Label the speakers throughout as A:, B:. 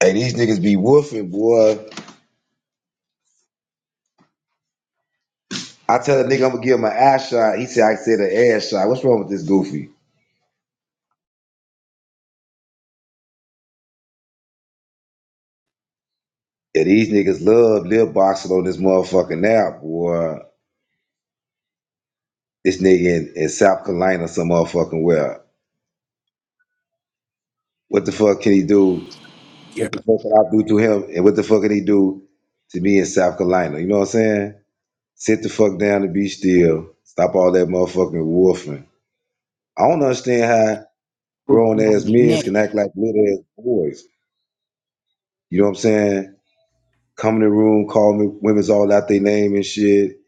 A: Hey, these niggas be woofing, boy. I tell a nigga I'm gonna give him an ass shot. He said I said an ass shot. What's wrong with this goofy? Yeah, these niggas love lip boxing on this motherfucking app, boy. This nigga in, in South Carolina, some motherfucking well. What the fuck can he do?
B: Yeah.
A: What the fuck can I do to him? And what the fuck can he do to me in South Carolina? You know what I'm saying? Sit the fuck down and be still. Stop all that motherfucking woofing. I don't understand how
B: Put
A: grown
B: me on
A: ass
B: the
A: men
B: neck.
A: can act like little ass boys. You know what I'm saying? come in the room, call me women's all out their name and shit. You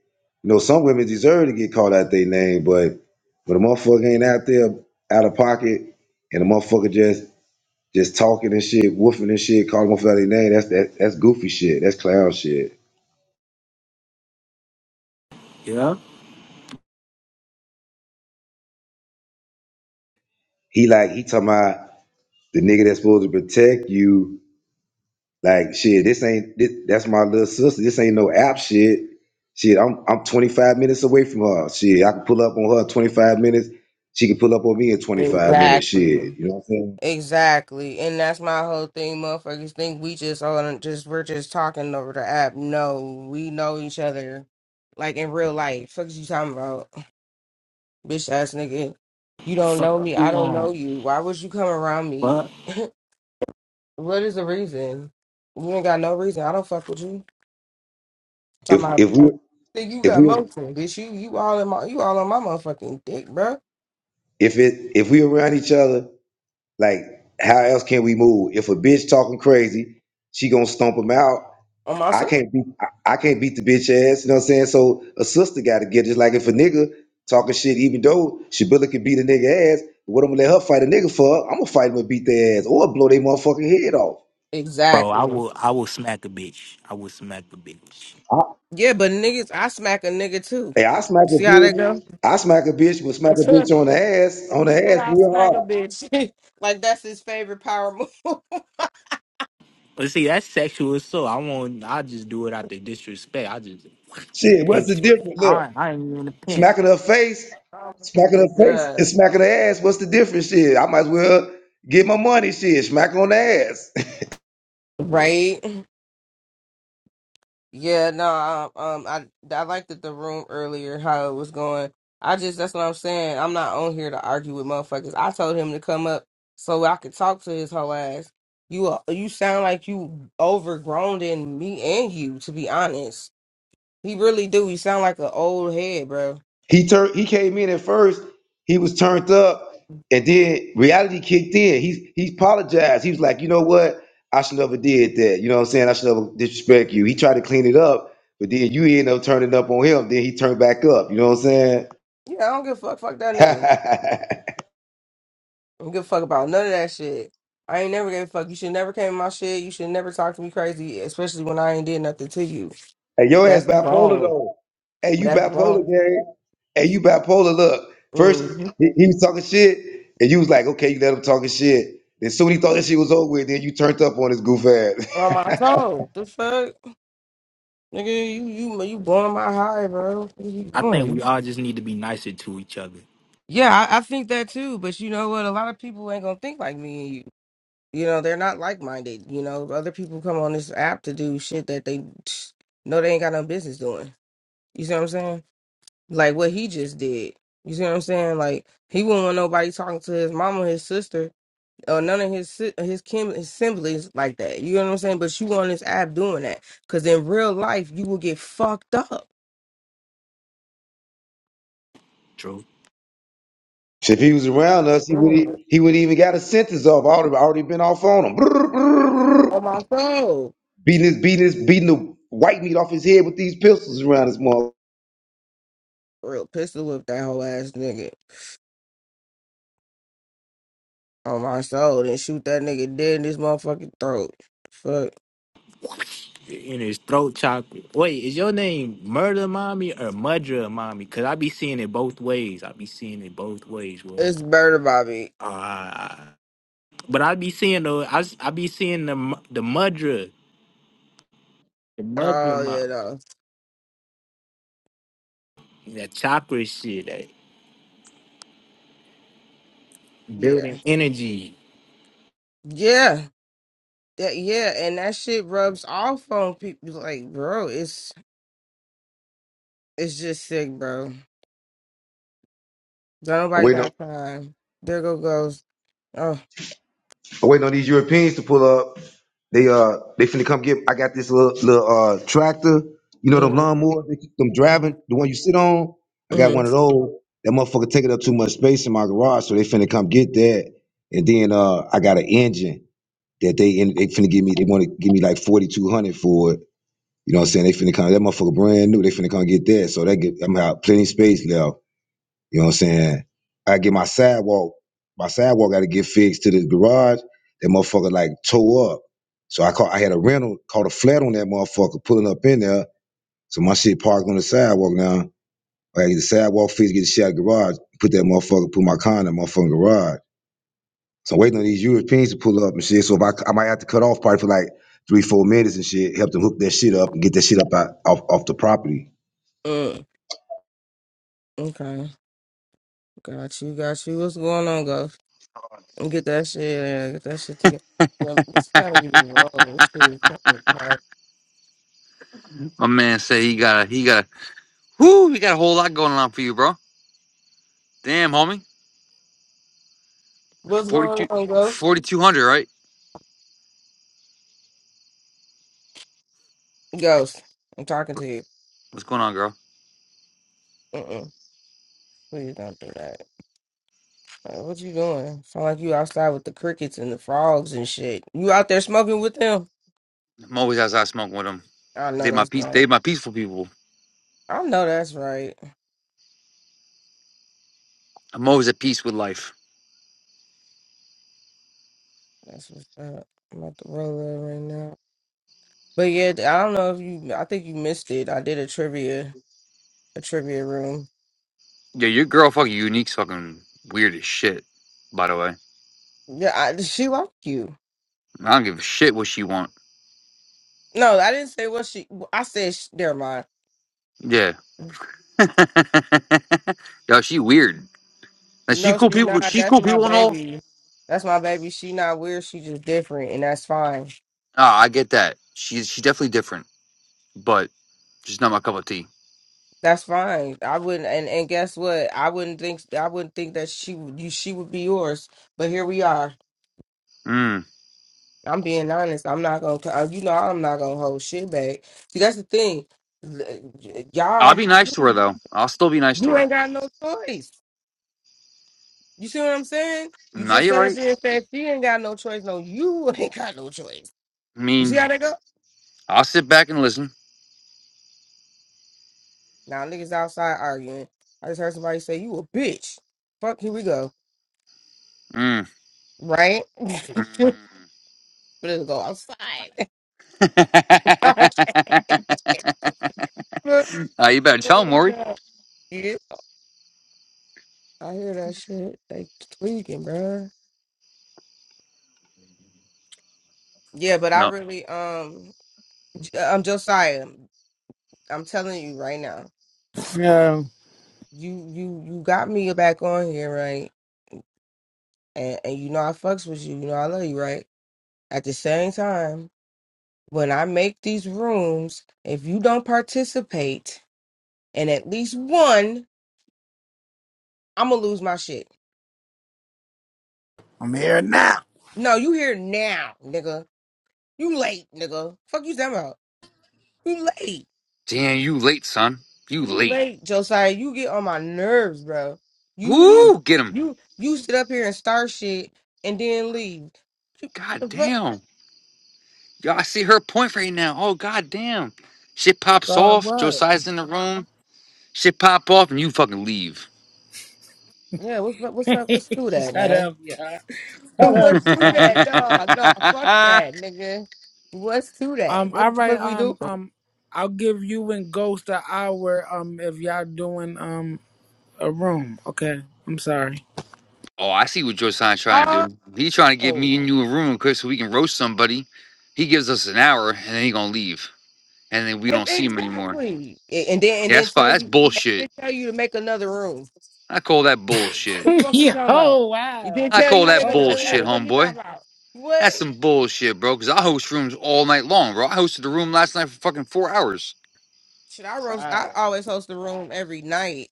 A: know, some women deserve to get called out their name, but when a motherfucker ain't out there out of pocket and a motherfucker just just talking and shit, woofing and shit, calling motherfucker out their name, that's that, that's goofy shit. That's clown shit.
B: Yeah.
A: He like he talking about the nigga that's supposed to protect you Like shit, this ain't this, that's my little sister. This ain't no app shit. Shit, I'm I'm 25 minutes away from her. Shit, I can pull up on her 25 minutes. She can pull up on me in 25 minutes.
C: Exactly.
A: Shit, you know what I'm saying?
C: Exactly. And that's my whole thing. Motherfuckers think we just on just we're just talking over the app. No, we know each other like in real life. Fuck is you talking about? Bitch ass nigga. You don't
B: Fuck
C: know me. I
B: you
C: don't know
B: on.
C: you. Why would you come around me?
B: What?
C: What is the reason? You ain't got no reason. I don't fuck with you. Talking
A: If
C: about
A: if we
C: think you
A: if
C: got
A: we
C: motion, bitch. You you all in my you all on my motherfucking dick, bruh.
A: if it if we around each other, like how else can we move? If a bitch talking crazy, she gonna stomp him out.
C: On my
A: I
C: myself.
A: can't beat I, I can't beat the bitch ass, you know what I'm saying? So a sister gotta get it. Just like if a nigga talking shit, even though Shabilla can beat a nigga ass, what I'm gonna let her fight a nigga for, I'm gonna fight him and beat their ass or blow their motherfucking head off.
B: Bro, I
C: Exactly.
B: will I will smack a bitch. I will smack a bitch.
A: I,
C: Yeah, but niggas, I smack a nigga too.
A: hey, I smack
C: You see
A: a
C: how that
A: bitch,
C: go?
A: I smack a bitch, but smack
C: he
A: a
C: said
A: bitch on the ass, on the ass
C: I
A: real
C: smack a
A: hard.
C: bitch. like that's his favorite power move.
B: But see, that's sexual assault. I won't I just do it out the disrespect. I just
A: Shit, what's
B: pimp
A: the
B: sweat.
A: difference? Look,
B: I I ain't even a pimp.
A: smacking her face,
C: Oh,
A: smacking her face and
C: God.
A: smacking her ass, what's the difference? Shit, I might as well get my money, shit, smack on the ass.
C: Right? Yeah, no, um, um, I I liked that the room earlier how it was going. I just that's what I'm saying. I'm not on here to argue with motherfuckers. I told him to come up so I could talk to his whole ass. You a- you sound like you overgrown in me and you. To be honest, he really do. You sound like an old head, bro.
A: He turned. He came in at first. He was turned up, and then reality kicked in. He he apologized. He was like, you know what? I should never did that. You know what I'm saying? I should never disrespect you. He tried to clean it up, but then you end up turning up on him. Then he turned back up. You know what I'm saying?
C: Yeah, I don't give a fuck. Fuck that nigga.
A: hey,
C: I don't give a fuck about none of that shit. I ain't never gave a fuck. You should never came in my shit. You should never talk to me crazy, especially when I ain't did nothing to you.
A: your ass
C: That's
A: bipolar
C: wrong.
A: though. Hey, you
C: That's
A: bipolar,
C: wrong.
A: gang. Hey, you bipolar. Look, first
C: hmm
A: he, he was talking shit, and you was like, okay, you let him talking shit. Then soon he thought that shit was over with. Then you turned up on his goof
C: On
A: ass.
C: my soul. The fuck? Nigga, you you you blowing my high, bro. What are you
B: I think we
C: doing?
B: all just need to be nicer to each other.
C: Yeah, I, I think that too. But you know what? A lot of people ain't gonna think like me and you. You know, they're not like minded. You know, other people come on this app to do shit that they know they ain't got no business doing. You see what I'm saying? like what he just did. You see what I'm saying? Like he wouldn't want nobody talking to his mama, his sister, or none of his si- his kin his siblings like that. You know what I'm saying? But you on this app doing that because in real life you will get fucked up.
B: True.
A: So If he was around us, he would
C: Mm.
A: he would not even got a sentence off. I would have already been off on him. Brrr, brrr, brrr.
C: On my soul,
A: Beating his beating his beating the white meat off his head with these pistols around his mother.
C: real pistol whip that whole ass nigga on my soul and shoot that nigga dead in his motherfucking throat. Fuck,
B: In his throat chopper. Wait, is your name Murder Mommy or Mudra Mommy? Cause I be seeing it both ways. I be seeing it both ways, bro.
C: it's murder, Bobby.
B: Ah, But I be seeing the I, s- I be seeing the mu- the mudra, the mudra
C: Oh yeah,
B: mop,
C: no,
B: that chakra shit, that
C: yeah,
B: building energy.
C: yeah. That yeah, and that shit rubs off on people. Like, bro, it's It's just sick, bro. Don't
A: I'm
C: nobody
A: waiting on
C: got time. There go goes. Oh,
A: I'm waiting on these Europeans to pull up. They uh they finna come get I got this little little uh tractor, you know them
C: mm,
A: lawnmowers that keep them driving,
C: mm,
A: the one you sit on. I
C: mm,
A: got one of those. That motherfucker taking up too much space in my garage, so they finna come get that. And then uh I got an engine that they they finna give me they wanna give me like forty two hundred for it You know what I'm saying? They finna come, that motherfucker brand new, they finna come get that. So that get I'm out plenty of space left. You know what I'm saying? I get my sidewalk, my sidewalk gotta get fixed to the garage. That motherfucker like tore up. So I caught I had a rental, caught a flat on that motherfucker pulling up in there. So my shit parked on the sidewalk now. I gotta get the sidewalk fixed, get the shit out of the garage, put that motherfucker, put my car in that motherfucking garage. So I'm waiting on these Europeans to pull up and shit. So if I, I might have to cut off probably for like three, four minutes and shit, help them hook that shit up and get that shit up out, off, off the property.
C: mm. okay. Got you, got you. What's going on, Ghost? Get that shit, uh, get that shit together. Well, this gotta be wrong. This shit is kind of hard.
D: My man said he got a he got a whoo, he got a whole lot going on for you, bro. Damn, homie.
C: What's
D: forty
C: going
D: two,
C: on, Ghost?
D: forty two hundred, right?
C: Ghost, I'm talking to you.
D: What's going on, girl?
C: Mm-mm. Please don't do that. Uh, what you doing? Sound like you outside with the crickets and the frogs and shit. You out there smoking with them?
D: I'm always outside smoking with them.
C: I know
D: They my
C: that's
D: peace
C: right.
D: they my peaceful people.
C: I know that's right.
D: I'm always at peace with life.
C: That's what's up. I'm about to roll it right now. But yeah, I don't know if you. I think you missed it. I did a trivia, a trivia room.
D: Yeah, your girl fucking unique's fucking weird as shit, by the way.
C: Yeah, I, she liked you.
D: I don't give a shit what she want.
C: No, I didn't say what she. I said she, never mind.
D: Yeah. Yo, she weird. Now she
C: No,
D: cool
C: she
D: people
C: not.
D: she's
C: That's
D: cool
C: my
D: people and all.
C: baby. That's my baby. She not weird. She just different, and that's fine.
D: Ah, I get that. She's she definitely different, but she's not my cup of tea.
C: That's fine. I wouldn't. And, and guess what? I wouldn't think. I wouldn't think that she would. You, she would be yours. But here we are.
D: Mm.
C: I'm being honest. I'm not gonna. uh, You know, I'm not gonna hold shit back. See, that's the thing. L-
D: I'll
C: Y'all,
D: be nice to her
C: you
D: though. I'll still be nice to
C: ain't
D: her.
C: got no choice. You see what I'm saying? You
D: No,
C: just
D: you're
C: sat up
D: right.
C: here and said she ain't got no choice. No, you ain't got no choice.
D: I
C: You see how
D: mean,
C: they go?
D: I'll sit back and listen.
C: Now niggas outside arguing. I just heard somebody say you a bitch. Fuck, here we go.
D: Mm.
C: Right? but it'll go outside.
D: uh, you better tell him, Maury.
C: yeah, I hear that shit. They tweaking, bruh. Yeah, but I
D: No.
C: really um I'm Josiah. I'm telling you right now.
E: Yeah.
C: You you you got me back on here, right? And and you know I fucks with you. You know I love you, right? At the same time, when I make these rooms, if you don't participate in at least one, I'm gonna lose my shit. No, you here now, nigga. You late, nigga. Fuck you talking about. You late.
D: Damn, you late, son. You
C: You
D: late.
C: late, Josiah. You get on my nerves, bro. You you
D: Woo! Get him.
C: you you sit up here and start shit and then leave.
D: God
C: The fuck?
D: damn. Yo, I see her point right now. Oh, god damn. Shit pops
E: Sorry,
D: off.
E: what?
D: Josiah's in the room. Shit pop off and you fucking leave.
C: Yeah, what's up? What's up? What's to that,
E: Shut
C: man?
E: up, yeah.
C: So
E: Shut up,
C: What's to
E: Ghost.
C: that? No, no, fuck that, nigga. What's to that?
E: Um, all
C: What the
E: right,
C: fuck we do?
E: um, um, I'll give you and Ghost an hour, um, if y'all doing, um, a room. Okay, I'm sorry.
D: Oh, I see what Josiah's trying to
C: Oh,
D: do. He's trying to give me and you a room, Chris, so we can roast somebody. He gives us an hour, and then he gonna leave, and then we
C: e-
D: don't see him anymore.
C: exactly. A- And then and
D: Yeah,
C: then
D: that's
C: tell
D: fine. That's
C: you and
D: bullshit.
C: then tell you to make another room.
D: I call that bullshit.
C: The fuck we
E: Yo,
C: talking about? He
E: wow.
C: didn't
D: I
C: tell you
D: call
C: to make
D: that
E: Oh,
C: another
D: bullshit,
C: room.
E: wow.
C: What you
D: homeboy.
C: talking about?
D: That's
C: What?
D: some bullshit, bro. Cause I host rooms all night long, bro. I hosted a room last night for fucking four hours.
C: Shit, I roast. I
E: Wow.
C: always host the room every night,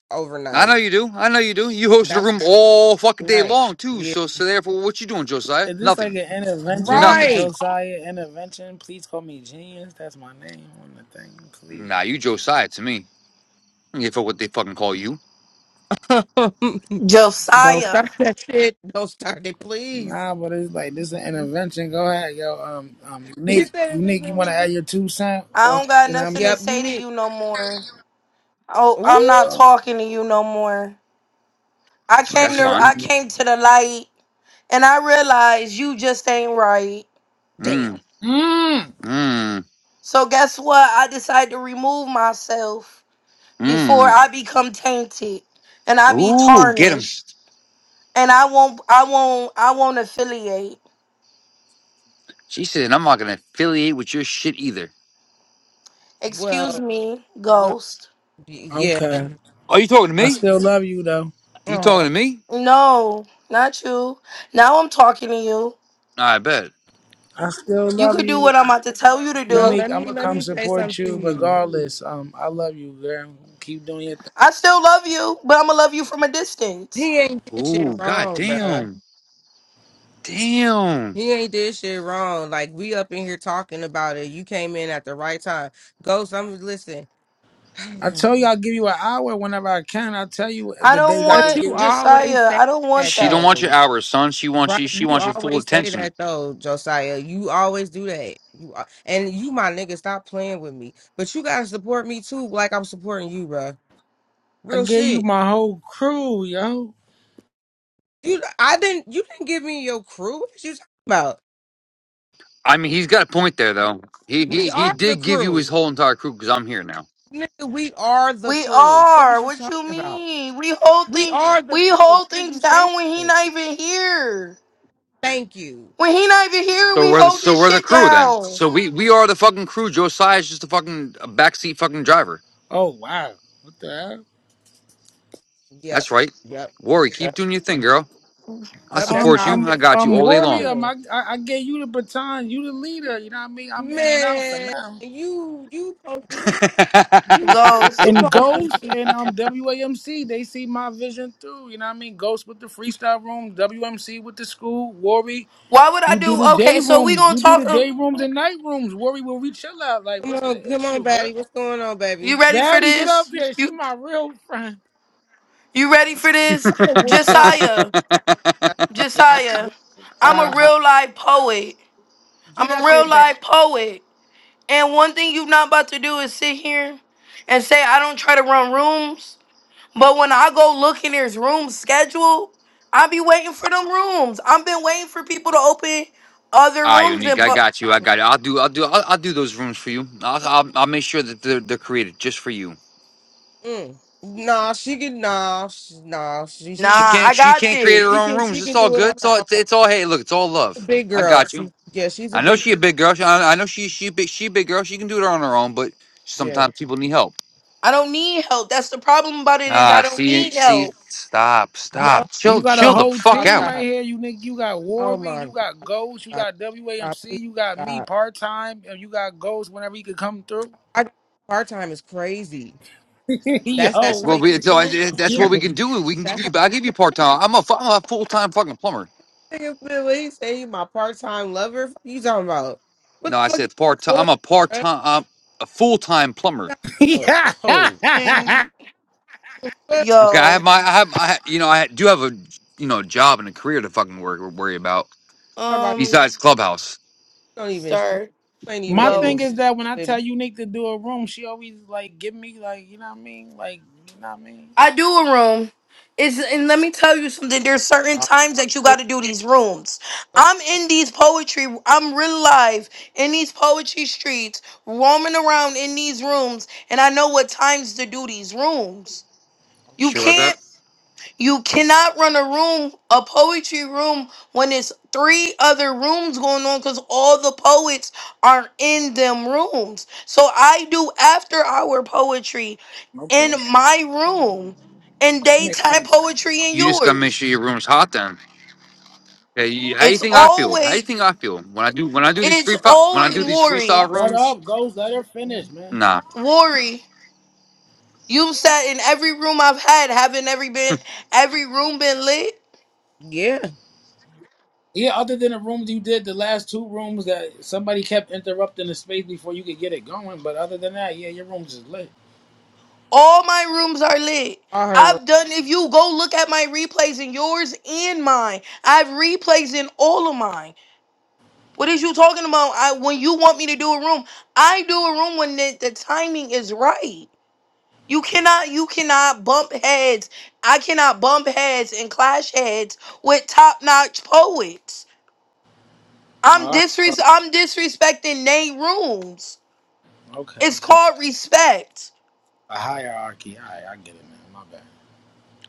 D: I know
C: overnight.
D: you do. I know you do. You hosted a
C: That's
D: room all fucking
C: the
D: day
C: night.
D: long too.
C: Yeah,
D: So, so therefore, what you doing, Josiah?
E: Is this like
D: Nothing.
E: an intervention,
D: Nothing.
C: right.
E: Josiah intervention? Please call me genius. That's my name on the thing, please.
D: Nah, you Josiah to me. I don't give a fuck what they fucking call you.
C: Don't
F: Josiah,
C: start that shit. Don't start it, please.
E: Nah, but it's like this is an intervention. Go ahead, yo. Um, um,
C: He
E: unique,
C: said it's just
E: unique. You
C: in
E: want
C: this
E: to
C: bitch.
E: add your two cent?
F: I
E: What
F: don't got
E: you know?
F: nothing to
C: Yep, you
F: say to
C: need.
F: you no more. Oh, I'm not
C: Ooh,
E: Oh,
F: talking to you no more. I came
D: That's
C: he,
E: okay.
F: to
D: fine.
F: I came to the light and I realized you just ain't right.
C: damn.
D: Mm,
E: Mm.
D: mm,
F: So guess what? I decided to remove myself before
D: mm.
F: I become tainted and I be
D: Ooh, get him.
F: tarnished. And I won't I won't I won't affiliate.
D: She said, I'm not going to affiliate with your shit either.
F: Excuse
C: Well,
F: me,
C: well,
F: ghost.
C: y-
E: Okay.
C: yeah.
D: Are you talking to
E: I
D: me?
E: still love you though.
D: You
C: Oh,
D: talking to me?
F: No, not you. Now I'm talking to you.
D: I bet.
E: I still
F: You
E: love
F: could do
E: you.
F: what I'm about to tell you to
C: no,
F: do.
E: Unique,
C: let
E: I'm
C: me
E: gonna
C: let
E: come
C: me say
E: support
C: something
E: you
C: to you.
E: regardless. Um, I love you, girl. Keep doing your thing.
F: I still love you, but I'm gonna love you from a distance.
C: He ain't did shit
D: Ooh, god
C: wrong, bruh.
D: damn. Damn.
C: He ain't did shit wrong. Like we up in here talking about it. You came in at the right time. Ghost, I'm listen.
E: I told you I'll give you an hour whenever I can. I'll tell you
F: I
E: the
F: don't
E: days I
C: But
E: could
C: you
E: give
F: want
E: you.
C: always
F: Josiah.
C: say
F: I don't want
C: that
D: She don't
F: that.
D: want your
C: though,
D: hours, son. She wants you
C: right?
D: she
C: You
D: wants your full
C: always say
D: attention.
C: that though, Josiah. You always do that. You al- and you, my nigga, stop playing with me. But you gotta support me too, like I'm supporting you, bro.
E: I
C: Real
E: gave you
C: shit.
E: my whole crew, yo.
C: You, I didn't. You didn't give me your crew. What you talking about?
D: I mean, he's got a point there though. He
C: We
D: he, he
C: are the
D: did give you his
C: crew,
D: whole entire crew because I'm here now.
C: nigga. We are the
F: We
C: crew. Fuck
F: are.
C: is you
F: What
C: talking
F: you
C: about?
F: mean? We hold
C: We
F: thing.
C: are the
F: We
C: crew.
F: hold
C: What is
F: things
C: you saying?
F: down when he not even here.
C: Thank you.
F: When he not even here,
D: So
F: we
D: we're the,
F: hold
D: so
F: this
D: we're the
F: shit
D: crew then.
F: down.
D: So we we are the fucking crew. Josiah's just a fucking a backseat fucking driver.
E: Oh wow. What the hell?
C: Yep.
D: That's right.
C: Yep.
D: Worry, keep
C: Yep.
D: doing your thing, girl. I
C: Yep. That's
E: Um,
D: support
C: how I
E: I'm
D: you. I
C: feel.
D: got you
E: I'm
C: That's
D: all day
C: how I
D: long.
E: warrior.
C: feel.
E: My, I, I gave you the baton. You the leader. You know what I mean? I'm in and out for
C: Man,
E: now.
C: you you supposed to be you you
F: Ghost.
E: And
C: supposed to
E: Ghost
C: be.
E: and um WAMC, they see my vision through. You know what I mean? Ghost with the freestyle room, WMC with the school, Worry,
F: Why would I
E: you do
F: do?
E: the day
F: Okay, so we
E: rooms,
F: gonna
E: you do
F: talk.
E: the day rooms and night rooms. Worry will we chill out. Like,
C: Come
E: what's
C: on,
E: the
C: come on,
E: issue, girl?
C: baby. What's going on, baby?
F: You ready for
E: Baddie, get up
F: this?
E: here. She
F: You
E: my real friend.
F: you ready for this?
C: I'm gonna whoop your ass.
F: Josiah.
C: I
F: Josiah.
C: swear
F: I'm
E: Yeah.
C: to
F: a
C: God.
F: real life poet. I'm
C: Get
F: a
C: up here,
F: real
C: baby.
F: life poet. And one thing you're not about to do is sit here and say, I don't try to run rooms. But when I go look in his room schedule, I be waiting for them rooms. I've been waiting for people to open other
D: Ah,
F: rooms
D: Unique.
F: and
D: I
F: put.
D: got you. I got it. I'll do. I'll do. I'll, I'll do those rooms for you. I'll, I'll. I'll make sure that they're, they're created just for you.
C: Mm. Nah, she can. Nah, she, nah, she
F: Nah,
C: she
D: She
C: can.
D: can't.
F: I
D: She
F: got
D: can't create her
C: She
F: this.
D: own
C: can. She
D: rooms. It's
C: can
D: all
C: do it
D: good.
C: on
D: It's
C: her
D: all.
C: own.
D: It's, it's all. Hey, look. It's all
C: a
D: love.
C: big
D: I
C: girl.
D: got
C: She
D: you.
C: yeah, she's a
D: I know
C: big.
D: she a big girl. She, I, I know she. She big. She a big girl. She can do it on her own. But
C: Yeah.
D: sometimes people need help.
F: I don't need help. That's the problem about it is
D: Ah,
F: I don't
D: see.
F: need
D: See.
F: help.
D: Stop.
C: No,
D: Stop.
E: You
D: Chill.
E: got
C: no,
E: a
D: Chill
C: no.
D: the
E: whole
D: fuck
C: I'll
E: team
D: out.
E: right
C: stop.
E: here. You nigga, you got
C: Oh
E: Worry,
C: my
E: you got Ghost, you
C: God.
E: got
C: Stop,
E: WAMC,
C: please,
E: you got me
C: God.
E: part time, and you got Ghost whenever he could come through.
C: I, part time is crazy. That's
E: Yo,
C: that's
D: It's
C: how
D: what
C: you
E: what's
D: we.
E: the
D: So I,
C: feel.
D: that's what we can do. We can give you. I'll give you part time. I'm a, fu- I'm a full time fucking plumber.
C: nigga said what he say he my part time lover. Fuck you talking about? What
D: No, I
C: the fuck you
D: said part
C: got
D: time.
C: going
D: I'm a part
C: on,
D: time. I'm a full time plumber.
C: bruh? Oh, no.
E: yo?
F: Can
C: What you
D: Okay, I
F: yo
D: have my. I have. I ha- you know. I do have a you know job and a career to fucking worry, worry about
C: talking about?
F: um
D: besides clubhouse.
C: You don't even you
F: start
C: ain't even
E: My
C: in the
F: go?
E: thing
C: room
E: is that when I
C: with me.
E: tell Unique to do a room, she always like give me like you know what I mean, like you know what I mean.
F: I do a room. It's, and let me tell you something. There's certain
C: bro.
F: times that you got to do these rooms. I'm in these poetry. I'm real live in these poetry streets, roaming around in these rooms, and I know what times to do these rooms. You
D: Sure
E: Okay,
D: about that?
F: can't. You cannot run a room, a poetry room, when it's three other rooms going on because all the poets are not in them rooms. So I do after hour poetry in
E: okay, okay.
F: my room and
E: that makes
F: daytime
E: sense.
F: poetry in
D: You just gotta make
F: yours.
D: sure your room's hot. Then. Okay. You, how you
F: It's
D: think I feel? How you
F: always,
D: think I feel when I do when I do these
F: it's
D: free fi- when I
F: always
D: do these
F: worry,
D: freestyle
E: Shut
D: rooms?
E: up, Ghost. Let her finish, man.
D: Nah.
F: worry. You sat in every room I've had, haven't every been every room been lit?
C: Yeah.
E: Yeah, other than the rooms you did, the last two rooms that somebody kept interrupting the space before you could get it going. But other than that, yeah, your rooms is lit.
F: All my rooms are lit.
C: All her room.
F: I've done, if you go look at my replays in yours and mine, I have replays in all of mine. What is you talking about? I when you want me to do a room, I do a room when the, the timing is right. You cannot, you cannot bump heads. I cannot bump heads and clash heads with top-notch poets. I'm
E: All right,
F: disres I'm disrespecting they rooms.
E: okay,
F: It's
E: okay.
F: called respect.
E: A hierarchy. All right, I get it, man. My bad.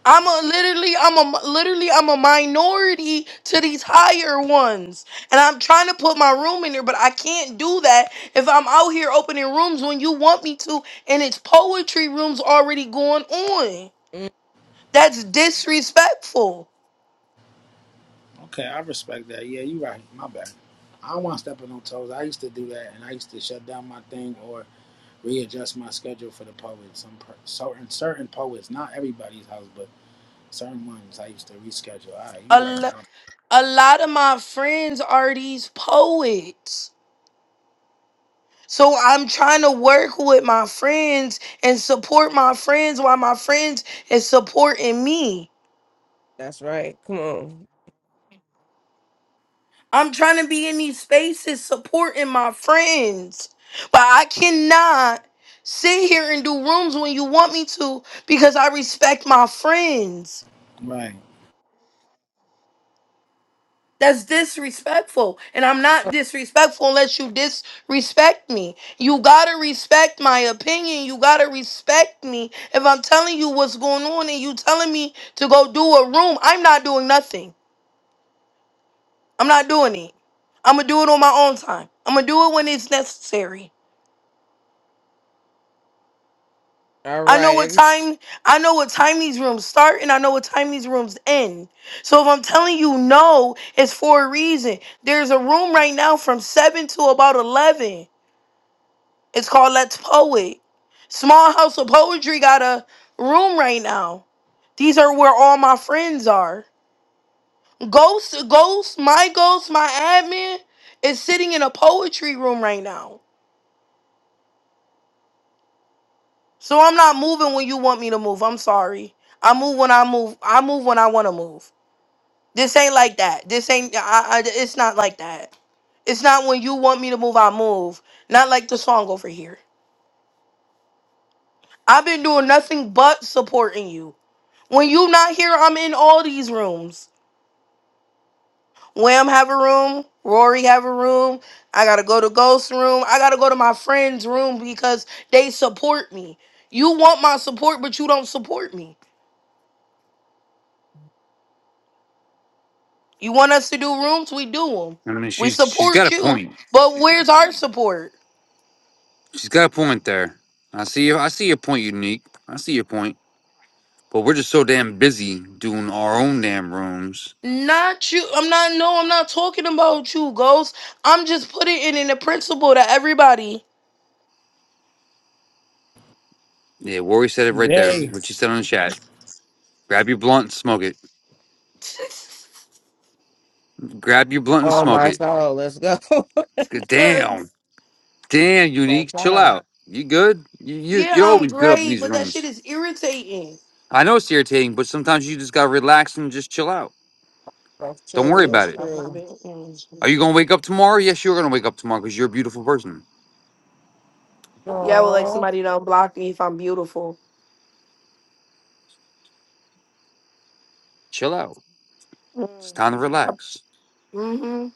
F: I'm a literally, I'm a literally, I'm a minority to these higher ones, and I'm trying to put my room in there, but I can't do that if I'm out here opening rooms when you want me to, and it's poetry rooms already going on.
C: Mm,
F: That's disrespectful.
E: Okay, I respect that. Yeah, you right. My bad. I don't want to step on no toes. I used to do that, and I used to shut down my thing or readjust my schedule for the poets. Some per- certain certain poets, not everybody's house, but certain ones. I used to reschedule. All right,
F: A
E: you right,
F: lo- a lot of my friends are these poets. So I'm trying to work with my friends and support my friends while my friends is supporting me.
C: That's right. Come on.
F: I'm trying to be in these spaces supporting my friends. But I cannot sit here and do rooms when you want me to because I respect my friends.
E: my- right.
F: That's disrespectful. And I'm not disrespectful unless you disrespect me. You gotta respect my opinion. You gotta respect me. If I'm telling you what's going on and you telling me to go do a room, I'm not doing nothing. I'm not doing it. I'm gonna do it on my own time. I'm gonna do it when it's necessary.
C: All
F: I know
C: right,
F: what
C: every
F: time I know what time these rooms start and I know what time these rooms end. So if I'm telling you no, it's for a reason. There's a room right now from 7 to about 11. It's called Let's Poet. Small House of Poetry got a room right now. These are where all my friends are. Ghost Ghost, my ghost, my admin is sitting in a poetry room right now. So I'm not moving when you want me to move. I'm sorry. I move when I move. I move when I want to move. This ain't like that. This ain't. I, I, it's not like that. It's not when you want me to move, I move. Not like the song over here. I've been doing nothing but supporting you. When you not here, I'm in all these rooms. Wham have a room. Rory have a room. I gotta go to Ghost room. I gotta go to my friend's room because they support me. You want my support, but you don't support me. You want us to do rooms, we do them.
D: I mean,
F: We
D: she's she's got
F: support
D: a
F: you,
D: point.
F: but where's our support?
D: She's got a point there. I see. your- I see your point, unique. I see your point. But we're just so damn busy doing our own damn rooms.
F: Not you. I'm not. No, I'm not talking about you, Ghost. I'm just putting it in the principle to everybody.
D: Yeah, Rory said it right there.
E: Day,
D: What you said on the chat. Grab your blunt and smoke it. Grab your blunt and
C: oh
D: smoke
C: my
D: it.
C: soul, let's go.
D: Good Damn.
F: Cause
D: Damn,
C: That's
D: Unique. Chill
C: fine.
D: out. You good? You, you,
F: yeah,
D: you're
F: I'm
D: always good up in
F: great,
D: these
F: but that shit
D: rooms.
F: is irritating.
D: I know it's irritating, but sometimes you just got to relax and just chill out.
C: That's
D: Don't
F: I'm
C: true,
D: worry
F: being,
D: about
C: that's
D: it.
F: I'm not
C: true.
F: being.
D: Are
F: mm.
D: you going to wake up tomorrow? Yes, you're going to wake up tomorrow because you're a beautiful person.
F: Yeah, I would like
C: Oh,
F: somebody to unblock me if I'm beautiful.
D: Chill out. It's
F: Mm.
D: time to relax.
F: Mhm.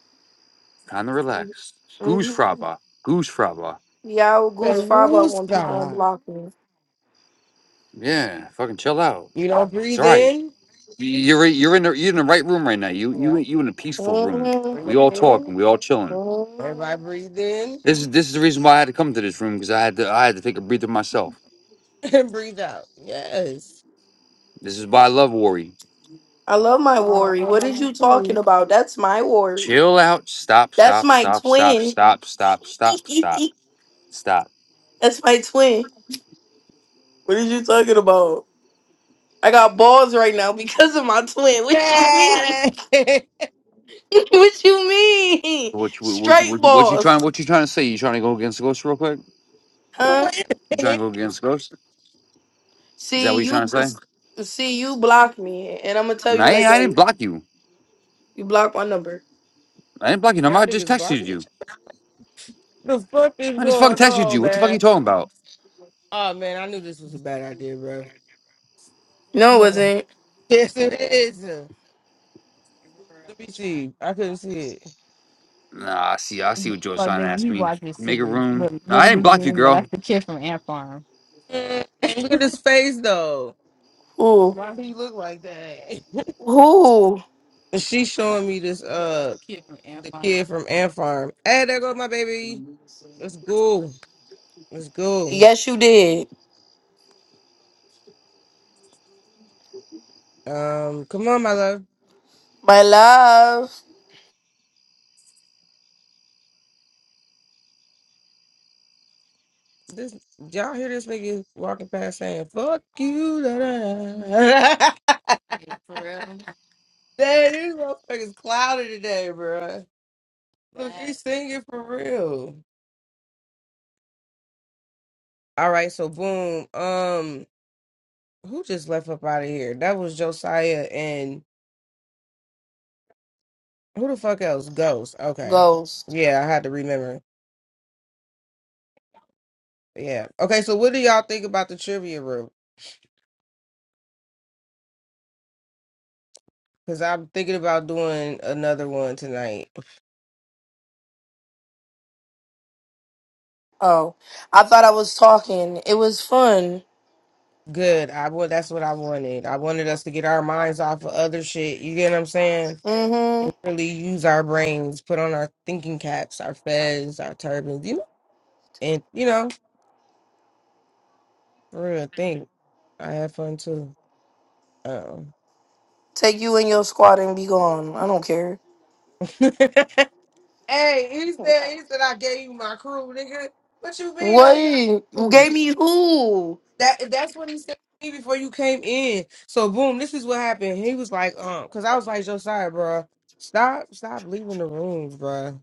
D: Time to relax. Goose
F: Mhm.
D: fraba. Goose fraba.
F: Yeah, I will goose
C: the
F: fob up
C: rules
F: when people
C: God.
F: unblock me.
D: Yeah, fucking chill out.
C: You don't
D: It's
C: breathe
D: all right.
C: in?
D: You're right- you're in the you're in the right room right now. You you
C: Yeah.
D: you in a peaceful room.
F: Mhm.
C: Breathe
D: We all
C: in.
D: talking. We all chilling.
F: Mhm.
C: Everybody breathe in.
D: This is this is the reason why I had to come to this room because I had to I had to take a breather myself.
C: And breathe out. Yes.
D: This is why I love worry.
F: I love my
C: Oh,
F: worry. What is you
C: you
F: talking
C: too.
F: about? That's my worry.
D: Chill out. Stop.
F: That's
D: Stop.
F: my
D: Stop. Stop.
F: twin.
D: Stop. Stop. Stop. Stop. Stop.
F: That's my twin. What are you talking about? I got balls right now because of my twin. What you mean?
C: Hey! Wait
F: what you mean?
D: So What you what you
F: Straight
D: what you, what you
F: balls,
D: trying what you trying to say? You trying to go against Ghost real quick?
F: huh?
C: a
D: You trying
C: minute.
D: to go against Ghost? Is that
F: See
D: what you trying to
F: you.
D: say?
F: See you blocked me, and I'm gonna tell
D: No,
F: you
D: I, ain't-
F: like,
D: I
F: hey,
D: didn't block you.
F: you blocked my number.
D: I didn't block you. No,
C: Y'all
D: I just
C: niggas
D: texted
C: blocking
D: you.
C: each other. The fuck is
D: I just fucking
C: going
D: texted
C: on,
D: you. What the fuck are you
C: man?
D: talking about?
C: Oh man, I knew this was a bad idea, bro.
F: No, it
C: No.
F: wasn't.
C: Yes, it is. Let me see. I couldn't see it.
D: Nah, I see. I see what Joe Son asked me. Make a room. No, I didn't block you, girl.
C: Mm, Look at his face though.
F: Who?
C: Why he look like that?
F: Who?
C: She's showing me this uh kid from Ant the Farm. kid from Ant Farm. Hey, there goes my baby. Let's go. Let's go.
F: Yes, you did.
C: Um, come on, my love.
F: My love,
C: This y'all hear this nigga walking past saying "fuck you." Da, da, da. Dang, these motherfuckers cloudy today, bro. Look, he's singing for real. All right, so boom. Um, who just left up out of here? That was Josiah and who the fuck else? Ghost. Okay,
F: ghost.
C: yeah, I had to remember. Yeah. Okay, so what do y'all think about the trivia room? Because I'm thinking about doing another one tonight.
F: Oh, I thought I was talking. It was fun.
C: Good. I well, that's what I wanted. I wanted us to get our minds off of other shit. You get what I'm saying?
F: hmm
C: Really use our brains, put on our thinking caps, our fez, our turbans, you know, and you know, for real think. I had fun too. Um
F: Take you and your squad and be gone. I don't care.
C: Hey, he said he said I gave you my crew, nigga. What you mean?
F: What?
C: I
F: You
C: crew?
F: gave me who?
C: That that's what he said to me before you came in. So boom, this is what happened. He was like, um, because I was like, Josiah, bro. Stop, stop leaving the rooms, bro.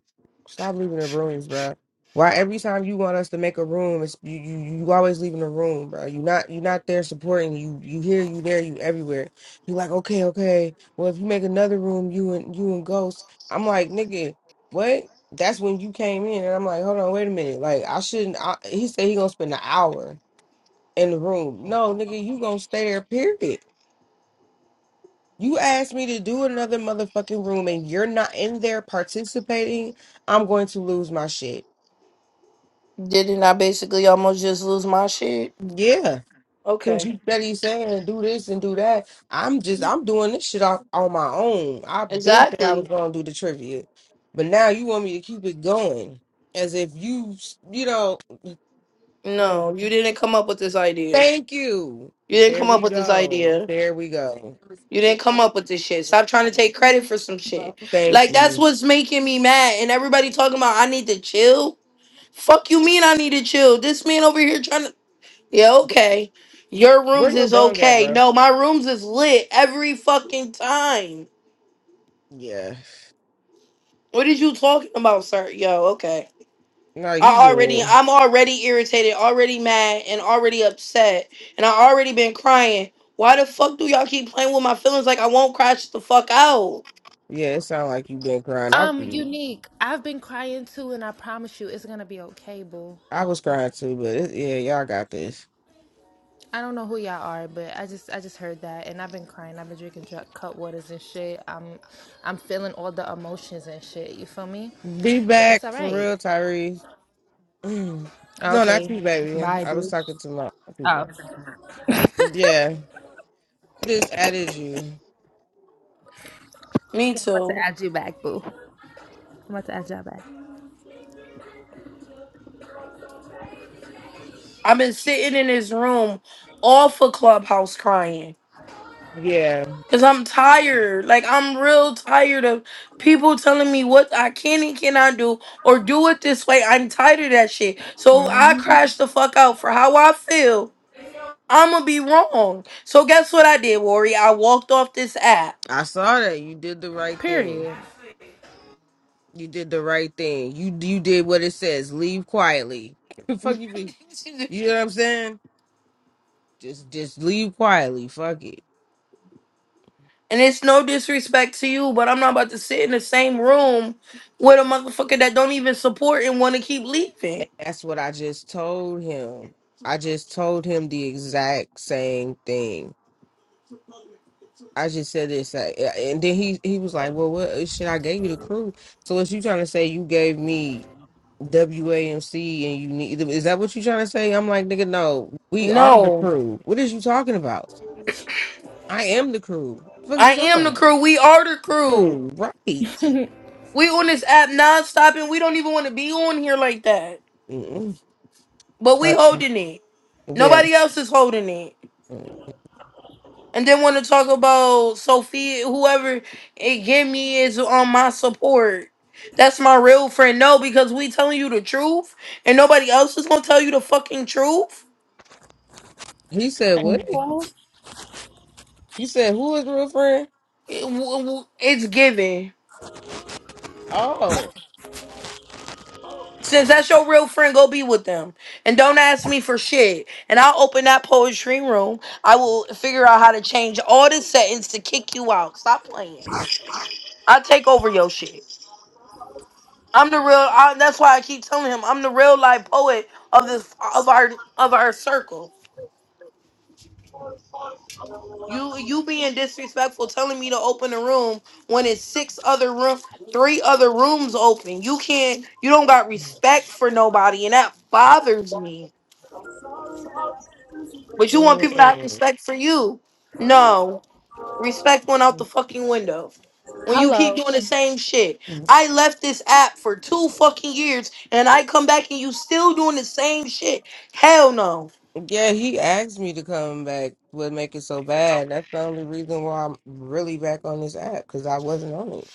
C: Stop leaving the rooms, bro. Why every time you want us to make a room, it's you, you, you always leaving the room, bro. You not you not there supporting you. You here, you there, you everywhere. You like, okay, okay. Well, if you make another room, you and you and Ghost, I'm like, nigga, what? That's when you came in, and I'm like, hold on, wait a minute. Like, I shouldn't. I, he said he gonna spend an hour in the room. No, nigga, you gonna stay there, period. You asked me to do another motherfucking room and you're not in there participating, I'm going to lose my shit.
F: Didn't I basically almost just lose my shit?
C: Yeah. Cause
F: Okay.
C: you steady saying do this and do that. I'm just I'm doing this shit off on my own. I've been said I was
F: Exactly.
C: gonna do the trivia. But now you want me to keep it going. As if you s- you know, like
F: No, you didn't come up with this idea.
C: thank you.
F: You didn't
C: There
F: come up
C: we
F: with this
C: go.
F: idea.
C: There we go.
F: You didn't come up with this shit. Stop trying to take credit for some shit.
C: Thank
F: Like that's
C: you.
F: what's making me mad. And everybody talking about I need to chill. Fuck you mean I need to chill. This man over here trying to Yeah, okay. Your
C: Where
F: rooms
C: your
F: is
C: bong at,
F: okay.
C: bro?
F: No, my rooms is lit every fucking time.
C: Yeah.
F: What is you talking about, sir? Yo, okay.
C: No, you
F: I already
C: good.
F: I'm already irritated, already mad, and already upset. And I already been crying. Why the fuck do y'all keep playing with my feelings like I won't cry shut the fuck out?
C: Yeah, it sounds like you been crying. I
G: Um, unique. I've been crying too, and I promise you, it's gonna be okay, boo.
C: I was crying too, but it, yeah, y'all got this.
G: I don't know who y'all are, but I just I just heard that, and I've been crying. I've been drinking dr- cut waters and shit. I'm I'm feeling all the emotions and shit. You feel me?
C: Be
G: But it's
C: back
G: all
C: for
G: right.
C: real, Tyrese. no, not
G: Okay.
C: you, baby.
G: Bye,
C: I was
G: bitch.
C: talking to my
G: Oh,
C: people.
G: Okay,
C: Yeah, this added you.
F: Me
G: I'm about to
F: too.
G: add you back, boo. I'm about to add y'all back.
F: I've been sitting in this room all for Clubhouse crying.
C: Yeah,
F: Cause I'm tired. Like I'm real tired of people telling me what I can and cannot do or do it this way. I'm tired of that shit. So if I
G: hmm
F: crash the fuck out for how I feel, I'ma be wrong. So guess what I did, Worry? I walked off this app.
C: I saw that. You did the right thing.
G: period.
C: You did the right thing. You you did what it says. Leave quietly. Fuck you, be. You know what I'm saying? Just just leave quietly. Fuck it.
F: And it's no disrespect to you, but I'm not about to sit in the same room with a motherfucker that don't even support and wanna keep leaving.
C: And that's what I just told him. I just told him the exact same thing. I just said this, uh, and then he he was like, "Well, what uh, shit? I gave you the crew. So what you trying to say? You gave me WAMC, and you need is that what you trying to say? I'm like, nigga, no, we are the
F: No.
C: crew. What is you talking about? I am the crew. What the fuck is
F: I
C: you talking
F: am the
C: about?
F: crew. We are the crew.
C: Crew, right?
F: We on this app non-stop and we don't even want to be on here like that.
C: Mm-mm.
F: But we
C: Uh,
F: holding it.
C: Yeah.
F: Nobody else is holding it.
C: Mm.
F: And then want to talk about Sophia, whoever it give me is on my support. That's my real friend. No, because we telling you the truth and nobody else is going to tell you the fucking truth.
C: He said what?
G: Okay.
C: He said who is real friend?
F: It- w- w- it's given.
C: Oh.
F: Since that's your real friend, go be with them. And don't ask me for shit. And I'll open that poetry room. I will figure out how to change all the settings to kick you out. Stop playing. I take over your shit. I'm the real I, that's why I keep telling him I'm the real life poet of this of our of our circle. You you being disrespectful telling me to open a room when it's six other room three other rooms open. You can't you don't got respect for nobody and that bothers me. But you want people to have
C: Mm.
F: respect for you. No. Respect went out the fucking window. When you keep
G: Hello.
F: doing the same shit.
C: Mm-hmm.
F: I left this app for two fucking years and I come back and you still doing the same shit. Hell no.
C: Yeah, he asked me to come back. What make it so bad? That's the only reason why I'm really back on this app because I wasn't on it.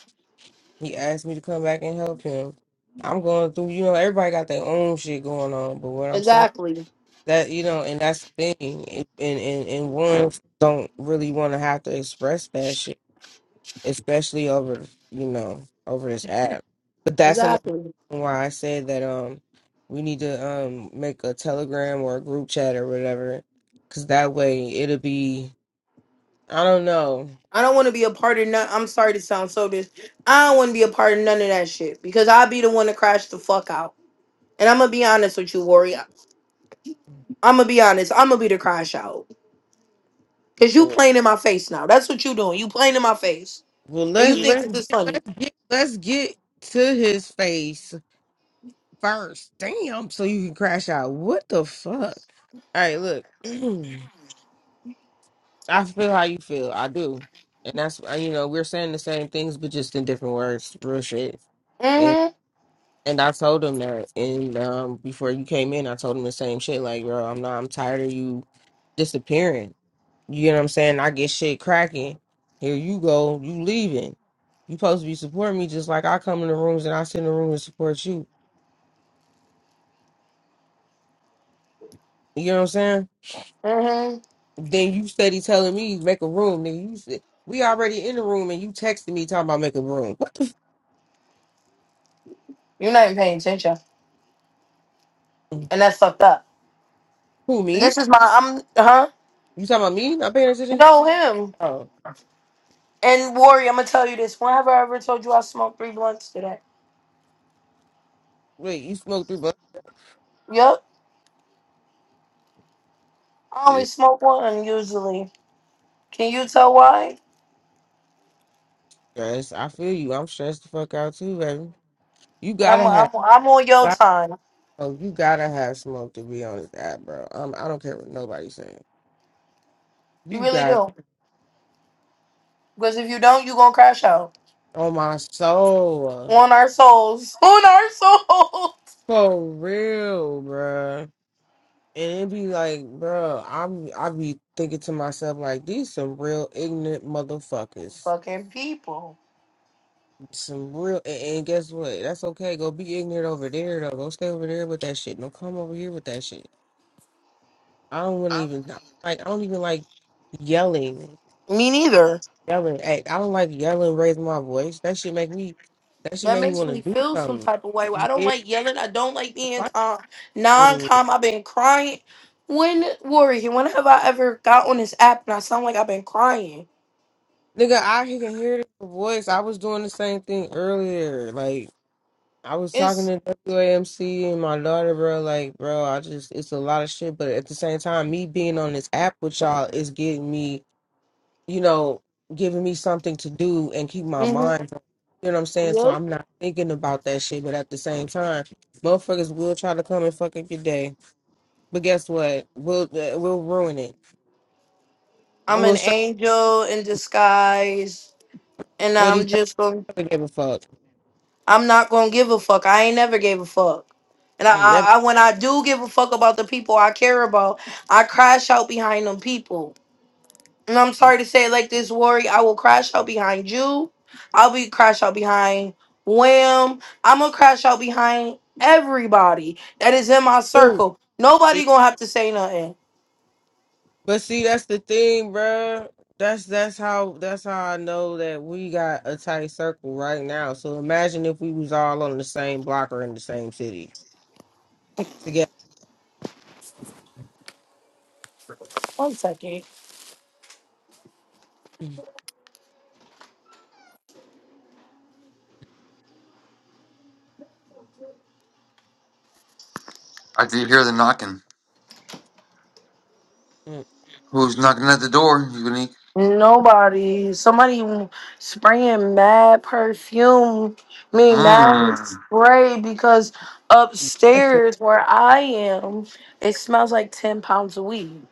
C: He asked me to come back and help him. I'm going through, you know, everybody got their own shit going on, but what I'm saying
F: Exactly.
C: that you know, and that's the thing, and and and ones don't really want to have to express that shit. especially over you know over this app. But that's another
F: Exactly.
C: reason why I said that um we need to um make a Telegram or a group chat or whatever, because that way it'll be I don't know.
F: I don't want to be a part of none. I'm sorry to sound so dis. I don't want to be a part of none of that shit because I'll be the one to crash the fuck out. And I'm gonna be honest with you, Warrior. I'm gonna be honest. I'm gonna be the crash out because you
C: Well,
F: playing in my face now. That's what you doing. You playing in my face.
C: well,
F: And
C: let's
F: you think
C: let's
F: this is
C: get,
F: funny.
C: let's get let's get to his face first. Damn, so you can crash out. What the fuck? All right, look, I feel how you feel. I do. And that's, uh, you know, we're saying the same things, but just in different words. Real shit
F: Mm-hmm.
C: And I told him that, and um, before you came in, I told him the same shit. Like, bro, I'm not. I'm tired of you disappearing. You know what I'm saying? I get shit cracking. Here you go. You leaving. You supposed to be supporting me just like I come in the rooms and I sit in the room and support you. You know what I'm saying?
F: Mm-hmm.
C: Then you steady telling me make a room, nigga. You said we already in the room and you texting me talking about make a room.
F: You're not even paying attention.
C: What?
F: And that's fucked up.
C: Who me?
F: This is my I'm huh?
C: You talking about me? Not paying attention?
F: No him.
C: Oh,
F: And Warrior, I'm gonna tell you this. Whenever I ever told you I smoked three blunts today.
C: wait, you smoked three bucks?
F: Yup. I only
C: Yeah,
F: smoke one usually. Can you tell why?
C: stress. I feel you. I'm stressed the fuck out too, baby. You
F: I'm
C: gotta
F: I'm
C: have,
F: I'm on your time.
C: oh, you gotta have smoke to be on this app, bro. Um, I don't care what nobody's saying.
F: You
C: You
F: really
C: got
F: do. Because if you don't, you gonna crash out.
C: on my soul,
F: On our souls. On our souls.
C: for real, bro. And it be like, bro, I'm, I be thinking to myself like, these some real ignorant motherfuckers.
F: Fucking people.
C: Some real, and, and guess what? That's okay. Go be ignorant over there though. Go stay over there with that shit. Don't come over here with that shit. I don't want to even like. I don't even like yelling
F: Me
C: I don't
F: neither.
C: like yelling. Hey, I don't like yelling. Raise my voice. That should make me. That should
F: That
C: make me
F: makes
C: want to
F: me
C: do
F: feel some
C: something.
F: type of way. I don't
C: Yeah,
F: like yelling. I don't like being
C: like,
F: calm.
C: mm.
F: Non-calm. I've been crying. When Warrior, when have I ever got on this app and I sound like I've been crying?
C: nigga, I can hear the voice. I was doing the same thing earlier. Like I was talking
F: It's
C: to WAMC and my daughter, bro. Like, bro, I just it's a lot of shit. But at the same time, me being on this app with y'all is getting me. you know, giving me something to do and keep my
F: hmm
C: mind. on. You know what I'm saying? So
F: yep.
C: I'm not thinking about that shit, but at the same time, motherfuckers will try to come and fuck up your day. But guess what? We'll uh, we'll ruin it. I
F: I'm an
C: will show
F: angel in disguise, and
C: what
F: I'm
C: these
F: just going.
C: never give a fuck.
F: I'm not gonna give a fuck. I ain't never gave a fuck. And I,
C: Never
F: I, I, when I do give a fuck about the people I care about, I crash out behind them people. And I'm sorry to say it like this, Worry. I will crash out behind you. I'll be crash out behind Wham. I'm gonna crash out behind everybody that is in my
C: do.
F: circle. Nobody gonna have to say nothing.
C: But see, that's the thing, bruh. That's that's how that's how I know that we got a tight circle right now. So imagine if we was all on the same block or in the same city
F: One second.
D: I did hear the knocking.
C: together.
D: Who's knocking at the door? Unique.
F: Nobody. Somebody spraying mad perfume. I mean mad
D: Mmm.
F: spray because upstairs where I am, it smells like ten pounds of weed.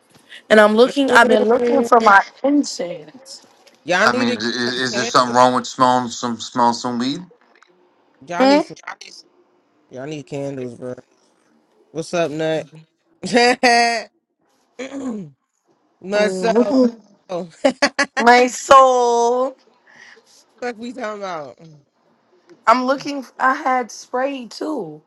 F: And I'm looking. I've been looking for my incense.
C: Y'all
D: I
C: need to
D: mean, is,
C: get some
D: is there
C: candles.
D: something wrong with smelling some smelling some weed?
C: Y'all
F: Hmm.
C: need some. Y'all need candles, bro. What's up, Nut? Nut so.
F: Mhm.
C: Fuck
F: My soul.
C: we talking about?
F: I'm looking. f- I had spray too.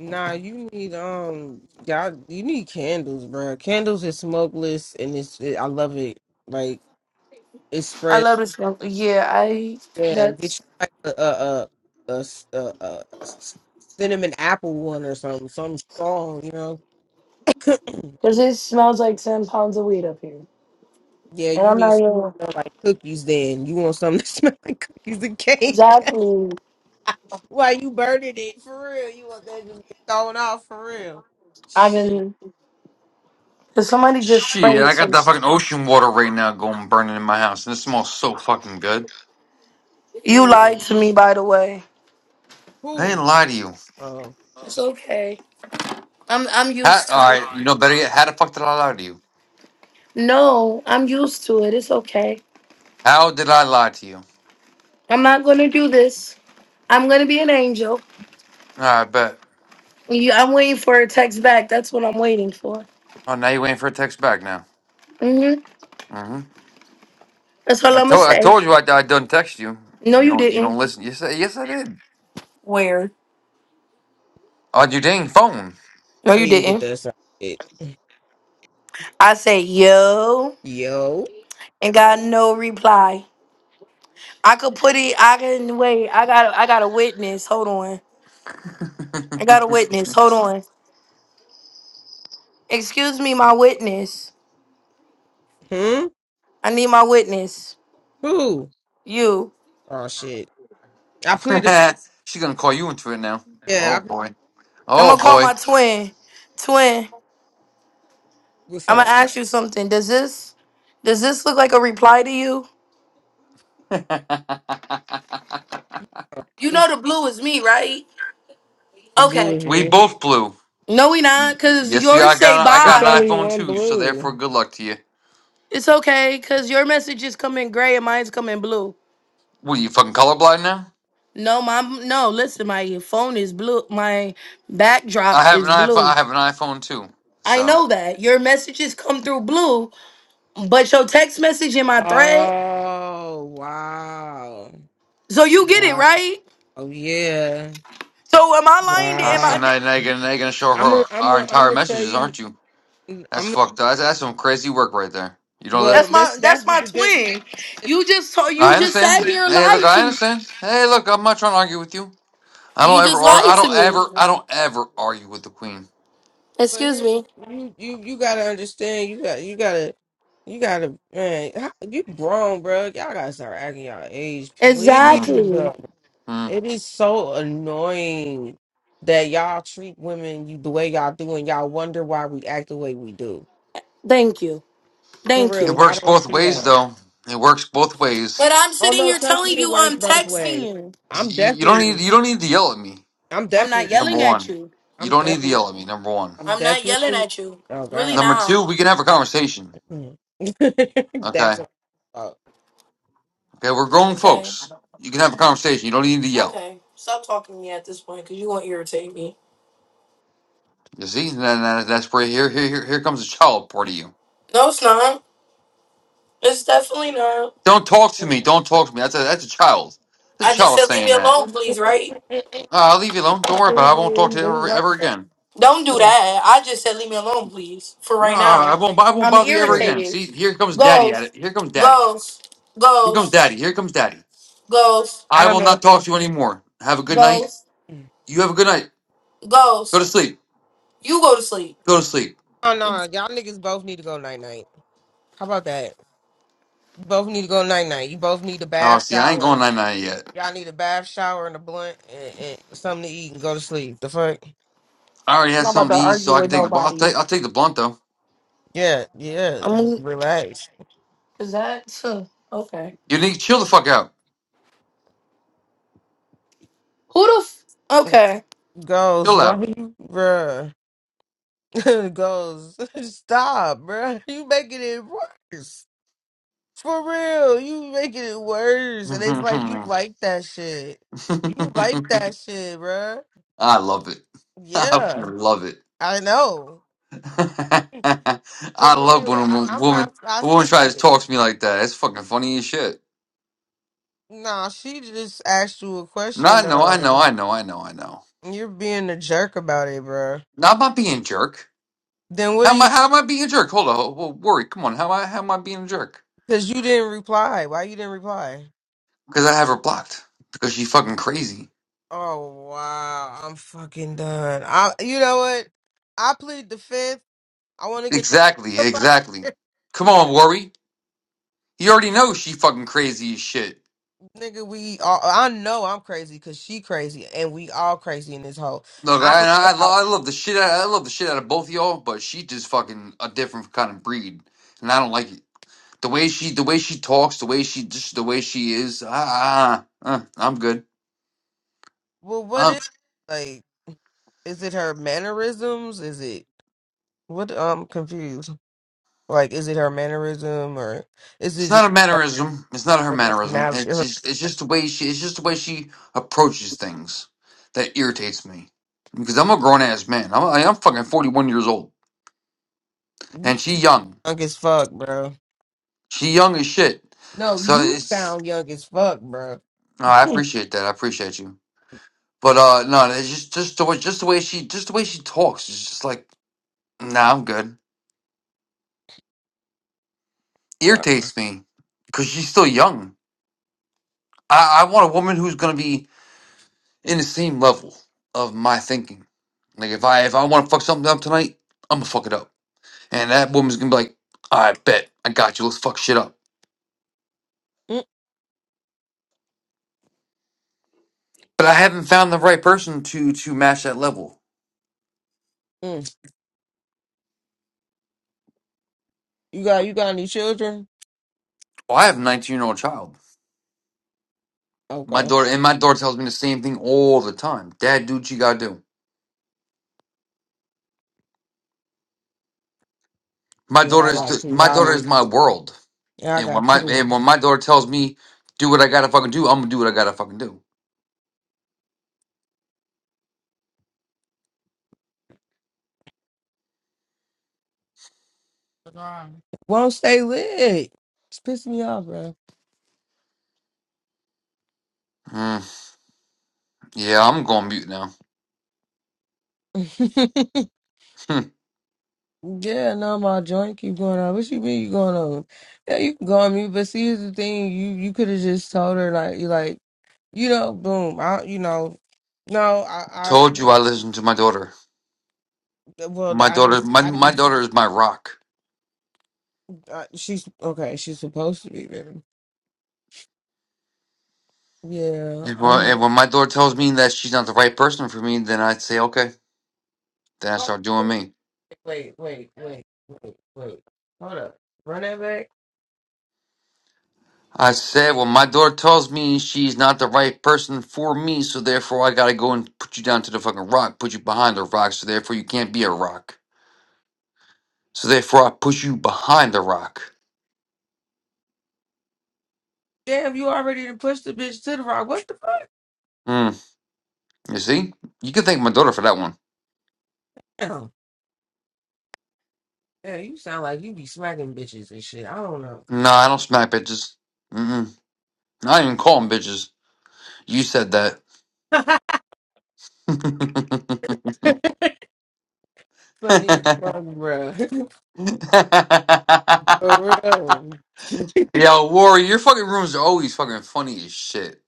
C: Nah, you need um, y'all. You need candles, bro. Candles is smokeless, and it's. It, I love it. Like it
F: I
C: spreads.
F: love the smell. Yeah, I.
C: Yeah, get
F: That's
C: you like a a a, a, a, a cinnamon apple one or something. Something strong, you know.
F: because it smells like ten pounds of weed up here,
C: Yeah,
F: and
C: you
F: I'm
C: need
F: not
C: something
F: even
C: that smell like cookies then. You want something that smell like cookies and cake.
F: exactly.
C: Why you burning it for real? You want that to be thrown off for real.
F: I've
C: Shit.
F: been. Cause somebody just
D: Shit,
F: sprayed
D: I got
F: some.
D: that
F: s-
D: fucking ocean water right now going burning in my house, and it smells so fucking good.
F: You lied
C: Mm.
F: to me, by the way.
D: I
C: Who?
D: didn't lie to you.
C: Oh.
F: It's okay. I'm. I'm
D: How,
F: used to
D: all
F: it.
D: right, you know better yet. How the fuck did I lie to you?
F: No, I'm used to it. It's okay.
D: How did I lie to you? All
F: I'm not gonna do this. I'm gonna be an angel.
D: right, bet.
F: You, I'm waiting for a text back. That's what I'm waiting for.
D: Oh, now you waiting for a text back now.
F: Mm-hmm.
D: Mm-hmm.
F: That's all
D: I
F: I'm gonna
D: told I
F: say.
D: told you I, I done text you.
F: No,
D: You
F: you
D: don't you don't
F: didn't.
D: listen. You say yes I did.
F: Where?
D: On your dang phone.
F: No,
C: I
F: you
C: need to get
F: didn't.
C: that sound shit.
F: I say yo
C: Yo.
F: and got no reply. I could put it. I can wait. I got. I got a witness. Hold on. I got a witness. Hold on. Excuse me, my witness.
C: Hmm?
F: I need my witness.
C: Who?
F: You.
C: Oh shit. I plead the
D: She's gonna call you into it now.
C: yeah,
D: Oh
C: I plead
D: boy.
F: I'm
D: Oh
F: gonna call
D: boy.
F: my twin. Twin.
C: what's
F: I'm gonna
C: up?
F: ask you something. Does this? Does this look like a reply to you? You
C: Let me
F: know
C: see.
F: the blue is me, right?
C: The blue
F: Okay.
C: in
D: we
C: here.
D: both blew.
F: No, we not. Cause
D: Yes, we. I
F: yours say
D: got. I
C: It's
D: got an
F: bye.
C: only
D: iPhone
C: one
D: too. So
C: blue.
D: therefore, good luck to you.
F: It's okay, cause your message is coming gray and mine's coming blue.
D: What are you fucking colorblind now?
F: No, my no. Listen, my phone is blue. My
D: I
F: backdrop
D: have an
F: is
D: iPhone. I
F: blue.
D: have an iPhone too.
F: I
D: So.
F: know that your messages come through blue, but your text message in my thread.
C: Oh wow.
F: So you get it
C: Wow.
F: right.
C: Yeah.
F: So am I lying? To,
D: Uh,
F: am
D: so
C: Wow.
F: I?
D: now, now you're gonna now you're gonna show
C: I'm gonna,
D: her
C: I'm
D: our
C: gonna, I'm
D: entire
C: gonna tell
D: messages,
C: you.
D: aren't you? That's
C: I'm
D: fucked up. That's, that's some crazy work right there. You know
C: well.
F: That's
C: That's
F: my that's
C: that's the
F: my
C: that,
F: twin. You just told
D: I
F: you just sat
D: understand.
F: here and
D: Hey, look,
F: lied
D: I
F: to me.
D: understand. Hey, look, I'm not trying to argue with you. I
F: You
D: don't ever,
F: just
D: ar- I
F: lied to
D: don't
F: me.
D: ever, I don't ever argue with the queen.
C: But
F: Excuse
C: here's the,
F: me.
C: you, you, you gotta understand. You got, you gotta, you gotta, man. how- You grown, bro. Y'all gotta start acting y'all age, please,
D: Mm,
F: Exactly.
C: bro.
D: mm.
C: It is so annoying that y'all treat women you the way y'all do, and y'all wonder why we act the way we do.
F: Thank you.
C: For
F: Thank you.
D: It
C: real, y'all
D: works
C: don't
D: both
C: see
D: ways,
C: that.
D: though. It works both
F: But
D: ways.
F: I'm
C: Oh
F: sitting
C: no,
F: here
C: trust me,
F: telling
C: it
F: you
C: works
F: I'm
C: both
F: texting
C: ways.
F: you.
C: I'm
D: You, you don't need,
C: definitely,
D: you don't need to yell at me.
C: I'm
F: I'm not
C: definitely,
D: Number
F: yelling at
D: one,
F: you.
D: you
C: I'm
D: don't need to
C: definitely.
D: yell at me. Number one.
C: I'm
F: I'm not yelling
C: definitely.
F: at you.
C: Oh
F: Really
C: God.
D: Number
F: not.
D: two, we can have a conversation.
C: Mm.
D: Okay.
C: That's what oh.
D: Okay, we're grown
F: Okay.
D: folks. You can have a conversation. You don't need to yell.
F: Okay. Stop talking to me at this point because you're going to irritate me.
D: You see, And that- that- that's where here, here, here, here comes the child part of you.
F: No, it's not. It's definitely not.
D: Don't talk to me. Don't talk to me. That's a, that's a child. That's a
F: I just
D: child
F: said leave me
D: saying that.
F: alone, please, right?
C: It- it-
D: No, I'll leave you alone. Don't worry about it. I won't talk
C: it-
D: to you
C: they
D: ever,
C: right
D: ever again.
F: Don't do
C: there.
F: that. I just said leave me alone, please, for
D: No,
F: right now.
D: I won't. I won't
F: I'm
D: bother you ever
C: Mm.
D: again.
F: irritated.
D: See, here comes Daddy at
F: Ghost.
D: it. Here comes Daddy.
F: Ghost.
D: Here comes
F: Ghost.
D: Daddy. Here comes Daddy.
F: Ghost.
C: I
D: I
C: don't
D: will
C: know
D: not
C: if
D: talk
C: it's.
D: to you anymore. Have a good night.
F: Ghost.
C: Mm.
D: You have a good night. Go to
F: Ghost.
D: sleep.
F: You go to sleep.
D: Go to sleep.
C: Oh
F: I'm
C: no, y'all niggas both need to go night night. How about that? You both need to go night night. You both need a
D: Oh,
C: bath
D: see, I ain't
C: shower.
D: going night night yet.
C: Y'all need a bath shower and a blunt and, and something to eat and go to sleep. The fuck?
D: I already had
F: not about to
D: something to eat, so
F: argue
D: I can
F: with
D: take the. I'll
F: nobody.
D: take. I'll take the blunt though.
C: Yeah, yeah. You relax.
F: Is that so? Okay.
D: You need to chill the fuck out.
F: Who the? F- okay.
C: Goes,
D: Chill
C: why
D: out.
C: you, bruh? Goes, stop, bruh. You making it worse. For real, you making it worse, and it's like you like that shit. You like that shit, bruh.
D: I love it. I
C: Yeah,
D: love it.
C: I know. For
D: I love
C: real,
D: when a
C: I,
D: wo-
C: I'm
D: woman
C: not. I
D: a woman
C: see
D: tries to
C: it.
D: talk to me like that. It's fucking funny as shit.
C: Nah, she just asked you a
D: No,
C: question
D: I know, I know,
C: though.
D: I know, I know, I know.
C: You're being a jerk about it, bruh.
D: Now I'm not being a jerk.
C: Then what
D: How
C: do
D: am
C: you?
D: I? How am I being a jerk? Hold on, ho- ho- worry. Come on, how am I? How am I being a jerk?
C: Cause you didn't reply. Why you didn't reply?
D: Because I have her blocked. Because she's fucking crazy.
C: Oh wow, I'm fucking done. I, you know what? I plead the fifth. I want to get the
D: Exactly,
C: fuck up.
D: exactly.
C: out.
D: Come on, worry. You already know she fucking crazy as shit.
C: Nigga, we all, I know I'm crazy because she crazy and we all crazy in this hole.
D: Look,
C: I don't know
D: I I,
C: about,
D: lo- I love the shit. Out, I love the shit out of both y'all, but she just fucking a different kind of breed, and I don't like it. The way she, the way she talks, the way she, just the way she is. Ah, ah, ah, uh, I'm good.
C: well, what
D: Um,
C: is, like, is it her mannerisms? Is it, what, I'm confused. Like, is it her mannerism or is it
D: it's
C: just
D: not a
C: her
D: mannerism. It's not her mannerism.
C: personality?
D: It's
C: Her-
D: just, it's just the way she, it's just the way she approaches things that irritates me. Because I'm a grown ass man. I'm, I- I'm fucking 41 years old,
C: You
D: and she young.
C: young as fuck, bro.
D: She young as shit.
C: No,
D: So
C: you
D: it's,
C: sound young as fuck, bro.
D: no, I appreciate that. I appreciate you. But uh, no, it's just, just the way, just the way she, just the way she talks. It's just like, nah, I'm good.
C: Wow.
D: Irritates me because she's still young. I, I want a woman who's gonna be in the same level of my thinking. Like if I if I want to fuck something up tonight, I'm gonna fuck it up, and that woman's gonna be like, "I bet I got you. Let's fuck shit up." But I haven't found the right person to to match that level.
C: Mm-mm. You got, you got any children?
D: Well, I have a 19 year old child. My
C: Okay.
D: daughter and my daughter tells me the same thing all the time. Dad, do what you gotta do. My
C: Yeah,
D: daughter
C: I
D: is
C: got
D: the,
C: two
D: my daughter is
C: daughters.
D: my world,
C: Yeah, I
D: and when
C: got
D: my
C: two.
D: and when my daughter tells me do what I gotta fucking do, I'm gonna do what I gotta fucking do.
C: Why don't stay lit? It's pissing me off, bro.
D: Mm, yeah, I'm going mute now.
C: Yeah, no, my joint keep going on. What you mean you going on? Yeah, you can go on me, but see, here's the thing: you you could have just told her like you like you know, boom, I you know, no, I
D: Told
C: I
D: you I listen to my daughter.
C: well,
D: My
C: I
D: daughter,
C: didn't,
D: my
C: I
D: my
C: didn't.
D: daughter is my rock.
C: Uh, she's okay. She's supposed to be there. Yeah,
D: And when,
C: I'm.
D: and when my daughter tells me that she's not the right person for me, then I say okay. Then I start doing
C: Wait,
D: me.
C: wait, wait, wait, wait. Hold up, run that back.
D: I said, well, my daughter tells me she's not the right person for me, so therefore I gotta go and put you down to the fucking rock, put you behind the rock, so therefore you can't be a rock. So therefore I push you behind the rock.
C: Damn, you already done pushed the bitch to the rock. What the fuck?
D: Hmm. You see? You can thank my daughter for that one.
C: Damn. Yeah, you sound like you be smacking bitches and shit. I don't know.
D: No, I don't smack bitches. Mm-mm. I don't even call them bitches. You said that. Yo,
C: funny fun, bro. For real.
D: Warrior, your fucking rooms are always fucking funny as shit.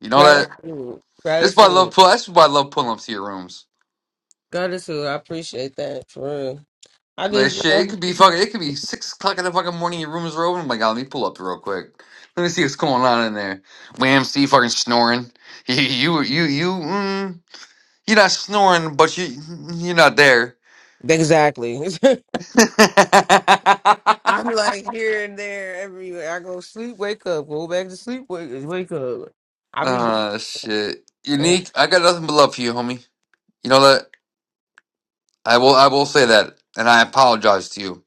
D: You know that?
C: Gratitude.
D: This is why I love
C: Gratitude.
D: pull. That's why I love pulling up to your rooms.
C: Gratitude. I appreciate that. For real. I
D: That
C: just
D: shit, it
C: love
D: could be fucking. It could be six o'clock in the fucking morning. Your rooms are open. I'm like, oh, let me pull up real quick. Let me see what's going on in there. Wham, see fucking snoring. You, you, you, you. Mm, you're not snoring, but you, you're not there.
C: Exactly. I'm like here and there everywhere. I go sleep, wake up, go back to sleep, wake wake up. I be
D: Ah, shit.
C: uh,
D: Unique. I got nothing but love for you, homie. You know that? I will I will say that, and I apologize to you.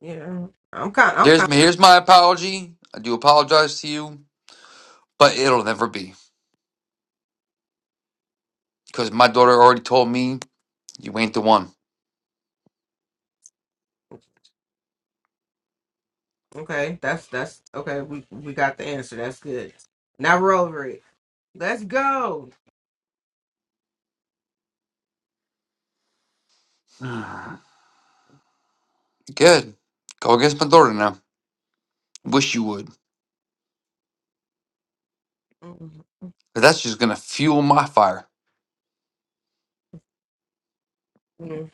C: yeah. I'm kind I'm
D: Here's
C: kind
D: my here's my apology. I do apologize to you, but it'll never be because my daughter already told me you ain't the one.
C: okay. That's that's okay, we we got the answer. That's good. Now we're over it. Let's go.
D: Good, go against my daughter now.
C: Mm,
D: Wish you would,
C: mm,
D: but that's just gonna fuel my fire.
C: mm.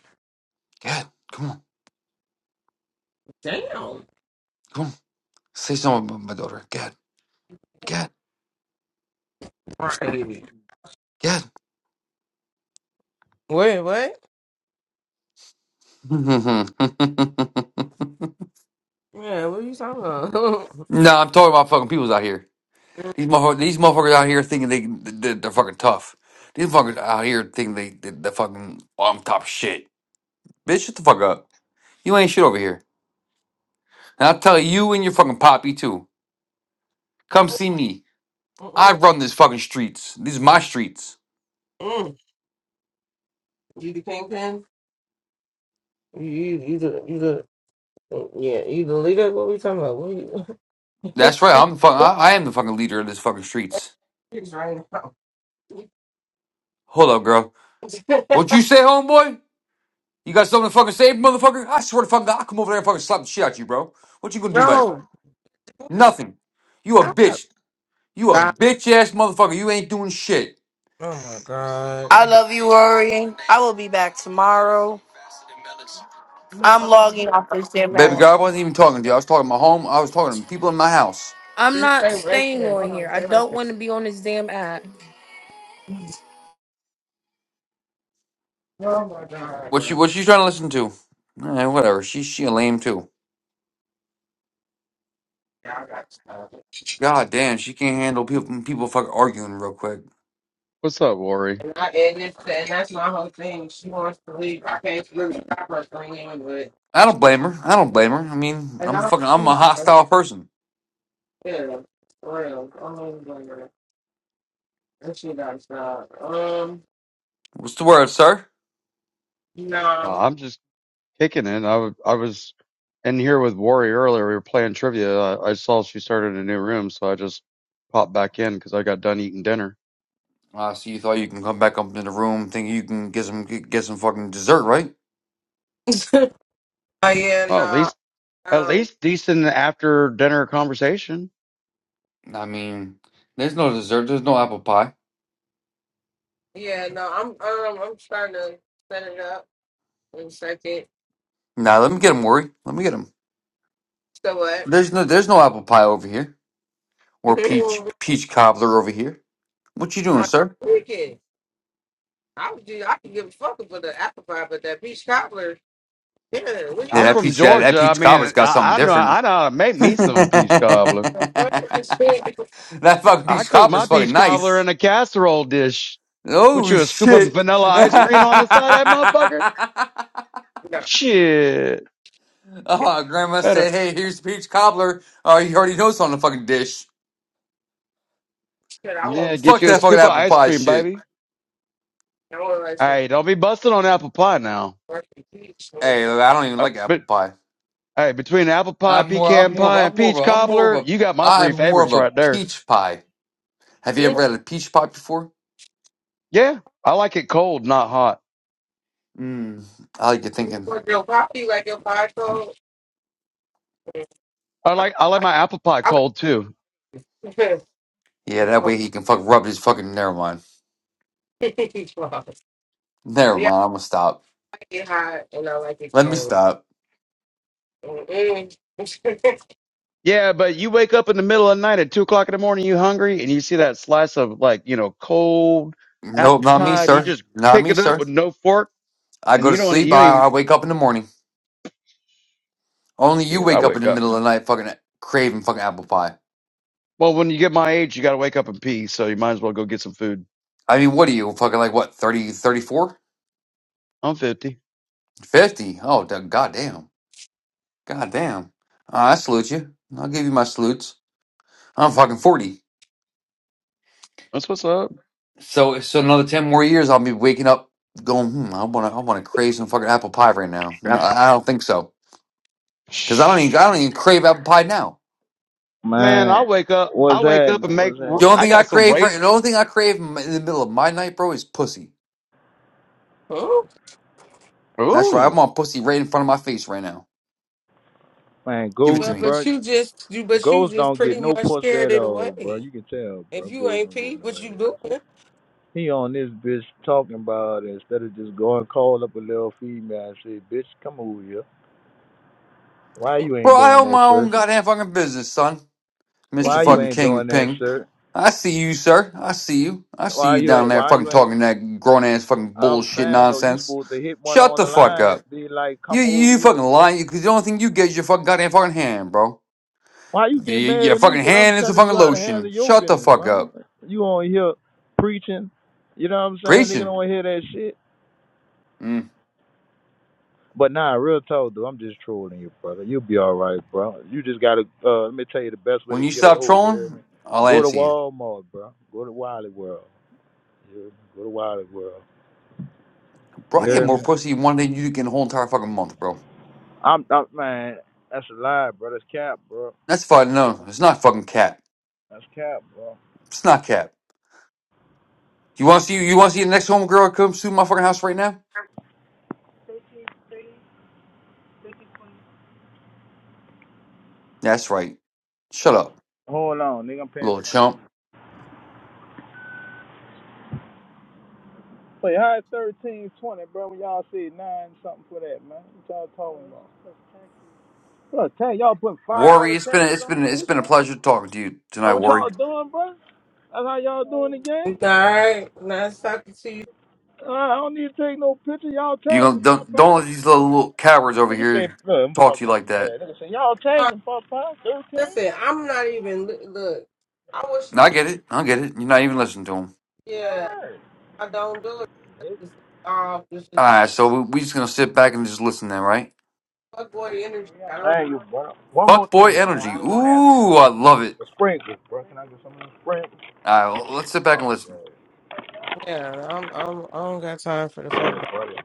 D: Good, come on,
C: Damn.
D: come on, say something about my daughter. Good, good,
C: Right.
D: good.
C: Wait, what?
D: no, I'm
C: Yeah, what are you talking about?
D: talking about fucking peoples out here. These motherfuckers, these motherfuckers out here thinking they they're, they're fucking tough. These motherfuckers out here thinking they they- they're fucking on top shit. Bitch, shut the fuck up. You ain't shit over here. And I'll tell you and your fucking poppy too. Come
C: Mm,
D: see me. I
C: mm, mm,
D: run this fucking streets. These are my streets.
C: mm. you the kingpin? You, you, you the, you the, yeah, you the leader? What are we talking about? What are you,
D: That's right. I'm the fuck.
C: what
D: I, I am the fucking leader of this fucking streets.
C: is right now?
D: Hold up, girl. What you say, homeboy? You got something to fucking say, motherfucker? I swear to fucking God, I'll come over there and fucking slap the shit out you, bro. What you gonna do about it?
C: no,
D: Nothing. You a
C: stop,
D: bitch. You a
C: stop.
D: bitch ass motherfucker. You ain't doing shit.
C: Oh my god.
F: I love you, Rory. I will be back tomorrow.
C: No,
F: I'm logging
C: no,
F: off this damn
D: Baby
F: app.
D: girl, I wasn't even talking to you. I was talking to my home. I was talking to people in my house.
F: I'm
C: just
F: not
C: stay right
F: staying
C: there. Hold
F: on here.
C: on,
F: I
C: stay right
F: don't
C: there.
F: want to be on this damn app.
C: Oh my god,
D: What
C: bro.
D: she what she trying to listen to? Eh, whatever. She she a lame too.
C: Y'all got to stop it.
D: God damn, she can't handle people people fucking arguing real quick.
H: What's up, Worry?
C: And, I, and, it's, and that's my whole thing. She wants to leave. I can't really stop her from it, but
D: I don't
C: she,
D: blame her. I don't blame her. I mean,
C: and
D: I'm
C: I
D: fucking I'm a
C: don't.
D: hostile person.
C: Yeah, for real. Oh my god. That she got shot. Um,
D: What's the word, sir?
C: yeah,
H: Uh, I'm just kicking it. I w- I was in here with Worry earlier. We were playing trivia. I, I saw she started a new room, so I just popped back in because I got done eating dinner.
D: Ah, so you thought you can come back up in the room, think you can get some get, get some fucking dessert, right?
C: no. Oh yeah,
H: Well, at
C: no.
H: least at
C: Um,
H: least decent after dinner conversation.
D: I mean, there's no dessert. There's no apple pie.
C: yeah, no. I'm um, I'm trying to set it up in a second.
D: Nah, let me get him, Worry. Let me get him.
C: So what?
D: There's no there's no apple pie over here or peach peach cobbler over here. What you doing, sir?
C: Weekend. I would do. I could give a fuck about the apple pie, but that beach cobbler. Yeah, where you
D: Yeah,
H: I'm
C: going?
D: that
H: from
D: peach that, that
H: Georgia. I
D: peach
H: mean,
D: cobbler has got something
H: I, I know
D: different.
H: I know how to make me
D: that
H: some peach cobbler.
C: I'm trying to see.
D: fucking
H: I
D: peach
H: cook my
D: cobbler's fucking
H: peach cobbler
D: nice.
H: in a casserole dish. Put
D: Oh
H: you a scoop of
D: shit.
H: vanilla ice
C: No,
H: cream on
D: uh,
H: the side, of that motherfucker.
C: no.
H: Shit,
D: grandma said,
H: better.
D: hey, here's peach cobbler. Oh, you already know it's on the fucking dish.
C: Shit, I want.
H: Yeah, get
D: Fuck
H: you a
D: that fucking
H: scoop of
D: apple
H: ice
D: pie
H: cream,
D: shit.
H: baby.
C: I want like some
H: Hey, don't be busting on apple pie now.
C: apple pie beach. I want
D: Hey,
C: some-
D: I don't even
H: Uh,
D: like
H: but
D: apple pie.
H: hey, between apple pie,
D: I'm more I'm
H: pecan
D: more of
H: pie,
D: a
H: and
D: I'm more
H: peach
D: of a I'm more of
H: cobbler,
D: a
H: you got my
D: I'm
H: three
D: more of
H: favorites
D: a
H: right there.
D: peach pie. Have you
C: Yeah,
D: ever had a peach pie before?
H: Yeah, I like it cold, not hot.
D: Mm, I like your
C: you
D: thinking.
C: want your coffee like your pie cold?
H: I like I like my apple pie
C: I,
H: cold too.
D: Yeah, that way he can fuck rub his fucking. Never mind. Never
C: yeah,
D: mind. I'm gonna stop.
C: I like it hot and I like it
D: Let me
C: cold.
D: stop.
C: Mm-mm.
H: Yeah, but you wake up in the middle of the night at two o'clock in the morning, you hungry, and you see that slice of like you know cold
D: Nope,
H: apple
D: not me,
H: pie, and you
D: sir.
H: just
D: Not
H: pick
D: me,
H: it up
D: sir.
H: with no fork,
D: I
H: and
D: go
H: you
D: to
H: don't
D: sleep.
H: you don't
D: I, I
H: even
D: wake up in the morning. Only you
H: shit. I
D: wake up in
H: wake
D: the
H: up.
D: middle of the night, fucking craving fucking apple pie.
H: Well, when you get my age, you got to wake up in peace, so you might as well go get some food.
D: I mean, what are you fucking like? What 30, 34,
H: I'm fifty.
D: 50? Oh, da- goddamn, goddamn. Uh, I salute you. I'll give you my salutes. I'm fucking forty.
H: That's what's up.
D: So, so another ten more years, I'll be waking up, going, hmm, I wanna, I wanna crave some fucking apple pie right now. No, I don't think so. Because I don't even I
H: Shh.
D: don't even crave apple pie now.
H: Man, I
I: Man,
H: wake up. I
I: what's
H: wake up
I: happening?
H: and make.
I: What's
D: The only
H: I
I: happening?
D: thing I
H: got some
D: crave right
H: raisins.
D: the only thing I crave in in the middle of my night, bro, is pussy.
C: Oh,
D: That's right. I
H: Ooh,
D: want pussy right in front of my face right now.
I: Man,
D: Give it to
I: Ghost,
C: but
D: me,
C: but
I: bro.
C: you just you but you
I: Ghost
C: just
I: don't get
C: pretty
I: no
C: much
I: pussy
C: scared
I: at
C: it
I: all, bro.
C: away.
I: You can tell,
C: If
I: bro.
C: you
I: Ghost
C: ain't
I: don't get
C: pee,
I: no
C: what you
I: ass.
C: doing?
I: He on this bitch talking about instead of just going call up a little female and say, bitch, come over here. Why you
D: bro.
I: ain't
D: I
I: doing
D: own
I: that,
D: my own
I: sir?
D: goddamn fucking business, son, Mister
I: Why you
D: Fucking
I: ain't
D: King
I: doing that,
D: Ping.
I: sir?
D: I see you, sir. I see you. I see
I: Why
D: you
I: you
D: down
I: ain't?
D: there
I: Why
D: fucking
I: you ain't?
D: talking that grown ass fucking
I: I'm
D: bullshit
I: saying though, you
D: nonsense.
I: supposed to hit one
D: Shut
I: on
D: the
I: the
D: fuck
I: line and
D: up.
I: be like, come
D: You
I: over
D: you
I: here,
D: fucking
I: bitch.
D: lying because the only thing you get is your fucking goddamn fucking hand, bro.
I: Why you
D: The,
I: get mad
D: your
I: at me?
D: fucking
I: Cause I'm
D: hand is a
I: telling
D: fucking
I: you how to handle
D: lotion.
I: your
D: Shut the
I: business,
D: fuck
I: right?
D: up.
I: You on here preaching, you know what I'm saying? Nigga
D: Preaching.
I: don't hear that shit.
D: Mm-hmm.
I: But nah, real talk, dude. I'm just trolling you, brother. You'll be all right, bro. You just gotta. Uh, let me tell you the best way
D: When
I: to
D: you
I: get a
D: stop
I: hold. You hear me?
D: trolling, I'll
I: Go to
D: answer you.
I: Walmart, bro. Go to Wiley World. You hear me? Go to Wiley World.
D: Bro,
I: You
D: I get
I: hear
D: more
I: me?
D: pussy in one day than you get in a whole entire fucking month, bro.
I: I'm, I'm man. That's a lie, bro. That's cap, bro.
D: That's fine.
I: That's
D: No,
I: cap,
D: it's not fucking cat.
I: That's cap, bro.
D: It's not cat. You want to see? You want to see the next homegirl that comes to my fucking house right now? That's right. Shut up,
I: Hold on, nigga. I'm paying
D: little
I: for
D: chump.
I: my. Wait, how is thirteen twenty, bro? When y'all said nine something for that, man. What y'all talking about? Bro, dang, y'all putting five dollar
D: Worry, it's been
I: taxes
D: it's
I: on
D: been it's
I: shit,
D: been a
I: man.
D: pleasure talking to you
I: That
D: tonight,
I: what
D: Worry.
I: y'all doing, bro? That's how y'all doing the
C: All
I: game?
C: right, nice talking to you.
I: Uh, I don't need to take no picture. Y'all
D: You
I: tagging
D: don't don't don't let
I: Popeye.
D: these little, little cowards over
I: Nigga said,
D: here
I: look, I'm
D: talk to you
I: fucking with
D: like
I: him
D: that.
I: bad. Nigga said, y'all
C: Uh,
I: tagging Popeye, 13?
C: listen, I'm not even li- look. I wish,
D: No, I get it. I get it. You're not even listening to them.
C: yeah, I don't do it. It's off. It's
D: All
C: just
D: right, so we, we just gonna sit back and just listen then, right?
C: fuck boy energy. I don't.
I: Thank you, bro. One more
D: Fuck boy
I: thing, bro.
D: energy.
I: I ain't gonna have
D: Ooh,
I: no
D: I
I: more.
D: love it.
I: The sprinkles, bro. Can I get some of the sprinkles?
D: All right, well, let's sit
I: Oh,
D: back and listen.
I: God.
C: Yeah, I'm. I'm. I don't got time for the fuck boy.
I: Yeah, buddy.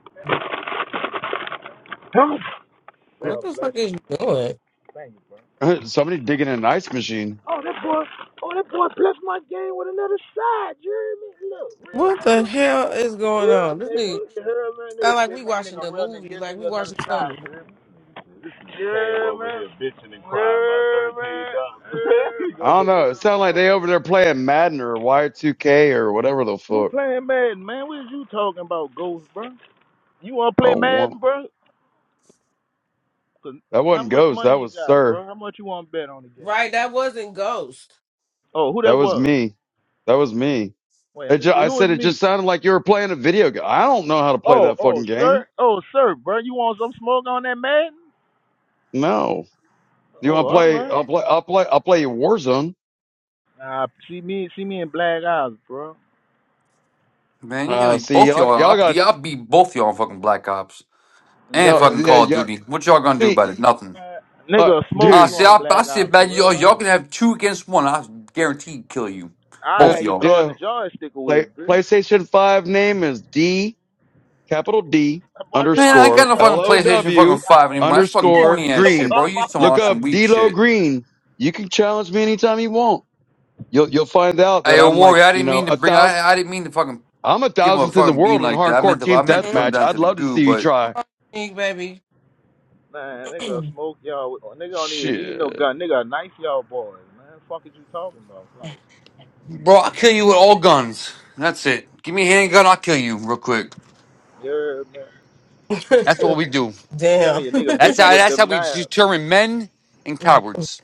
I: God
C: What the
I: bless
C: fuck is you
I: you.
C: doing?
I: Thank you, bro.
H: somebody digging in an ice machine.
I: Oh, that boy, oh, that boy blessed my game with another side, you hear me? Look, real
C: What the
I: nigga,
C: hell is going
I: real
C: on? This
I: nigga,
C: nigga
I: you hear me? Nigga
C: sound like we
I: said, man, nigga,
C: watching a
I: real nigga,
C: movie,
I: give a
C: like we
I: nigga another
C: watching
I: side,
C: something.
I: you hear me? You Came bitching and crying about hear thirteen dollars.
H: I don't know. It
I: Go ahead.
H: sounds like they over there playing Madden or Y2K or whatever the
I: Who
H: fuck.
I: playing Madden, man? What is you talking about, Ghost, bro? You want to play
H: Oh, wow.
I: Madden, bro?
H: that
I: How
H: wasn't
I: much
H: Ghost.
I: money
H: That
I: you
H: was
I: got,
H: Sir.
I: bro? How much you want to bet on the game?
C: Right, that wasn't Ghost.
I: Oh, who
H: That
I: that
H: was
I: was?
H: me. That was me.
I: Wait, let
H: It
I: me
H: ju-
I: see.
H: I
I: Who is
H: said it
I: me?
H: just sounded like you were playing a video game. I don't know how to play
I: Oh,
H: that
I: oh,
H: fucking
I: sir.
H: game.
I: Oh, sir, bro. You want some smoke on that Madden?
H: No. You want
I: Oh,
H: to
I: all
H: play?
I: right.
H: I'll play. I'll play. I'll play Warzone.
I: Nah, see me, see me in black eyes, bro.
D: Man, you know,
H: Uh, see,
D: both
H: y'all,
D: y'all,
H: y'all
D: I'll be,
H: got
D: I'll be both y'all on fucking Black Ops
I: You
D: and
H: y'all,
I: hear
D: fucking
I: me?
H: yeah,
D: Call of
H: yeah.
D: Duty. What y'all gonna do
H: See,
D: about it?
I: Uh,
D: Nothing.
H: uh,
I: Nigga, smoke
D: Uh,
I: you
H: dude.
D: see,
I: on
D: I, I
I: black eyes
D: sit
I: in
D: back,
I: real
D: y'all, y'all
I: life.
D: can have two against one. I guarantee kill you.
I: I
H: Uh,
D: Both
I: had you
D: y'all.
I: throwing
H: yeah.
I: the joystick away,
H: Play,
I: bro.
H: PlayStation 5 name is D, capital D,
I: That boy gave
D: Man,
I: out
D: I
I: a
D: ain't got
H: underscore,
D: no
I: prison was
D: fucking
I: in my face
D: PlayStation
I: for
D: fucking
H: L-O-W,
I: five
D: 5
I: days.
D: anymore. That's fucking
H: underscore,
D: corny ass
I: That boy
D: shit,
H: green.
D: bro. You
I: about
D: some
I: that
H: Look
D: on
I: life.
D: some
H: up
D: weak
H: D-Lo
D: shit.
H: Green. You can challenge me anytime you want. You'll, you'll find out
D: Hey,
H: that
D: yo,
H: I'm like,
D: Warrior, I
H: you
D: didn't
H: know,
D: mean to
H: a
D: bring,
H: thousand,
D: I, I didn't mean to fucking
H: I'm a
D: give him a
H: thousandth in the
D: fucking bean
H: world in
D: like that. I meant
H: hardcore
D: to, I
H: team
D: meant to put
C: Hmm?
D: him
H: deathmatch.
D: down to
H: I'd
D: the
H: love to
D: goo,
H: see you
D: but,
H: try.
C: Pink baby.
I: Man, nigga, smoke y'all. with- Nigga don't even need no
H: Shit.
I: gun. Nigga, knife y'all boys, man. Fuck is you talking about? Like,
D: bro, I'll kill you with all guns. That's it. Give me a handgun, I'll kill you real quick.
I: you're, man.
D: That's what we do.
I: I'm telling
C: Damn.
I: you, nigga,
D: That's
I: vicious
D: how
I: with
D: that's how
I: them
D: we
I: knives.
D: determine men and
C: you
D: cowards.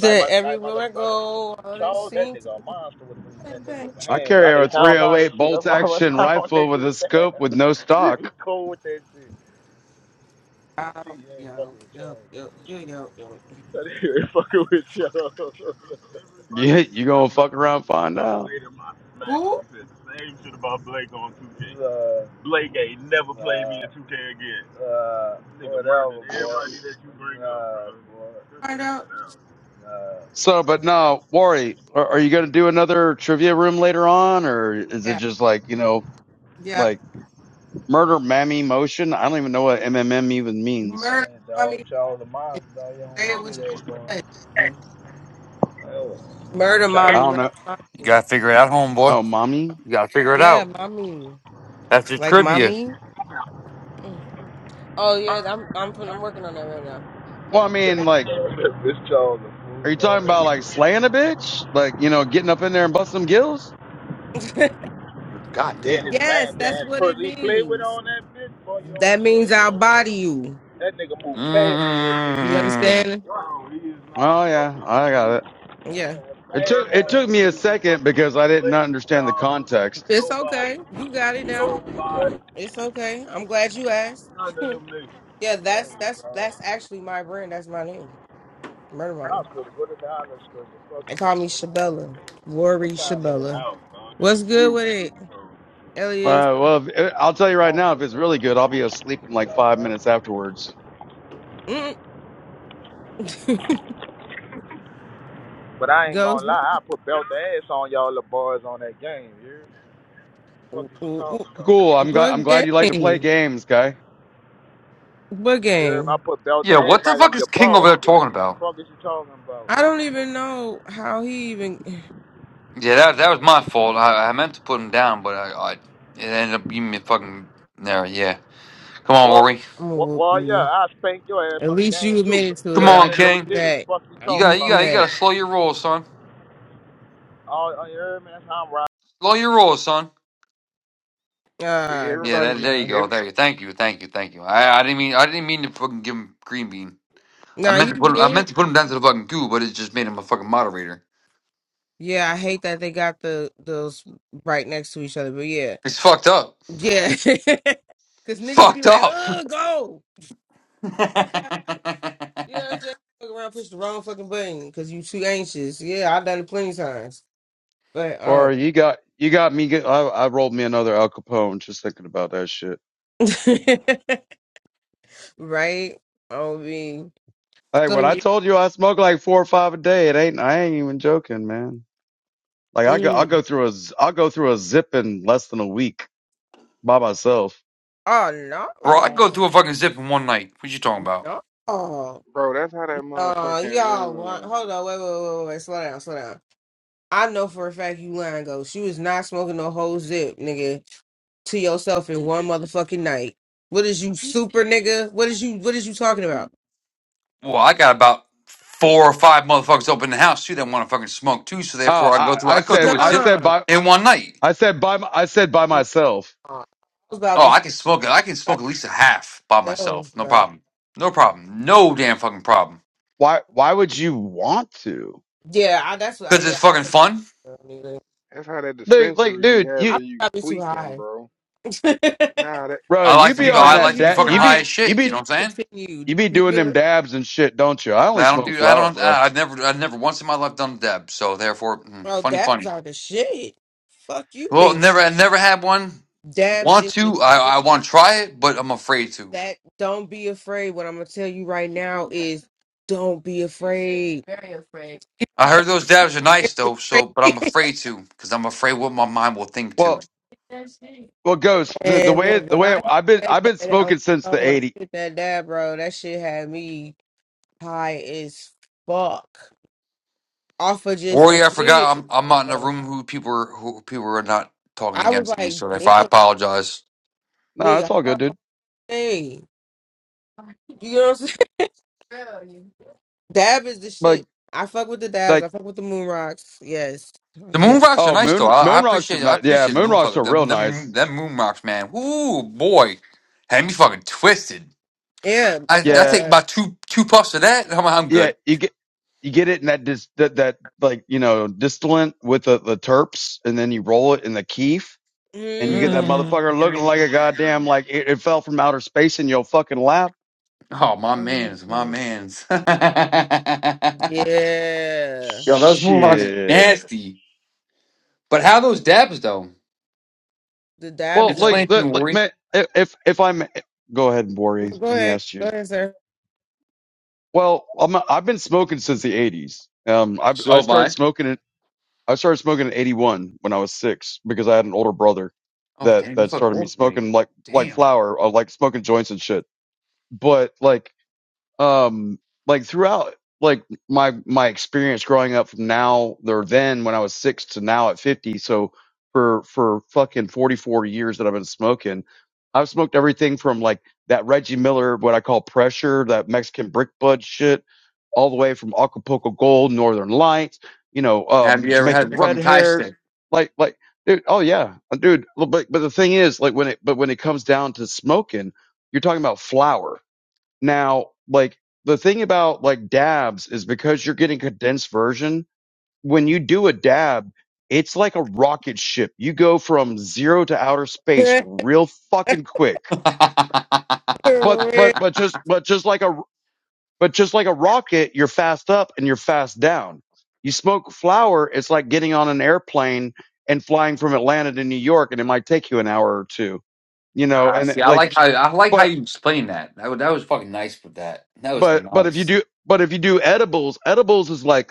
I: Like my like my
C: everywhere I
I: little brother,
C: go, all that
I: Charles, that
C: seems to
I: nigga a monster with the-
C: come
I: that nigga
C: back.
I: with the
H: I
I: hands. That
H: carry
I: nigga
H: a
I: I don't know how to
H: 308
I: shoot. That's
H: bolt
I: why I run
H: action
I: down on
H: rifle
I: niggas
H: with
I: and
H: a scope
I: stab.
H: with no stock.
I: He cold with that shit. See,
C: Yo,
I: you ain't
C: yo,
I: fucking with
C: yo,
I: Charles. on
C: yo,
I: that
C: yo,
I: shit.
C: yo, yo.
I: That nigga ain't fucking with Charles.
H: Yeah,
I: Everybody you
H: you
I: say
H: gonna
I: I'm not
H: fuck around
I: fucking
H: and
I: with, when
H: find
I: I
H: out.
I: play them, I smack them.
C: Who?
I: You said the same shit about Blake on 2K. uh, Blake ain't never played uh, me uh, in 2K again. uh, Nigga murdered whatever, boy. everybody boy. that you bring uh, up, Nah, bro. boy. Cut
C: Find
I: that
C: out.
I: shit out. Nah.
H: So, but no, Wari, are, are you going to do another trivia room later on, or is it
C: Yeah,
H: just like you know,
C: yeah.
H: like murder mammy motion? I don't even know what MMM even means.
I: That
C: Murder
I: ain't dog
C: mommy.
I: Charles the Monster, dog. You don't
C: Say
I: want to
C: what
I: see that, boy.
C: you say.
I: Hell, I'm
C: Murder
H: I
C: mommy.
I: tired.
H: don't
C: Murder
H: know.
D: You
C: mommy.
D: gotta figure it out, homeboy.
H: Oh, mommy.
D: You gotta figure it
C: Yeah,
D: out.
C: mommy.
D: That's your
C: Like
D: trivia.
C: mommy. Mm. Oh yeah, I'm I'm fin- I'm working on that right
H: Well, I
I: Dog,
H: mean, like,
I: Charles the fool,
H: are you talking about
I: dog.
H: like slaying a bitch, like you know, getting up in there and bust some gills?
C: now.
D: God
I: Then his
D: damn.
C: Yes,
I: man, then
C: that's
I: his
C: what it
I: person he played with
C: means.
I: on that bitch, boy. You don't
C: That
I: want to see
C: means
I: that,
C: I'll
I: boy.
C: body you.
I: That nigga move fast with that bitch,
C: You
I: ass,
D: Mm.
C: understand?
I: he is not
H: Oh yeah,
I: fucking with
H: I
I: me.
H: got it.
I: That man None
C: Yeah.
H: It took it
I: ass,
H: took
I: them boy.
H: me a second
I: fucking
H: because I didn't
I: Blade
H: understand the
I: Charles,
H: context.
C: It's
I: nobody.
C: okay. You got it now.
I: Nobody.
C: It's okay. I'm glad you asked.
I: None of them niggas.
C: yeah, that's that's that's actually my brand. That's my name. Murder
I: I
C: Mommy.
I: was supposed to go to the island school, but fuck,
C: They
I: I'm
C: call me
I: in the house.
C: Shabella. Worry
I: What time it is? it?
C: Shabella.
I: Out,
C: What's good
I: food
C: with it? Elias
H: Uh, well, if, uh, I'll tell you
I: It's
H: right now, if
I: hungry,
H: it's really
I: man.
H: good, I'll be asleep in like
I: Yeah,
H: five
I: right.
H: minutes afterwards.
C: Mm.
I: But I ain't
C: goes
I: gonna lie, I put belt the ass on y'all little boys on that game, you hear? Fuck is you talking about?
H: Cool. I'm glad. I'm
C: what
H: glad you like to play
C: game?
H: games, guy.
C: What
I: Yeah,
C: game?
I: I put belt the
D: Yeah,
I: ass
D: what the
I: like I'm
D: fuck is
I: your
D: King
I: paw
D: over
I: in
D: there
I: the
D: talking
I: game.
D: about?
I: Fuck is you talking about?
C: I don't even know how he even.
D: Yeah, that that was my fault. I, I meant to put him down, but I, I it ended up being me fucking there. Yeah, come on,
I: What?
D: Rory.
C: I'm gonna
I: well,
C: whoop
I: well yeah,
C: you.
I: I spank your ass
C: At
I: on the
C: least
I: game
C: you
I: too.
C: admitted to
I: You
D: Come
C: it.
I: hear
C: I
D: on,
I: me?
C: give you
I: No
D: King.
I: did it.
C: that.
I: Fuck you
C: I
D: You
C: give
I: talking
D: got you
C: you
I: about?
D: got you got
C: that.
D: to slow your roll, son.
I: Oh, oh, you hear me? That's how I'm riding.
D: Slow your roll, son.
J: See
C: Ah,
D: Yeah,
C: there
J: everybody,
C: we
D: that, there you
C: go.
J: ev
D: go. There you. Thank you. Thank you. Thank you. I, I didn't mean I didn't mean to fucking give him green bean. I
C: Nah,
D: meant
C: you
D: to put him. I
C: did.
D: meant to put him down to the fucking goo, but it just made him a fucking moderator.
C: Yeah, I hate that they got the those right next to each other. But yeah,
D: He's fucked up.
C: yeah. Cause niggas be
D: Fucked
C: like,
D: up,
C: "Uh, go
D: bro.
C: The fuck out." You know what I'm saying? Fuck around, push the wrong fucking button because you too anxious. Yeah, I've done it plenty times. But um,
H: Or you got you got me. Get, I, I rolled me another Al Capone just thinking about that shit.
C: right? Oh, mean,
H: Hey,
C: so
H: when I
C: yeah.
H: told you I smoke like four or five a day, it ain't. I ain't even joking, man. Like I go, I'll
C: Mm.
H: go through a, z- I'll go through a zip in less than a week by myself.
C: Oh no,
D: I'd go through a
C: no,
D: fucking zip in one night. What you talking about?
C: no!
J: bro. That's how that
C: no, Y'all,
J: motherfucking
C: want,
J: um.
C: hold on, wait, wait, wait, wait, slow down, slow down. I know for a fact you lying, go. She was not smoking no whole zip, nigga, to yourself in one motherfucking night. What is you super nigga? What is you? What is you talking about?
D: Well, I got about four or five motherfuckers up in the house too that want to fucking smoke too. So
H: Oh,
D: therefore, I go
H: I,
D: through.
H: I
D: I go
H: said,
C: Nah,
D: through a
H: I
D: zip
H: said
C: I
H: by,
D: in one night.
H: I said by, my- I said by myself.
C: was about
D: Oh,
C: to say
D: I can smoke it. I can smoke at least a half by
C: myself,
D: myself. No
C: bro.
D: problem. No problem. No damn fucking problem.
H: Why, why would you want to?
C: Yeah, I, that's what. I,
D: Cause
C: yeah,
D: it's
C: I
D: fucking
C: put
D: fun.
C: nigga.
J: That's how that
H: Like, like,
J: dispensary be
H: dude,
C: I
H: you,
J: having you
C: probably too
J: tweaking,
C: high.
J: bro. Nah, that.
H: bro,
D: I
H: you
D: like to
H: be
C: I
D: be.
H: on
D: I
C: probably
H: that
D: like to
C: be
D: be
H: dab,
C: too
D: fucking
H: you
D: high
H: be,
C: high
D: as
H: you
D: shit. You
H: be,
D: know
C: to
D: what I'm saying?
C: continue.
H: you be
C: You
H: doing
C: know?
H: them dabs and shit, don't you? I only
D: I don't
H: smoke
D: do. I
H: flower,
D: don't.
H: bro.
D: I- I've never. I've never once in my life done deb. So therefore, mm,
C: Oh,
D: funny,
C: dabs
D: funny.
C: are the shit. Fuck you
D: Well,
C: think
D: never. I never had one.
C: dabs
D: Want
C: is the
D: to? I, I want to try it, but I'm afraid to.
C: that don't be afraid. What I'm gonna tell you right now is don't be afraid. Very afraid.
D: I heard those dabs are nice though. So, but I'm afraid to because I'm afraid what my mind will think
H: Well.
D: to.
H: Well, Ghost, the, the
C: And
H: way
C: look,
H: the
C: when I
H: way I've been
C: did
H: I've
C: that,
H: been
C: that on
H: smoking since
C: my phone,
H: the
C: when
H: eighty.
C: I did that dab, bro, that shit had me high as fuck. Off of just a
D: Warrior, I
C: hit,
D: forgot. I'm. I'm not in a
C: nigga.
D: room who people are, who people are not talking
C: I was
D: against me.
C: like,
D: So therefore, I
C: damn,
D: apologize.
H: No, it's
C: nigga,
H: all
C: how
H: good, dude.
C: hey. You know what I'm saying? Dab is the
H: Like
C: shit. I fuck with the dabs.
H: like
C: I fuck with the moon rocks. Yes,
D: The
C: Yes.
D: moon rocks are
H: oh
D: nice though.
H: moon
D: I, I
H: moon rocks are
D: appreciate. I
H: nice. Yeah,
D: appreciate the
H: moon
D: moon
H: rocks
D: fuck.
H: are
D: Them,
H: real
D: them,
H: nice.
D: them moon rocks, man. Ooh boy, had me fucking twisted.
C: Yeah.
D: I,
C: So,
D: I
H: Yeah,
D: take
C: uh,
D: about two two puffs of that, and I'm, I'm
H: yeah.
D: good.
H: You get you get it in that dis, that, that like you know distillant with the, the terps, and then you roll it in the keef, and you get
C: hmm
H: that
D: Mm.
H: motherfucker looking like a goddamn like it, it fell from outer space in your fucking lap.
D: Oh, my man's, my
C: Mhm.
D: man's. Yo,
C: yeah,
D: those moonwalks are
H: Shit.
D: nasty. But how those dabs, though?
C: the
H: Well,
C: dabs done.
H: like
D: Explain to me,
H: the- like
D: Worry.
H: man, if if I'm go ahead,
C: Go
H: Bori. He
C: ahead,
H: asked
C: go
H: you.
C: ahead, sir.
H: Well, I'm, I've been smoking since the 80s. Um, I,
D: So
H: I
D: have
H: started
D: I.
H: smoking it. I started smoking in 81 when I was six because I had an older brother
D: Oh,
H: that,
D: damn, you
H: that
D: fucking
H: started me
D: old than me.
H: smoking like, like
D: Damn.
H: flower, or like smoking joints and shit. But like um like throughout like my my experience growing up from now or then when I was six to now at fifty, so for for fucking forty four years that I've been smoking, I've smoked everything from like that Reggie Miller, what I call pressure, that Mexican brick bud shit, all the way from Acapulco Gold, Northern Lights, you know,
D: Have
H: um,
D: you ever
H: Jamaican
D: had the
H: red
D: fucking tie
H: hairs,
D: stick?
H: like like dude, oh yeah, dude. But but the thing is, like when it but when it comes down to smoking, you're talking about flower now, like the thing about like dabs is because you're getting condensed version, when you do a dab, it's like a rocket ship. You go from zero to outer space real fucking quick. But but but just but just like a but just like a rocket, you're fast up and you're fast down. You smoke flower, it's like getting on an airplane and flying from Atlanta to New York and it might take you an hour or two. You know,
D: Ah,
H: and
D: see, I
H: like
D: like how I like how
H: but
D: you explained that. That was, that was fucking nice with that. That was
H: but but if you
D: nice.
H: do but if you do edibles, edibles is like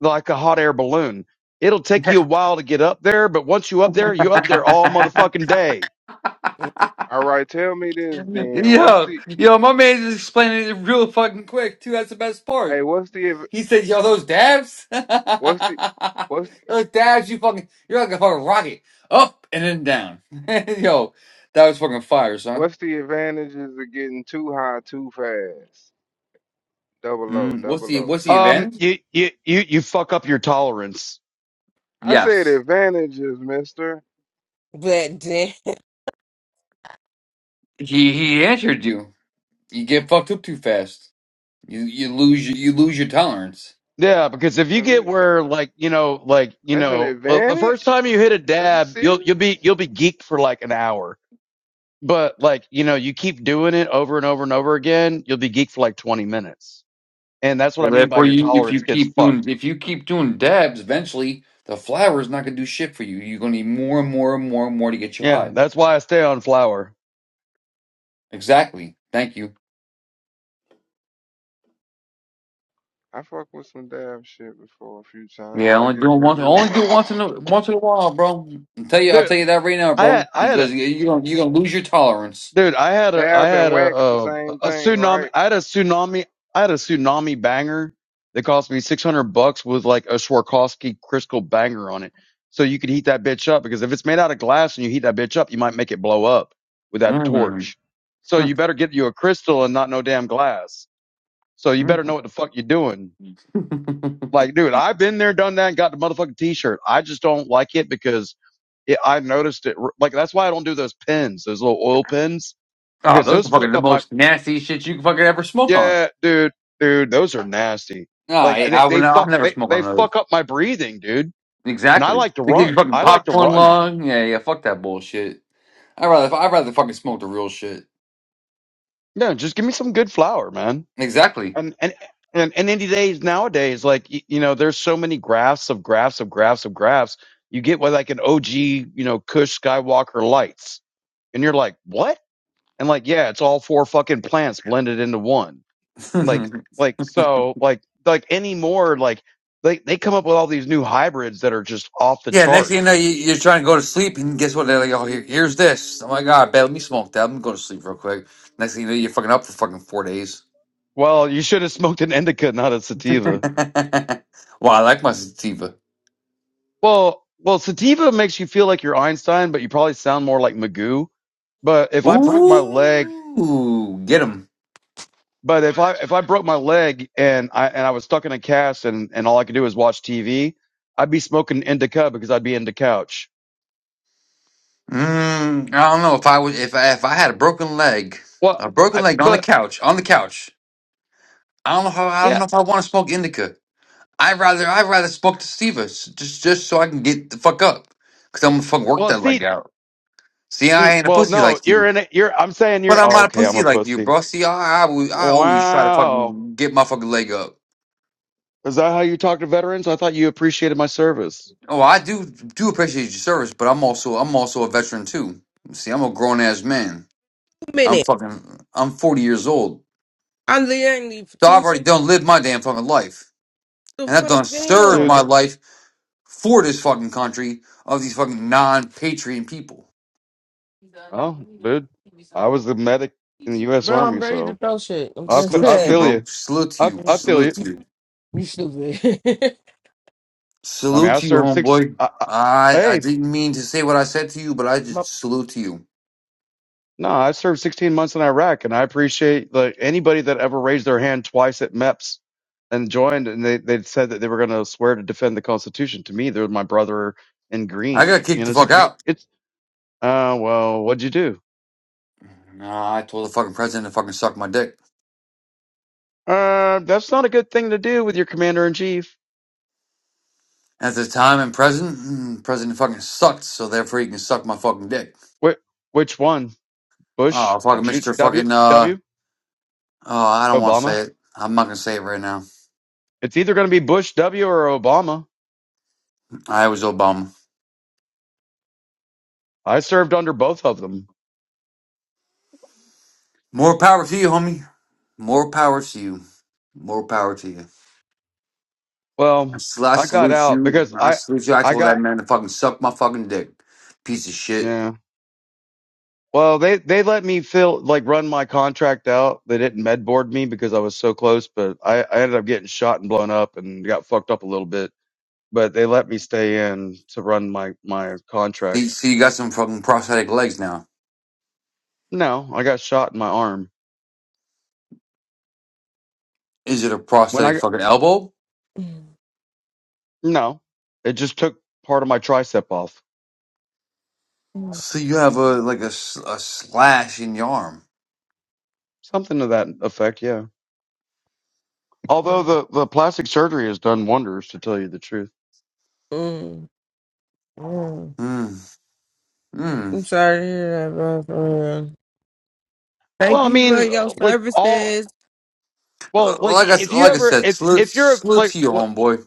H: like a hot air balloon. It'll take you a while to get up there, but once you up there, you up there all motherfucking day.
C: but
J: All right, tell me this then. What's
D: Yo,
J: the?
D: yo, my man is explaining it real fucking quick too. That's the best
J: Hey,
D: part.
J: what's the? adv-
D: He said, "Yo, those dabs,
J: What's the? What's
D: those dabs, you fucking, you're like a fucking rocket, up and then down." yo, that was fucking fire, son.
J: What's the advantages of getting too high too fast? Double O,
D: Mm, what's
J: double
D: the
J: O,
D: what's the
J: two.
H: Um,
D: event?
H: you, you, you, you fuck up your tolerance.
J: I said
D: Yes,
J: advantages, mister.
C: damn
D: he he answered you. You get fucked up too fast. You you lose your, you lose your tolerance.
H: Yeah, because if you
J: What are
H: get
J: you talking-
H: where like, you know, like, you
J: That's an
H: know, well, the first
J: advantage?
H: time you hit a
J: Are you
H: dab,
J: serious?
H: you'll, you'll be, you'll be geeked for like an hour. But like, you know, you keep doing it over and over and over again, you'll be geeked for like 20 minutes. And that's what
D: So
H: I mean by
D: therefore,
H: your
D: you if
H: tolerance
D: you
H: gets
D: keep doing
H: fucked.
D: if you keep doing dabs, eventually the flower is not going to do shit for you. You're going to need more and more and more and more to get you
H: Yeah,
D: high.
H: that's why I stay on flower.
D: Exactly. Thank you.
J: I fucked with some dab shit before a few times,
D: Yeah,
J: but I
D: only do
J: guess
D: it
J: when
D: once.
J: you
D: Only
J: ain't
D: do it once in a once in a while, bro. I tell you, I will
H: Dude,
D: tell you that right now,
H: I had
D: bro,
H: I had a-
D: because you- you're gonna you're gonna lose your tolerance.
H: Dude, I had a I
J: Dab and
H: had a,
J: wax the
H: a
J: same
H: a
J: thing,
H: tsunami
J: right?
H: I had a tsunami I had a tsunami banger that cost me six hundred bucks with like a Swarovski crystal banger on it. So you could heat that bitch up because if it's made out of glass and you heat that bitch up, you might make it blow up with that
D: Mm.
H: torch. So
D: oh,
H: you better get you a crystal and not no damn glass. So you better know what the fuck you're doing. Like, dude, I've been there, done that, and got the motherfucking t-shirt. I just don't like it because it, I noticed it. Like that's why I don't do those pins, those little oil pins because
D: those
H: those
D: are fucking
H: fuck
D: the
H: up my
D: most nasty shit you can fucking ever smoke on.
H: yeah, dude, dude, those are nasty.
D: Nah,
H: Like
D: I,
H: they
D: I would.
H: they
D: I'll
H: fuck
D: never
H: they
D: smoke
H: they
D: on those.
H: fuck up my breathing, dude. And I
D: Exactly.
H: like to
D: They give
H: run.
D: you fucking
H: I like to
D: popcorn
H: run.
D: lung. Yeah, yeah. Fuck that bullshit. I'd rather I'd rather fucking smoke the real shit.
H: No, just give me some good flour, man.
D: Exactly.
H: And and and and any days nowadays, like you, you know, there's so many graphs of graphs of graphs of graphs. You get with like an OG, you know, Kush Skywalker lights, and you're like, what? And like, yeah, it's all four fucking plants blended into one. like
D: yeah.
H: like so like like any more, like they they come up with all these new hybrids that are just off the
D: Next thing you know,
H: charts
D: you, you're trying to go to sleep, and guess what? They're like, "Oh, here, here's this." Oh my god, bet let me smoke that. I'm gonna go to sleep real quick. Next thing you know, you're fucking up for fucking four days.
H: well you should have smoked an indica not a
D: well,
H: sativa
D: I like my sativa.
H: well well sativa makes you feel like you're einstein but you probably sound more like magoo but if i broke my leg
D: Ooh, get him.
H: but if i if i broke my leg and i and i was stuck in a cast and and all i could do was watch tv i'd be smoking indica because i'd be into couch
D: Mm, I don't know if I was if I, if I had a broken leg,
H: well
D: a broken
H: I,
D: leg on the
H: but
D: couch on the couch. I don't know how I don't
H: yeah
D: know if I want to smoke indica. I rather I rather spoke to Steve just just so I can get the fuck up, cause I'm gonna fuck work
H: well
D: that
H: see
D: leg out. See,
H: See,
D: I ain't a
H: well,
D: pussy
H: no,
D: like
H: you're
D: you,
H: in it. You're. I'm saying
D: but
H: you're.
D: I'm
H: Oh,
D: not a
H: okay. I'm
D: pussy
H: a
D: like you,
H: pussy.
D: bro. See, I I, always- I always try to
H: Wow.
D: fucking get my fucking leg up.
H: Is that how you talk to veterans? I thought you appreciated my service,
D: Oh, I do do appreciate your service, but I'm also I'm also a veteran too. See, I'm a grown ass man. I'm
C: minute,
D: fucking I'm 40 years old,
C: I'm literally
D: so I've
C: two
D: already done lived my damn fucking life,
C: the
D: and I've
C: fuck
D: done served
H: dude.
D: my
C: down,
D: life for this fucking country of these fucking non patriot people.
H: Oh, dude, I was the medic in the U.S.
C: bro. I'm
H: Army,
C: ready to
H: so
C: throw shit. I'm
H: I
C: done.
H: fe-
D: Salute to
H: I
D: you,
H: feel
C: today.
D: bro.
H: you.
D: Salute to
H: I
D: you.
H: I
C: you
H: feel
D: Salute
H: you.
D: to you.
C: stupid.
H: I mean,
D: Salute
H: I
D: to you,
H: served six.
D: homeboy.
H: I, I,
D: I I
H: hey,
D: didn't mean to say what I said to you, but I
C: My-
D: just salute to you.
H: no, I served 16 months in Iraq, and I appreciate like anybody that ever raised their hand twice at MEPS and joined, and they they said that they were going to swear to defend the Constitution. To me, they're my brother in
D: I
H: green.
D: got
H: You
D: kicked
H: know,
D: the
H: it's a
D: fuck
H: green.
D: out.
H: It's Uh, well, what'd you do?
D: Nah, I told the fucking president to fucking suck my dick.
H: Uh, that's not a good thing to do with your commander in chief.
D: At the time and present, mm, president fucking sucked, so therefore he can suck my fucking dick.
H: Wh- which one? Bush,
D: Oh, fucking
H: Ju-
D: Mr.
H: W,
D: fucking, uh,
H: W,
D: oh, I don't want to
H: Obama?
D: say it. I'm not going to say it right now.
H: It's either going to be Bush W or Obama.
D: I was Obama.
H: I served under both of them.
D: More power to you, homie. More power to you. More power to you. I
H: Well,
D: sl- I
H: I got
D: salute
H: out
D: you.
H: because
D: I
H: I,
D: salute you. I
H: I
D: told that
H: got,
D: man to fucking suck my fucking dick. Piece of shit.
H: yeah. Well, they, they let me fill, like run my contract out. They didn't med board me because I was so close, but I, I ended up getting shot and blown up and got fucked up a little bit, but they let me stay in to run my, my contract
D: See, see you got some fucking prosthetic legs now.
H: No, I got shot in my arm.
D: Is it a
H: When
D: prosthetic
H: I,
D: fucking elbow?
H: no, it just took part of my tricep off.
D: See, you have a like a, s- a slash in your arm.
H: Something to that effect, yeah. Although
C: Mm,
H: the, the plastic surgery has done wonders, to tell you the truth.
C: mm. mm.
D: Hmm. Hmm.
C: I'm sorry to hear that, bro. for real. Thank
H: Well, I
C: you for
H: mean,
C: your
H: like all,
C: services.
D: Uh,
H: well, like
D: Like I s-
H: if you
D: like I
H: ever,
D: said,
H: if,
D: salute
H: if you're
D: salute
H: like,
D: to you,
H: well,
D: homeboy.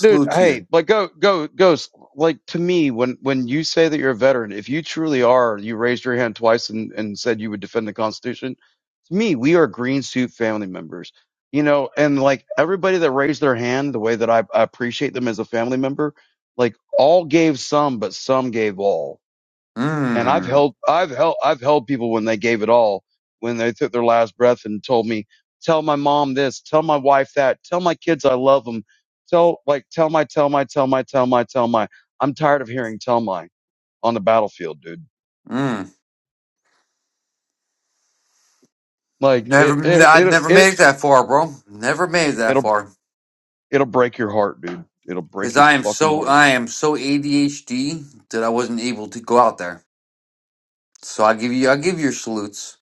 H: dude,
D: to
H: hey,
D: you.
H: like go, go, goes, like to me, when, when you say that you're a veteran, if you truly are, you raised your hand twice and, and said you would defend the Constitution to me, we are green suit family members, you know, and like everybody that raised their hand, the way that I, I appreciate them as a family member, like all gave some, but some gave all. And I've
D: Hmm.
H: held, I've held, I've held people when they gave it all, when they took their last breath and told me, tell my mom this, tell my wife that, tell my kids I love them. Tell, like, tell my, tell my, tell my, tell my, tell my. I'm tired of hearing tell my on the battlefield, dude.
D: Hmm.
H: Like
D: Never.
H: it, it,
D: I'd
H: it,
D: never
H: it,
D: made it that far, bro. Never made it that
H: it'll
D: far.
H: It'll break your heart, dude. It'll break
D: Cause
H: your
D: I am
H: fucking
D: so
H: heart.
D: I am so ADHD that I wasn't able to go out there. So I give you, I give your salutes.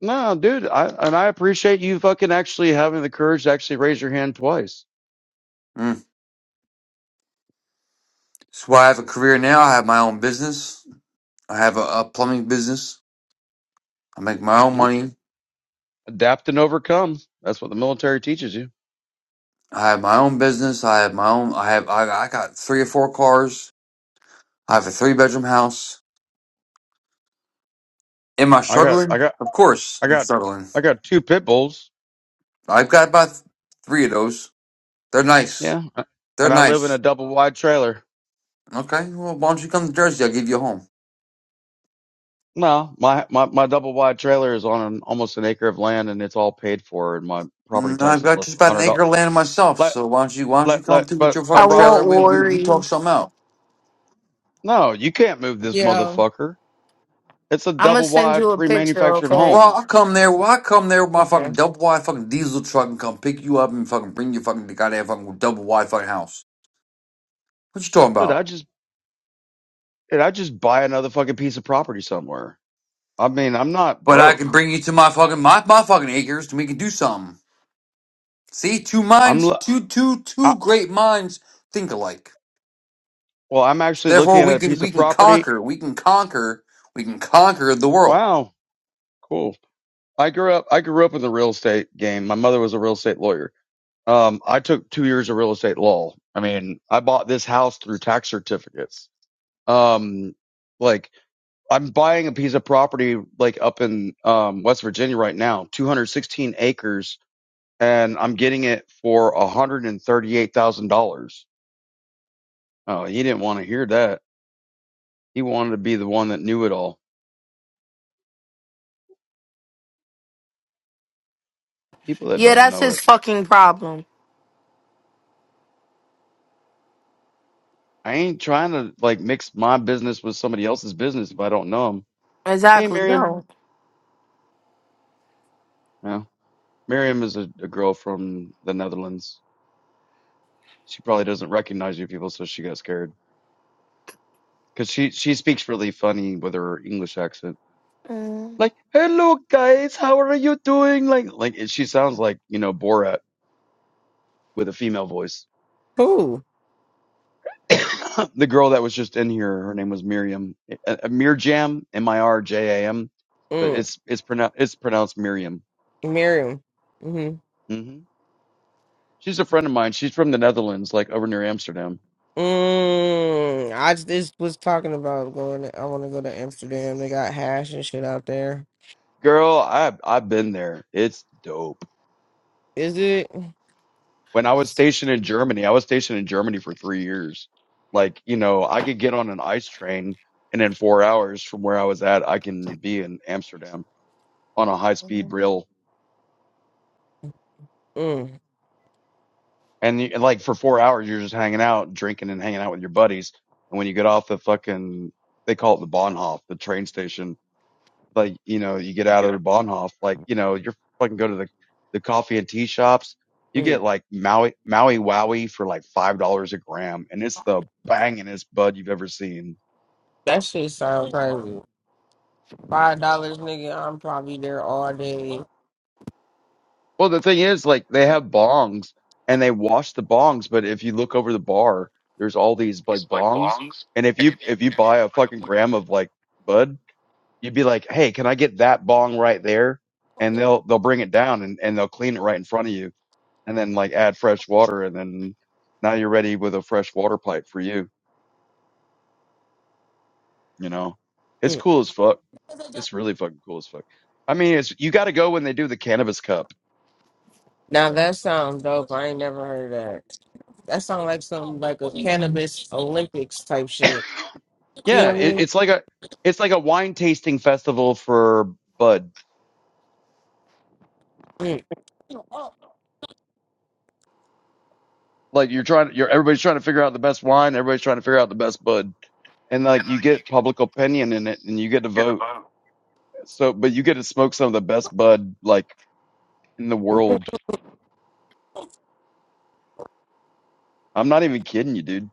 H: No, dude. I and I appreciate you fucking actually having the courage to actually raise your hand twice.
D: Mm. That's why I have a career now. I have my own business. I have a, a plumbing business. I make my own
H: Yeah.
D: money.
H: Adapt and overcome. That's what the military teaches you.
D: I have my own business. I have my own. I have. I, I got three or four cars. I have a three bedroom house. Am I
H: I got, I
D: struggling?
H: got,
D: Of course,
H: I
D: I'm
H: got,
D: struggling.
H: I got two pit bulls.
D: I've got about three of those. They're nice.
H: Yeah,
D: They're
H: and I live in a
D: nice.
H: double wide trailer.
D: Okay. Well, why don't you come to Jersey? I'll give you a home.
H: No, my my my double wide trailer is on an, almost an acre of land, and it's all paid for, and my property
D: Mm,
H: tax
D: I've
H: is
D: got
H: less
D: just
H: than a
D: about an
H: hundred dollars.
D: acre of land myself.
H: Let
D: So why don't you? Why don't you
H: let
D: come
H: let,
D: through with
H: but
D: your
H: my
F: I
D: fucking
H: prop.
F: won't
D: trailer? We we we
F: worry.
D: talk something out.
H: No, you can't move this
C: Yeah.
H: motherfucker. It's a
F: I'm gonna
H: double
F: send
H: wide
F: you a picture,
H: pre-manufactured
F: okay?
D: Well,
H: home.
D: I come there. Well, I come there with my
C: Okay.
D: fucking double wide fucking diesel truck and come pick you up and fucking bring you fucking to goddamn fucking double wide fucking house. What you talking
H: Dude,
D: about?
H: I just, dude, I just buy another fucking piece of property somewhere. I mean, I'm not
D: But I can
H: broke.
D: bring you to my fucking my, my fucking acres and we can do something. See, two
H: I'm,
D: minds,
H: lo-
D: two two two
H: I,
D: great minds think alike.
H: well, I'm actually looking
D: Therefore, we
H: at a
D: can
H: piece
D: we
H: of
D: can
H: property.
D: conquer. We can conquer. We can conquer the world.
H: Wow. Cool. I grew up, I grew up in the real estate game. My mother was a real estate lawyer. Um, I took two years of real estate law. I mean, I bought this house through tax certificates. Um, like I'm buying a piece of property like up in, um, West Virginia right now, 216 acres and I'm getting it for $138,000. Oh, he didn't want to hear that. He wanted to be the one that knew it all. People that
F: Yeah,
H: don't
F: that's
H: know
F: his
H: it.
F: fucking problem.
H: I ain't trying to like mix my business with somebody else's business if I don't know know them. Hey,
F: Exactly.
H: Miriam.
F: Don't.
H: No, Miriam is a, a girl from the Netherlands. She probably doesn't recognize you people, so she got scared because she she speaks really funny with her English accent.
F: Mm.
H: Like, hello guys, how are you doing? Like, like she sounds like you know Borat with a female voice.
C: Cool.
H: the girl that was just in here, her name was Miriam, uh, uh, Mirjam, M-I-R-J-A-M. But It's it's pronounced it's pronounced Miriam.
C: Miriam. hmm
H: hmm She's a friend of mine. She's from the Netherlands, like over near Amsterdam.
C: Mm, I just was talking about going. To, I want to go to Amsterdam. They got hash and shit out there.
H: Girl, I I've been there. It's dope.
C: Is it?
H: When I was stationed in Germany, I was stationed in Germany for three years. Like you know, I could get on an ice train, and in four hours from where I was at, I can be in Amsterdam on a high speed rail
C: Mm,
H: And, you, and like for four hours, you're just hanging out, drinking and hanging out with your buddies. And when you get off the fucking, they call it the Bahnhof, the train station. Like, you know, you get out of the Bahnhof, like, you know, you're fucking go to the, the coffee and tea shops. You
C: mm.
H: get like Maui, Maui Wowie for like $5 a gram. And it's the bangingest bud you've ever seen.
C: That shit sounds crazy. Five dollars, nigga. I'm probably there all day.
H: Well, the thing is, like, they have bongs and they wash the bongs. But if you look over the bar, there's all these like bongs. And if you, if you buy a fucking gram of like, bud You'd be like, "Hey, can I get that bong right there?" And they'll they'll bring it down and and they'll clean it right in front of you, and then like add fresh water, and then now you're ready with a fresh water pipe for you. You know, it's
C: Mm.
H: cool as fuck. It's really fucking cool as fuck. I mean, it's you got to go when they do the cannabis cup.
C: Now that sounds dope. I ain't never heard of that. That sounds like some like a cannabis Olympics type shit. You
H: Yeah,
C: know what I
H: it,
C: mean?
H: it's like a it's like a wine tasting festival for bud.
C: Mm. Oh
H: Like you're trying, you're everybody's trying to figure out the best wine. Everybody's trying to figure out the best bud, and like you get public opinion in it, and you get to vote So, but you get to smoke some of the best bud like in the world. I'm not even kidding you, dude.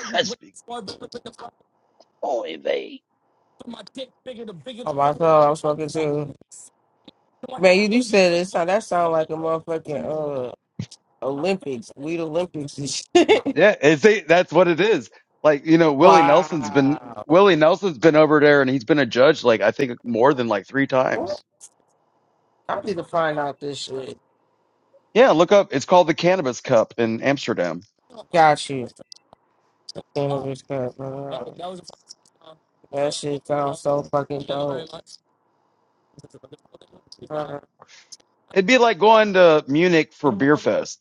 H: That's big boy, they.
C: my god, I'm smoking too. Man, you, you said it. sound- That sound like a motherfucking. uh, Olympics. We the Olympics and shit.
H: Yeah, it's a, that's what it is. Like you know, Willie Nelson's been
C: wow.
H: Willie Nelson's been over there, and he's been a judge like I think more than like three times.
C: I need to find out this shit.
H: Yeah, look up. It's called the Cannabis Cup in Amsterdam.
C: Got you. Cannabis Cup, bro. That shit sounds so fucking dope. Uh,
H: It'd be like going to Munich for beer fest.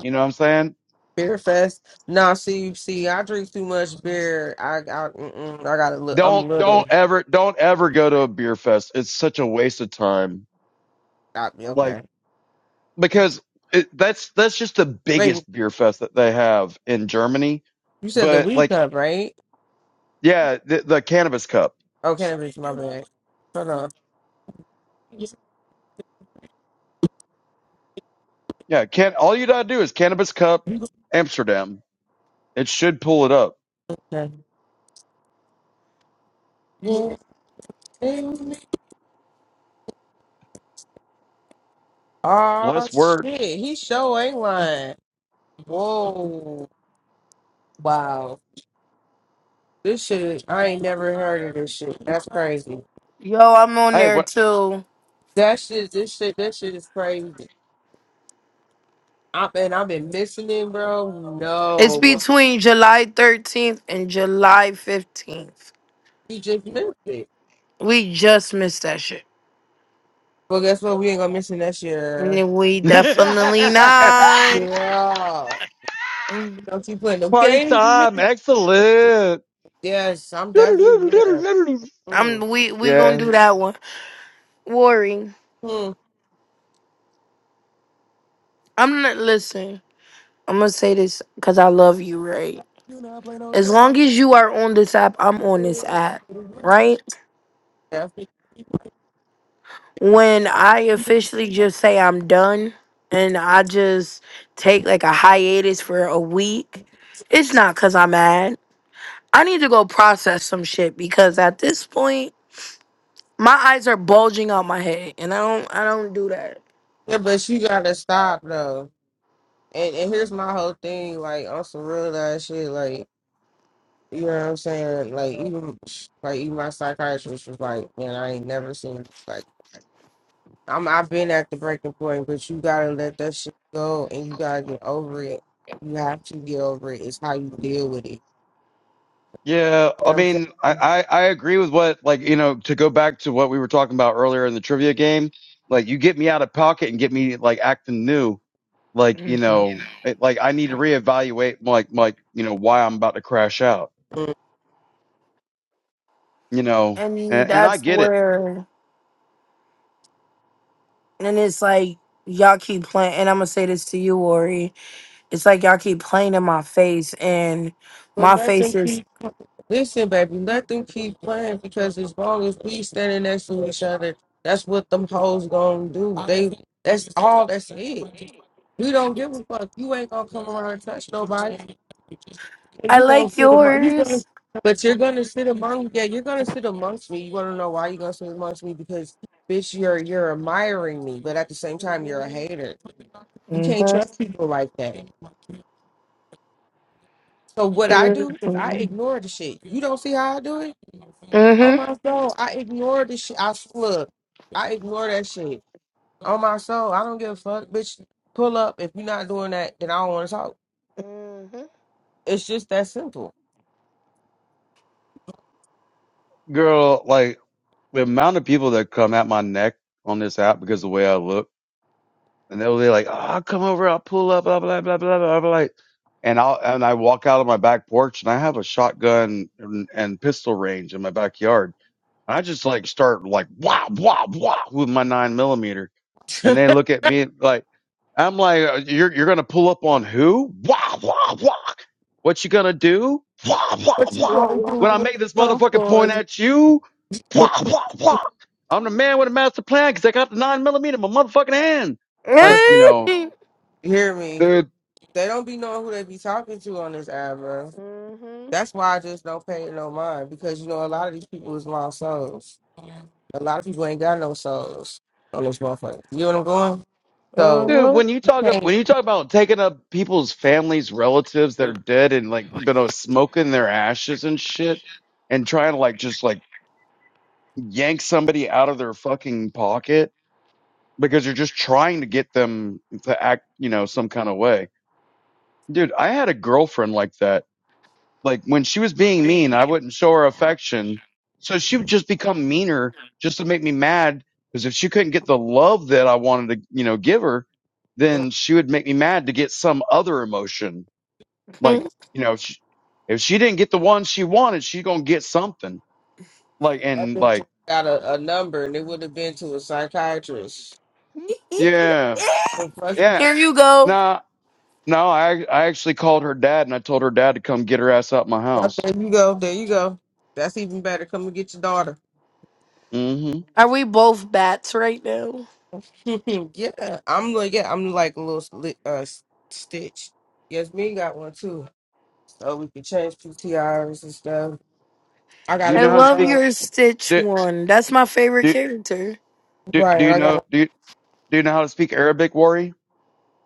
H: You know what I'm saying?
C: beer fest. Nah, see, see, I drink too much beer. I, I, mm-mm, I got a little.
H: Don't
C: I'm little.
H: don't ever don't ever go to a beer fest. It's such a waste of time.
C: I,
H: Like.
C: okay.
H: because it, that's that's just the
C: Wait,
H: biggest beer fest that they have in Germany.
C: you said the
H: But
C: weed
H: like,
C: cup, right?
H: yeah, the, the cannabis cup.
C: Oh, cannabis. My bad. Hold on.
H: Yeah, can all you gotta do is cannabis cup Amsterdam. It should pull it up.
C: Okay. Oh
H: Less words.
C: shit, he sure ain't lying. Whoa. Wow. This shit, I ain't never heard of this shit. That's crazy.
F: Yo, I'm on
H: Hey,
F: there
H: what?
F: too.
C: That shit, this shit, that shit is crazy. I and I've been missing it, bro.
F: It's
C: No,
F: between July 13th and July 15th.
C: we just missed it.
F: We just missed that shit.
C: Well, guess what? We ain't gonna miss it next year.
F: We definitely not.
C: Yeah. Don't you play no
H: Party
C: games? man.
H: time! Excellent.
C: Yes, I'm definitely yeah. Mm.
F: I'm we we gonna
H: Yeah,
F: do that one. Worry.
C: Mm.
F: I'm not listen. I'm gonna say this because I love you, right?
C: You know I play no
F: As
C: games.
F: long as you are on this app, I'm on this app, right?
C: Definitely.
F: When I officially just say I'm done and I just take like a hiatus for a week, it's not because I'm mad. I need to go process some shit because at this point, my eyes are bulging out my head, and I don't I don't do that.
C: Yeah, but you gotta stop though. And and here's my whole thing, like on some real ass shit, like. You know what I'm saying? Like even like even my psychiatrist was like, man, I ain't never seen like I'm I've been at the breaking point, but you gotta let that shit go and you gotta get over it. You have to get over it. It's how you deal with it.
H: yeah.
C: You know
H: I
C: what I'm
H: mean, I,
C: saying?
H: I I agree with what like you know to go back to what we were talking about earlier in the trivia game. Like, you get me out of pocket and get me like acting new like you know it, like i need to reevaluate like like you know why i'm about to crash out
C: Mm.
H: you know
F: And
H: and and i
F: that's
H: get it
F: where, and it's like, y'all keep playing, and I'm gonna say this to you, Ori. It's like y'all keep playing in my face, and
C: But
F: my
C: let
F: face
C: them
F: is,
C: keep listen, baby, let them keep playing because as long as we standing next to each other, that's what them hoes gonna do. They that's all that's it. We don't give a fuck. You ain't gonna come around and touch nobody. And
F: I
C: you gonna
F: like
C: sit among you gonna
F: yours.
C: but you're gonna sit among yeah, you're gonna sit amongst me. You wanna know why you're gonna sit amongst me? Because bitch, you're you're admiring me, but at the same time you're a
F: Mm-hmm.
C: hater. You can't trust people like that. So what I do is I
F: Mm-hmm.
C: ignore the shit. You don't see how I do it? On my soul, I ignore the shit. I s- look, I ignore that shit. On my soul, I don't give a fuck, bitch. Pull up. If you're not doing that, then I don't want to talk.
F: hmm
C: It's just that simple.
H: girl like the amount of people that come at my neck on this app because of the way i look and they'll be like oh, i'll come over i'll pull up blah blah blah blah blah blah and i'll and i walk out of my back porch and i have a shotgun and, and pistol range in my backyard and i just like start like wow wow wow with my nine millimeter and they look at me like I'm like, uh, you're you're gonna pull up on who? Wah wah wah. What you gonna do? Wah wah
C: What you
H: wah.
F: Wah,
C: gonna do
F: wah.
H: When I
C: when
H: make
C: it
H: this
C: come
H: motherfucking
C: for
H: point
C: you?
H: at you, wah wah wah. I'm the man with a master plan because I got the nine millimeter in my motherfucking hand. Like
C: Fuck,
H: you know,
F: Mhm.
C: hear me?
H: dude,
C: They don't be knowing who they be talking to on this app, bro.
F: Mhm.
C: That's why I just don't pay it no mind because you know a lot of these people is lost souls. A lot of people ain't got no souls on this motherfucker. You know what I'm going? So
H: dude.
F: Mhm.
H: When you talk ab- when you talk about taking up people's families, relatives that are dead and like you know smoking their ashes and shit, and trying to like just like yank somebody out of their fucking pocket because you're just trying to get them to act, you know, some kind of way. Dude, I had a girlfriend like that. Like when she was being mean, I wouldn't show her affection. So she would just become meaner just to make me mad. Cause if she couldn't get the love that I wanted to, you know, give her,
C: mm,
H: then she would make me mad to get some other emotion. Like, you know, if she, if she didn't get the one she wanted, she's going to get something like,
C: that
H: and
C: bitch
H: like,
C: got a, a number and it would have been to a psychiatrist.
H: yeah,
C: So plus you
H: yeah,
C: talk-
F: Here you go.
H: nah, No, I I actually called her dad and I told her dad to come get her ass out my
C: yep,
H: house.
C: there you go, there you go. That's even better. Come and get your daughter.
H: hmm
F: Are we both bats right now?
C: yeah, I'm like yeah, I'm like a little sli- uh, s- stitch. Yes, me got one too. So we can change PTRs and stuff. I
H: Do you
C: gotta
F: I
H: know how to
C: get
F: love
H: speak?
C: love.
F: your Stitch
H: Do
F: one. That's my favorite
H: do
F: character.
H: do, do
C: Right.
H: you
C: I
H: know
C: gotta
H: do you, do you know how to speak Arabic, Worry?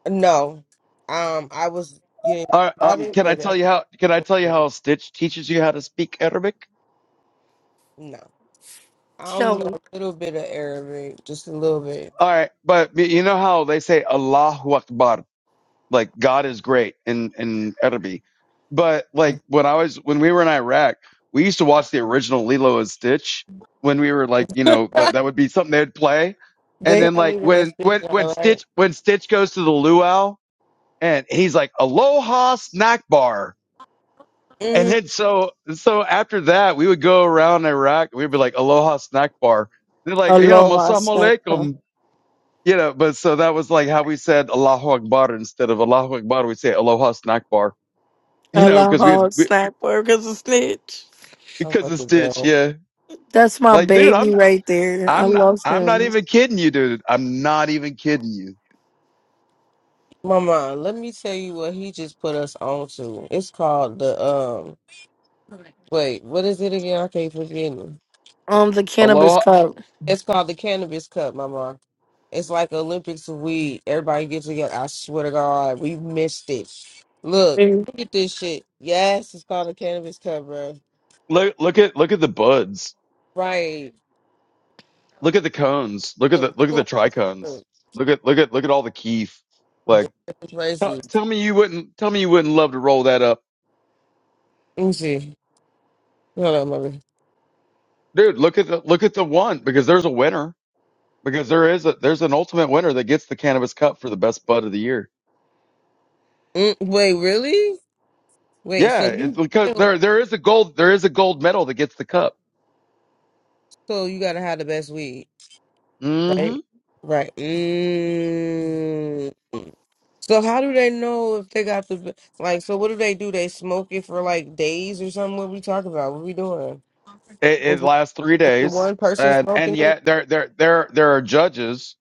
C: no. Um, I was getting
H: All right, um,
C: started,
H: can I
C: but
H: tell
C: I
H: you how? Can I tell you
C: can't.
H: how Stitch teaches you how to speak Arabic?
C: No, I
F: Show
C: don't know
F: me.
C: a little bit of Arabic, just a little bit.
H: All right, but you know how they say Allahu Akbar. Like God is great in in Erbil. But like when I was when we were in Iraq, we used to watch the original Lilo and Stitch when we were like, you know, that, that would be something they'd play. And
C: they
H: then
C: have me
H: like
C: doing
H: when
C: stitch
H: when when
C: all right.
H: Stitch when Stitch goes to the luau and he's like Aloha snack bar. And
C: Mm,
H: then so so after that we would go around Iraq, we'd be like Aloha snack bar. They're like, you know,
F: Aloha snack
H: Masam you know, but so that was like how we said Allahu Akbar instead of Allahu Akbar, we say Aloha Snackbar, you
C: I'm,
H: know, because we had
F: Aloha
H: we,
F: snack bar a snitch.
C: I'm
H: because of
C: fucking
H: Stitch,
C: done.
H: yeah.
F: That's my
H: Like, dude,
F: baby
H: I'm
F: right there. I
H: I'm not,
F: love
H: I'm not
F: him.
H: even kidding you, dude. I'm not even kidding you.
C: Mama, let me tell you what he just put us on to. It's called the um. Wait, what is it again? I can't forget. it.
F: Um, the cannabis
H: Aloha,
F: cup.
C: It's called the cannabis cup, Mama. It's like Olympics of weed. Everybody gets together. I swear to God, we missed it. Look,
F: Mm.
C: look at this shit. Yes, it's called a cannabis cover.
H: look look at look at the buds,
C: Right.
H: look at the cones, look at
C: Look,
H: the look at the
C: look, look.
H: tricones, look at look at look at all the keef. Like,
C: It's
H: tell
C: racist.
H: tell me you wouldn't tell me you wouldn't love to roll that up,
C: Let me see. Hold on, mother.
H: dude. Look at the look at the one because there's a winner because there is a there's an ultimate winner that gets the cannabis cup for the best bud of the year.
C: Mm, wait, really? Wait,
H: Yeah,
C: so you
H: it's because there there is a gold there is a gold medal that gets the cup.
C: so you gotta have the best weed.
H: mm hmm
C: Right. Mm. So how do they know if they got the be- like? So what do they do? They smoke it for like days or something? What we talking about? What we doing?
H: It, it
C: Is it,
H: lasts three
C: is it
H: days,
C: one person
H: and and
C: smoking it?
H: yet there there there there are judges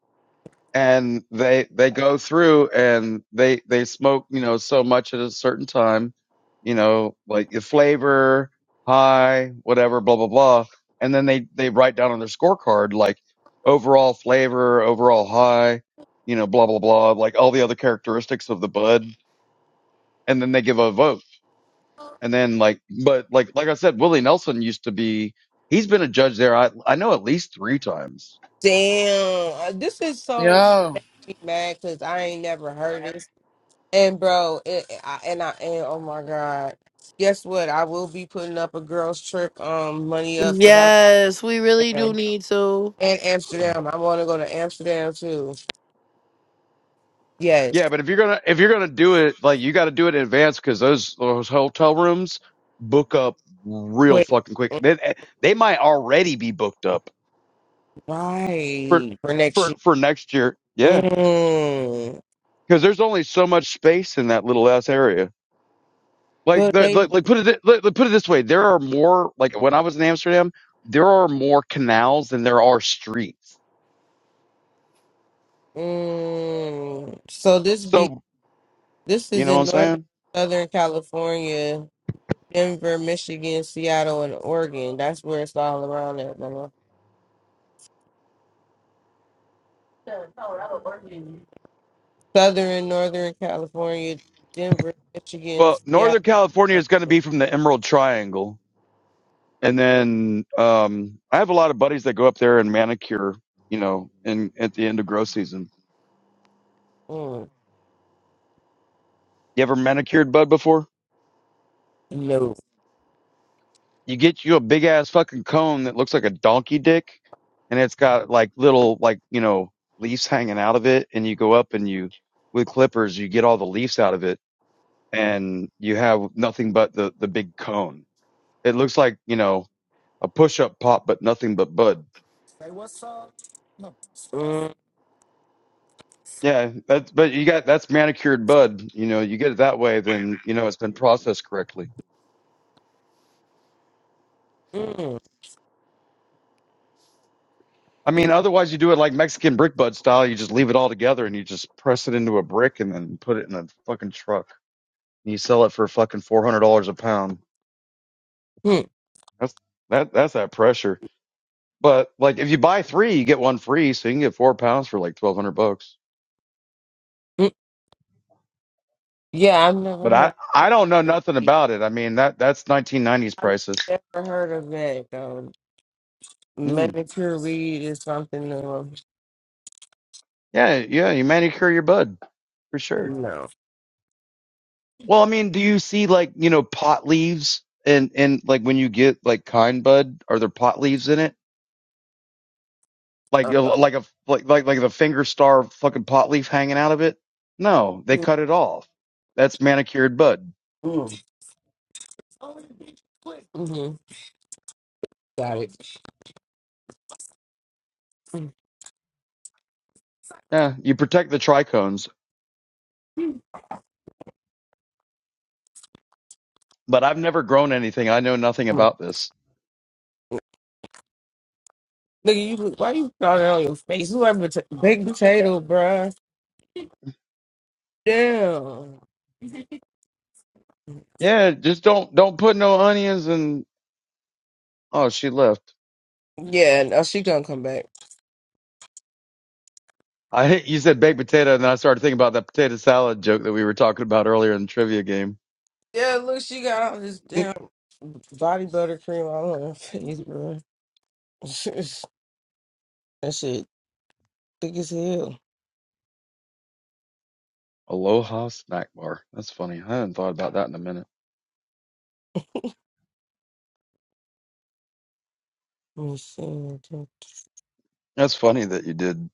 H: and they they go through and they they smoke you know so much at a certain time you know like the flavor high whatever blah blah blah and then they they write down on their scorecard like overall flavor overall high you know blah blah blah like all the other characteristics of the bud and then they give a vote and then like but like like i said willie nelson used to be he's been a judge there i i know at least three times
C: Damn, uh, this is so
E: yo.
C: make me mad because I ain't never heard this. And bro, it, I, and I and oh my god, guess what? I will be putting up a girls trip um money up for that
F: Yes, we really do
C: damn
F: need to.
C: and
H: Um,
C: Amsterdam. I want to go to Amsterdam too. Yes,
H: Yeah, but if you're gonna if you're gonna do it, like you got to do it in advance because those those hotel rooms book up real
C: quick,
H: fucking quick. They eh, they might already be booked up for
C: right for next
H: for
C: year.
H: for next year. Yeah,
C: Mm.
H: because there's only so much space in that little ass area. Like,
C: But
H: the,
C: they
H: like, like put it like, like, put it this way: there are more. Like when I was in Amsterdam, there are more canals than there are streets.
C: mm. so this be
H: So
C: this
H: you
C: is
H: know what
C: in
H: I'm
C: northern
H: saying?
C: Southern California. Denver, Michigan, Seattle, and Oregon. That's where it's all around at, mama. Southern, Northern California, Denver, Michigan,
H: Well,
C: Seattle.
H: Northern California is going to
C: Oregon.
H: be from the Emerald Triangle, and then um, I have a lot of buddies that go up there and manicure. You know, in at the end of grow season.
C: Mm,
H: You ever manicured bud before?
C: no.
H: you get you a big ass fucking cone that looks like a donkey dick and it's got like little like you know leaves hanging out of it and you go up and you with clippers you get all the leaves out of it and you have nothing but the the big cone it looks like you know a push up pop but nothing but bud
C: Mm,
H: yeah that's but you got that's manicured bud you know you get it that way then you know it's been processed correctly
C: mm,
H: i mean
C: baby.
H: otherwise you do it like mexican brick bud style you just leave it all together and you just press it into a brick and then put it in a fucking truck and you sell it for fucking four hundred dollars a pound.
C: mm,
H: That's that that's that pressure. But like if you buy three, you get one free, so you can get four pounds for like twelve hundred bucks.
C: mm. Yeah, I've never
H: But
C: heard
H: I
C: of
H: I don't know nothing
C: that.
H: about it. I mean that that's nineteen nineties
C: I've
H: prices.
C: never heard of that, though.
H: Mm.
C: Medicare Reed is something new.
H: Yeah, yeah, you manicure your bud for sure.
C: No.
H: Well, I mean, do you see like you know pot leaves and and like when you get like kind bud, are there pot leaves in it? like
C: Uh,
H: like a like like like the finger star fucking pot leaf hanging out of it. No, they
C: mm,
H: cut it off. That's manicured bud.
C: mm. Mhm. Got it. Mm-hmm.
H: Yeah, you protect the trichomes. But I've never grown anything. I know nothing about this.
C: Nigga, you look- why you got it on your face? You like pota- baked potato, bruh. Damn.
H: Yeah, just don't don't put no onions and oh she left.
C: Yeah, no, she gonna come back.
H: I you said baked potato and then I started thinking about that potato salad joke that we were talking about earlier in the trivia game.
C: Yeah, look, she got all this damn body butter cream all on her face, bruh. that shit thick as hell.
H: Aloha snack bar. That's funny. I hadn't thought about that in a minute.
C: Let me see.
H: That's funny that you did.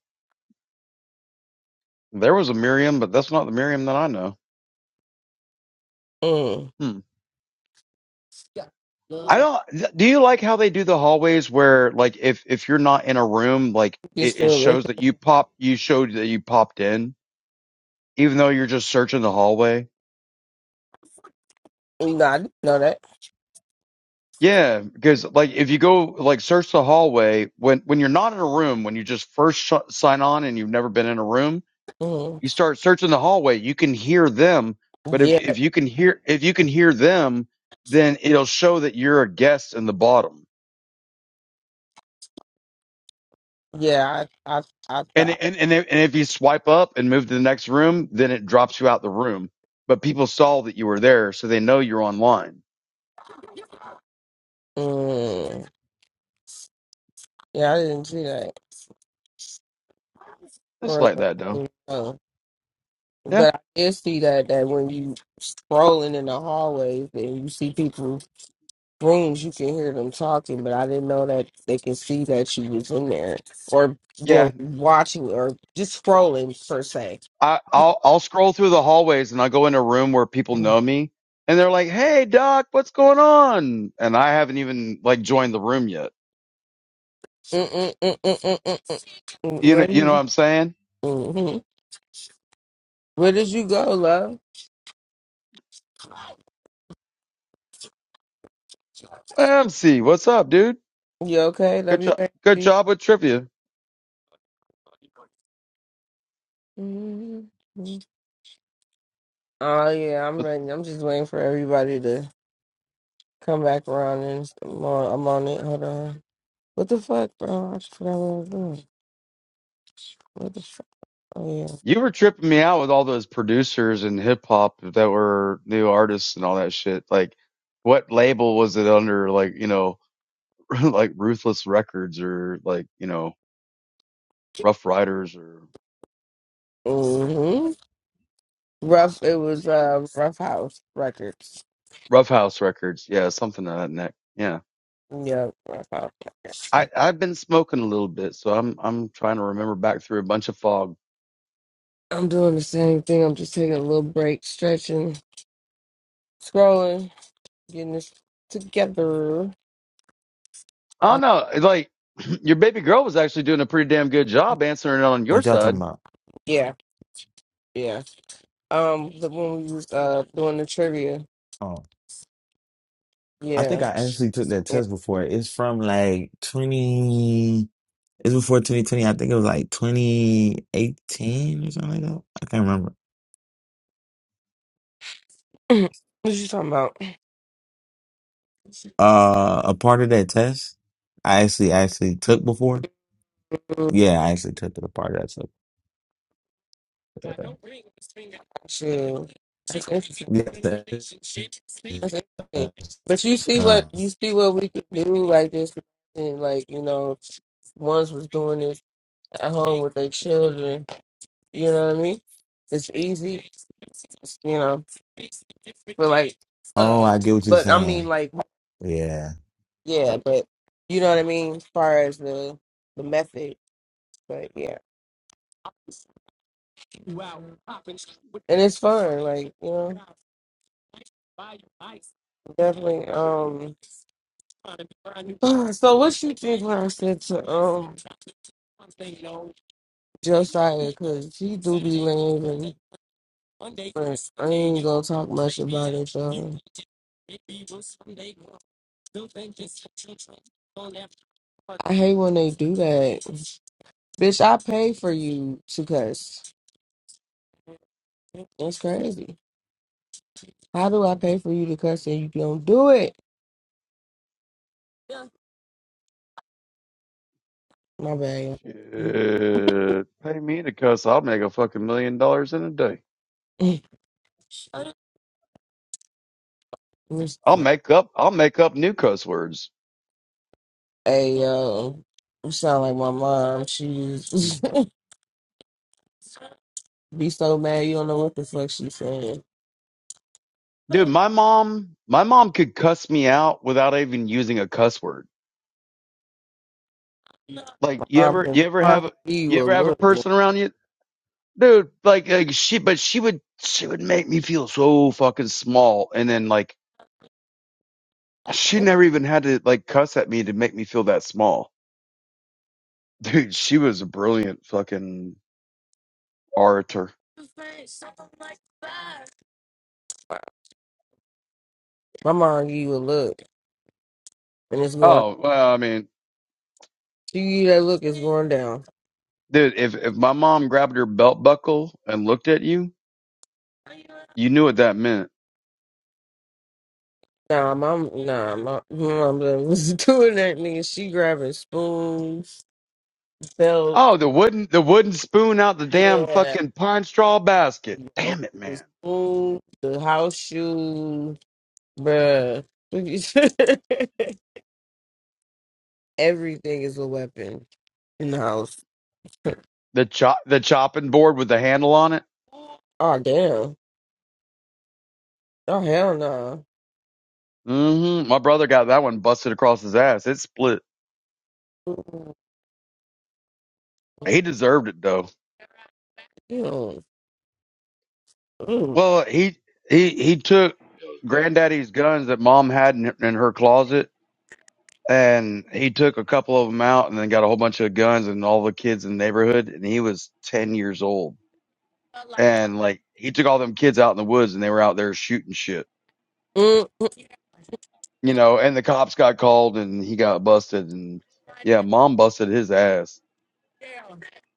H: There was a Miriam, but that's not the Miriam that I know.
C: Mm.
H: Hmm. I don't. Do you like how they do the hallways where, like, if if you're not in a room, like
C: You
H: it, it
C: still
H: shows
C: reckon?
H: that you pop, you showed that you popped in, even though you're just searching the hallway.
C: Nah, I didn't know that.
H: Yeah, because like if you go like search the hallway when when you're not in a room, when you just first sh- sign on and you've never been in a room,
C: Mm.
H: you start searching the hallway. You can hear them, but if
C: Yeah,
H: if you can hear if you can hear them, then it'll show that you're a guest in the bottom.
C: yeah, I, I, I
H: And
C: thought.
H: and and if, and if you swipe up and move to the next room, then it drops you out the room. But people saw that you were there, so they know you're online.
C: Mm. Yeah, I didn't see that.
H: It's
C: Bruh.
H: like that, though.
C: Mm, no.
H: Yeah,
C: But I did see that that when you scrolling in the hallways and you see people's rooms, you can hear them talking. But I didn't know that they can see that you was in there or well
H: yeah.
C: watching or just scrolling per se.
H: I, I'll I'll scroll through the hallways and I'll go in a room where people
C: Mm,
H: know me, and they're like, "Hey, Doc, what's going on?" And I haven't even like joined the room yet.
C: mm, mm, mm, mm, mm, mm.
H: You
C: Where
H: know,
C: do
H: you know what
C: you?
H: I'm saying?
C: hmm Where did you go, love?
H: MC, what's up, dude?
C: You okay?
H: Good
C: W
H: job,
C: A
H: good
C: C.
H: job with trivia.
C: Mhm. Oh yeah, I'm ready. I'm just waiting for everybody to come back around and I'm on, I'm on it. Hold on. What the fuck, bro? I just forgot what I was doing. What the fuck? Oh yeah.
H: You were tripping me out with all those producers and hip hop that were new artists and all that shit. Like, what label was it under? Like, you know, like Ruthless Records or like, you know, Rough Riders or
C: hmm Rough. It was uh, Rough House Records.
H: Rough House Records. Yeah, something of that neck. Yeah.
C: Yeah, Rough House Records.
H: I, I've been smoking a little bit, so I'm, I'm trying to remember back through a bunch of fog.
C: I'm doing the same thing. I'm just taking a little break, stretching, scrolling, getting this together.
H: I don't know. It's Like, your baby girl was actually doing a pretty damn good job answering it on your
K: What y'all talking
H: side.
K: about?
C: Yeah, yeah. Um, the when we was uh doing the trivia.
K: Oh, I think
C: Yeah,
K: I actually took that
C: yeah.
K: test before. It's from like 20, it's before 2020. I think it was like 2018 or something like that. I can't remember.
C: what you talking about?
K: Uh, a part of that test I actually actually took before. Yeah, I actually took the part of that test.
C: Shoot. That's interesting.
K: Yeah.
C: That's interesting. But you see
K: Uh,
C: what you see what we can do like this and like, you know, ones was doing this at home with their children. You know what I mean? It's easy, you know, but like
K: oh,
C: uh,
K: I get what you're
C: but I mean
K: saying.
C: like
K: Yeah.
C: yeah, but you know what I mean as far as the the method. But yeah. And it's fun, like, you know. Definitely. Um so what you think when I said to um Josiah, cause he do be leaving. But I ain't gonna talk much about it, y'all. I hate when they do that. Bitch, I pay for you to cuss. That's crazy. How do I pay for you to cuss and you don't do it? My bad.
H: Shit. Pay me to cuss. I'll make a fucking million dollars in a day. I'll make up I'll make up new cuss words.
C: Hey yo, you sound like my mom. She be so mad you don't know what the fuck she saying.
H: Dude, my mom my mom could cuss me out without even using a cuss word.
C: My
H: Like you
C: mom
H: ever
C: can,
H: you
C: my
H: ever
C: mom
H: have
C: can give you
H: you
C: a
H: ever have a
C: look.
H: person around you? Dude, like, like she but she would she would make me feel so fucking small and then like she never even had to like cuss at me to make me feel that small. Dude, she was a brilliant fucking orator.
C: My mom give you a look, and it's going.
H: Oh, well, I mean,
C: See that look is going down.
H: dude, if if my mom grabbed her belt buckle and looked at you, you knew what that meant.
C: Nah, mom. nah, my mom was doing that nigga. She grabbing spoons, belt,
H: Oh, the wooden the wooden spoon out the damn
C: yeah,
H: fucking pine straw basket.
C: you know,
H: Damn it,
C: the
H: man.
C: spoon, the house shoe, bruh. Everything is a weapon in the house.
H: The chop the chopping board with the handle on it.
C: Oh damn. Oh hell no.
H: Mm-hmm. My brother got that one busted across his ass. It split.
C: Ooh,
H: He deserved it though.
C: You know, mm,
H: Well, he he he took granddaddy's guns that mom had in, in her closet, and he took a couple of them out, and then got a whole bunch of guns and all the kids in the neighborhood. And he was ten years old, and like he took all them kids out in the woods, and they were out there shooting shit
C: mm.
H: you know, and the cops got called and he got busted and yeah, mom busted his ass.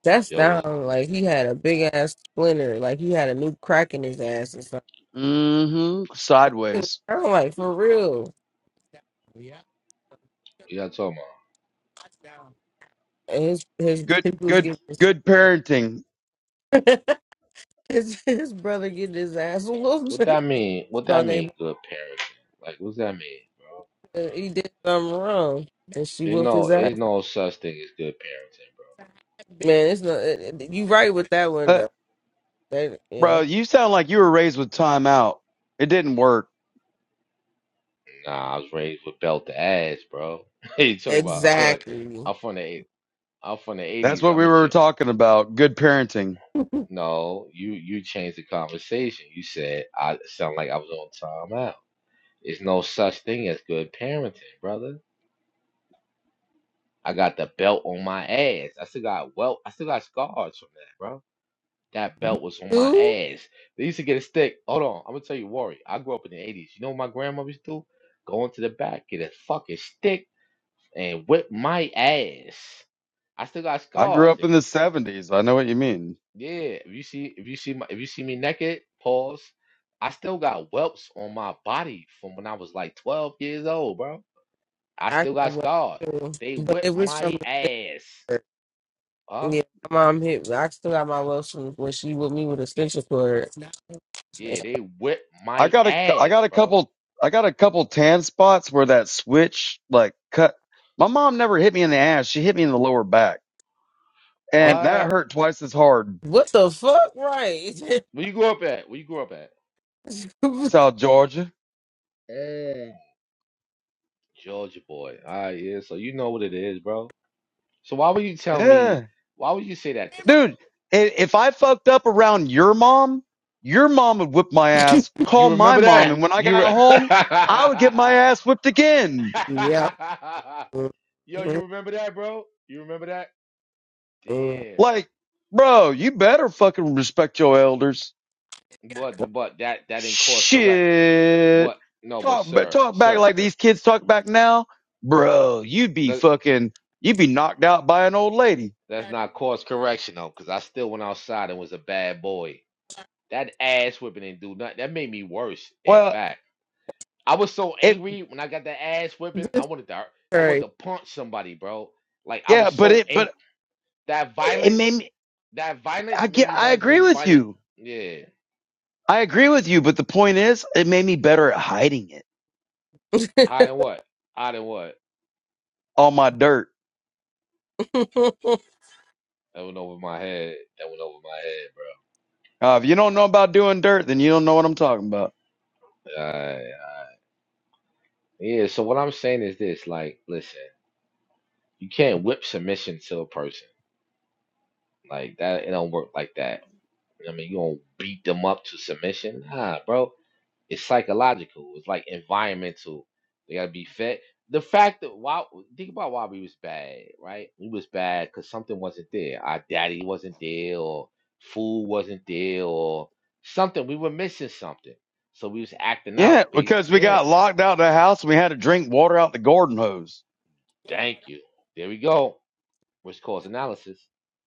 C: that
L: Yo, was
C: sound like he had a big ass splinter, like he had a new crack in his ass or
H: hmm Sideways.
C: I'm like, for real. Yeah.
L: you got talking about
C: And His his
H: Good,
C: people's
H: good,
C: getting his,
H: good parenting.
C: his his brother getting his ass whooped
L: what that mean? What
C: by
L: that
C: they
L: mean? Good parenting? Like, what's that mean, bro?
C: mother. he did something wrong and she
L: Ain't
C: whooped his
L: no,
C: ass.
L: ain't no such thing as good parenting.
C: Man, it's not it, it- you right with that one
H: Uh,
C: though. That, yeah,
H: bro, you sound like you were raised with time out. It didn't work.
L: Bro. Nah, I was raised with belt to ass, bro. Hey, you talking about like
C: exactly.
L: I'm from the eight- I'm from the
H: That's
L: eighties.
H: what
L: I'm
H: we
L: a
H: were
L: ch-
H: talking about. Good parenting.
L: no. You you changed the conversation. You said I sound like I was on time out. It's no such thing as good parenting, brother. I got the belt on my ass. I still got well. I still got scars from that, bro. That belt was on my
C: Two,
L: ass. They used to get a stick. Hold on, I'm gonna tell you, Worry. I grew up in the 80s. You know what my grandmother used to do? Go into the back, get a fucking stick, and whip my ass. I still got
H: I grew
L: scars.
H: up in
L: If-
H: the seventies. I know what you mean.
L: yeah, if you see if you see my if you see me naked, pause. I still got whelps on my body from when I was like 12 years old, bro. I
C: I
L: still
C: got
L: got
C: one
L: scars.
C: too,
L: They
C: but it
L: whipped
C: was
L: my
C: from the
L: ass.
C: sister.
L: Huh?
C: Yeah, my mom hit. I still got my wells from when she with me with a stitcher cord.
L: Yeah,
C: Yeah.
L: they whipped
H: I
L: my
H: got a, I
L: ass,
H: got a
L: bro.
H: couple, I got a couple tan spots where that switch like cut. My mom never hit me in the ass. She hit me in the lower back and that
L: What?
H: hurt twice as hard.
C: What the fuck, right?
L: Where you grew up at? Where you grew up at?
H: South Georgia.
L: Mm. Georgia boy. All right, yeah. So you know what it is, bro. So why would you tell
H: Yeah.
L: me? Why would you say that to me
H: Dude, i- if I fucked up around your mom, your mom would whip my ass,
L: though?
H: call
L: You
H: my
L: remember
H: mom,
L: that?
H: and when I
L: You
H: got
L: re-
H: home, I would get my ass whipped again.
C: Yeah. All
L: Yo, you remember that, bro? You remember that? Damn.
H: Like, bro, you better fucking respect your elders.
L: But but that that didn't cause correct.
H: Shit.
L: But no, but
H: Talk, ba-
L: sir,
H: talk back
L: sir,
H: like
L: uh,
H: these kids talk back now. Bro, you'd be
L: that,
H: fucking, you'd be knocked out by an old lady.
L: that's not cause correction though, because I still went outside and was a bad boy. That ass whipping didn't do nothing. That made me worse. In
H: Well,
L: fact. I was so
H: it,
L: angry when I got that ass whipping. I wanted to, I wanted
C: Right.
L: to punch somebody, bro. Like I
H: yeah,
L: was
H: but
L: so
H: it, but
L: angry. That
H: it
L: violence,
H: made me,
L: that violence
H: I
L: made
H: get,
L: me
H: I
L: want to
H: agree
L: do
H: with
L: violent.
H: you
L: Yeah,
H: I agree with you, but the point is, it made me better at hiding it.
L: hot and what? Hot and what?
H: All my dirt.
C: you
L: That went over my head. That went over my
H: Uh, if you don't know about doing dirt, then you don't know what I'm talking about.
L: head, bro. Uh, yeah. So what I'm saying is this: like, listen, you can't whip submission to a person. Like that, it don't work like that. I mean, you don't beat them up to submission, nah, bro. It's psychological. It's like environmental. They gotta be fed. The fact that why think about why we was bad, right? We was bad because something wasn't there. Our daddy wasn't there, or food wasn't there, or something. We were missing something, so we was acting
H: Yeah,
L: out. Be
H: because we
L: yeah.
H: got locked out of the house and we had to drink water out the garden hose.
L: Thank you. There we go. Which cause analysis.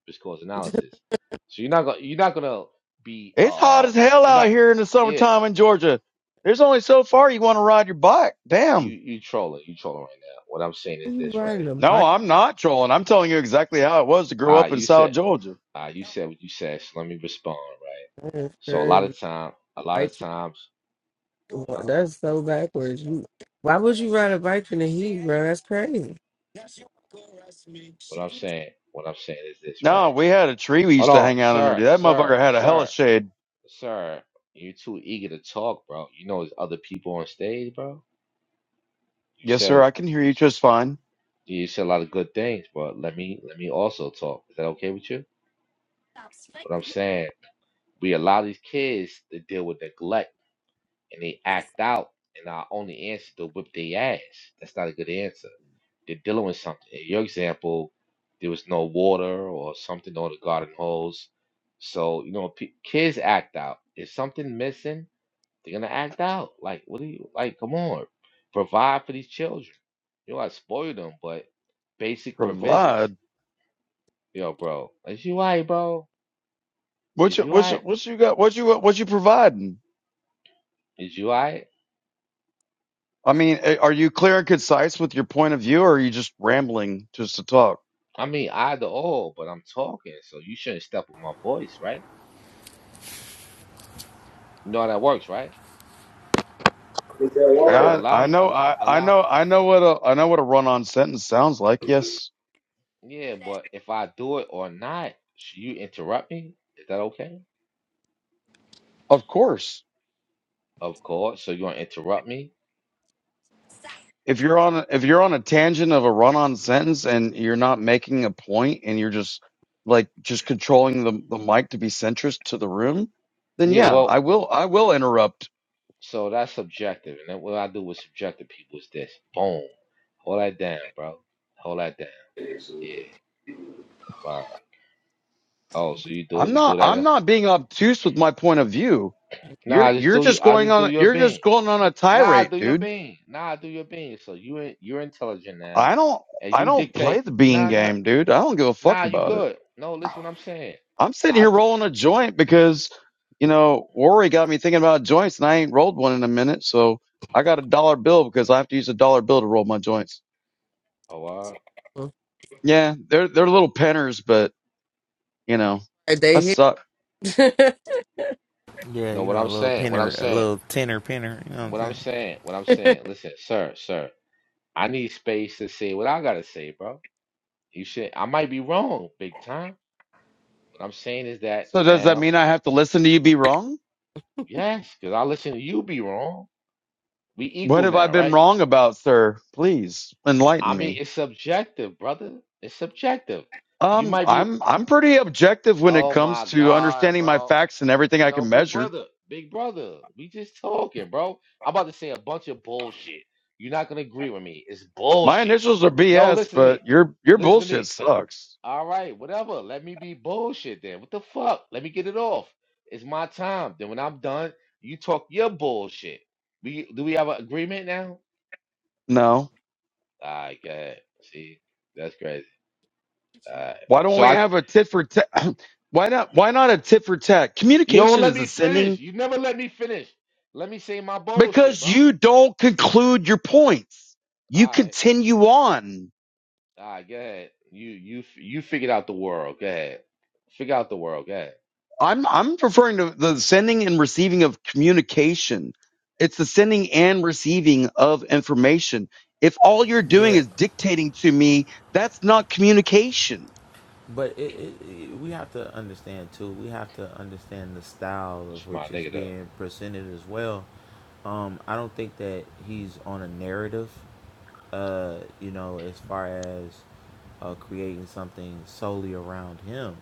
L: Which cause analysis. So you're not gonna you're not gonna be
H: It's hot
L: uh
H: as hell
L: you're
H: out
L: not
H: here in the
L: yeah
H: summertime in Georgia. There's only so far you want to ride your bike.
L: you
H: Damn.
L: you trolling you trolling right now. What I'm saying is this right.
C: riding a
H: No,
C: bike?
H: I'm not trolling. I'm telling you exactly how it was to grow
L: Ah,
H: up in
L: you said.
H: South Georgia.
L: Uh, you said what you said, so let me respond, right?
C: That's
L: So a lot
C: crazy.
L: of time, a lot
C: Bike.
L: of times, huh?
C: That's so backwards. You, why would you ride a bike in the heat, bro? That's crazy.
L: What I'm saying, what I'm saying is this, right?
H: No, we had a tree we
L: Hold
H: used to
L: on,
H: hang out under.
L: sir,
H: That
L: sir,
H: motherfucker had a hella
L: sir,
H: shade.
L: sir. You're too eager to talk, bro. You know there's other people on stage, bro. You
H: Yes, sir.
L: said
H: I can hear
L: you,
H: you
L: s-
H: just fine.
L: you said a lot of good things, but let me let me also talk. Is that okay with you? What I'm saying, we allow these kids to deal with neglect and they act out, and our only answer to whip their ass. That's not a good answer. They're dealing with something. In your example, there was no water or something on the garden hose. So, you know, p- kids act out. If something missing, they're gonna act out. Like, what do you like? Come on, provide for these children. You know, I spoil them, but basic provisions.
H: Provide.
L: Yo, bro, is you alright, bro?
H: What
L: Is
H: you
L: you
H: what you,
L: alright?
H: what you got? What you what you providing?
L: Is you alright?
H: I mean, a- are you clear and concise with your point of view, or are you just rambling just to talk?
L: I mean, I the all, but I'm talking, so you shouldn't step on my voice, right? You know how that works, right?
M: Is that
L: So
H: I
M: word?
L: allow
H: I
L: me,
H: know
L: allow,
H: I, I
L: allow.
H: know I know what a I know what a run on sentence sounds like. Yes,
L: Yeah, but if I do it or not, sh- you interrupt me. Is that okay?
H: of course.
L: Of course. So you gonna interrupt me?
H: If you're on a- if you're on a tangent of a run on sentence and you're not making a point and you're just like just controlling the the mic to be centrist to the room, then
L: Yeah.
H: yeah,
L: Well,
H: I will I will interrupt.
L: so that's subjective, and then what I do with subjective people is this: boom, hold that down, bro. Hold that down. Yeah. Wow. Oh, so you do
H: I'm
L: it? You do
H: not
L: that?
H: I'm
L: Em?
H: not being obtuse with my point of view.
L: Nah,
H: You're
L: I just
H: you're
L: do you.
H: just
L: I
H: going
L: just do
H: on
L: your
H: you're
L: bean.
H: just going on a
L: Nah, do
H: tirade,
L: your
H: dude.
L: bean. Nah, do your bean. So you in- you're intelligent now,
H: I don't
L: and
H: I
L: you
H: don't play
L: dictate.
H: the bean
L: Nah, nah,
H: game, dude. I don't give a fuck
L: nah. You
H: about it.
L: good? No, listen what I'm saying.
H: I'm sitting
L: I
H: here
L: t-
H: rolling a joint because you know Worry got me thinking about joints, and I ain't rolled one in a minute. So I got a dollar bill because I have to use a dollar bill to roll my joints.
L: oh, all right.
C: Mm.
H: Yeah, they're they're little penners, but you know
C: Right,
H: I
C: They hit.
H: suck.
L: No, what I'm saying, what I'm saying, what I'm saying, what I'm saying. Listen, sir, sir, I need space to say what I gotta say, bro. You should. I might be wrong, big time. What I'm saying is that
H: So does that
L: now,
H: mean I have to listen to you be wrong?
L: yes, because I listen to you be wrong. We
H: What
L: equal
H: have I
L: now,
H: been
L: right?
H: wrong about, sir? Please
L: I
H: enlighten
L: mean,
H: me.
L: it's subjective, brother. It's subjective. You
H: Um,
L: might be.
H: I'm I'm pretty objective when it
L: Oh
H: comes
L: my
H: to
L: God,
H: understanding my
L: bro.
H: facts and everything I
L: Yo,
H: can
L: big
H: measure.
L: brother, big brother, we just talking, bro. I'm about to say a bunch of bullshit. You're not gonna agree with me. It's
H: My
L: bullshit.
H: initials are
L: No,
H: BS,
L: listen to me.
H: but your your
L: Listen to
H: bullshit
L: me.
H: sucks.
L: All right, whatever. Let me be bullshit then. What the fuck? Let me get it off. It's my time. Then when I'm done, you talk your bullshit. We do we have an agreement now?
H: No,
L: All right, go ahead. See, that's crazy. All right.
H: why don't
L: So
H: we
L: I, c-
H: have a tit for tat? why not? Why not a tit for tat?
L: you don't
H: Communication
L: let
H: is
L: me finish.
H: ascending
L: You never let me finish. Let me say my bullshit,
H: because
L: bro.
H: you don't conclude your points. You
L: All right.
H: continue on.
L: All right, go ahead. You you you figured out the world. Go ahead. Figure out the world. Go ahead.
H: I'm I'm referring to the sending and receiving of communication. It's the sending and receiving of information. If all you're doing is dictating to me, that's not communication.
K: But it, it, it, we have to understand too. We have to understand the style
L: It's
K: of
L: my
K: which is
L: nigga though.
K: being presented as well. Um, I don't think that he's on a narrative. Uh, you know, as far as uh, creating something solely around him.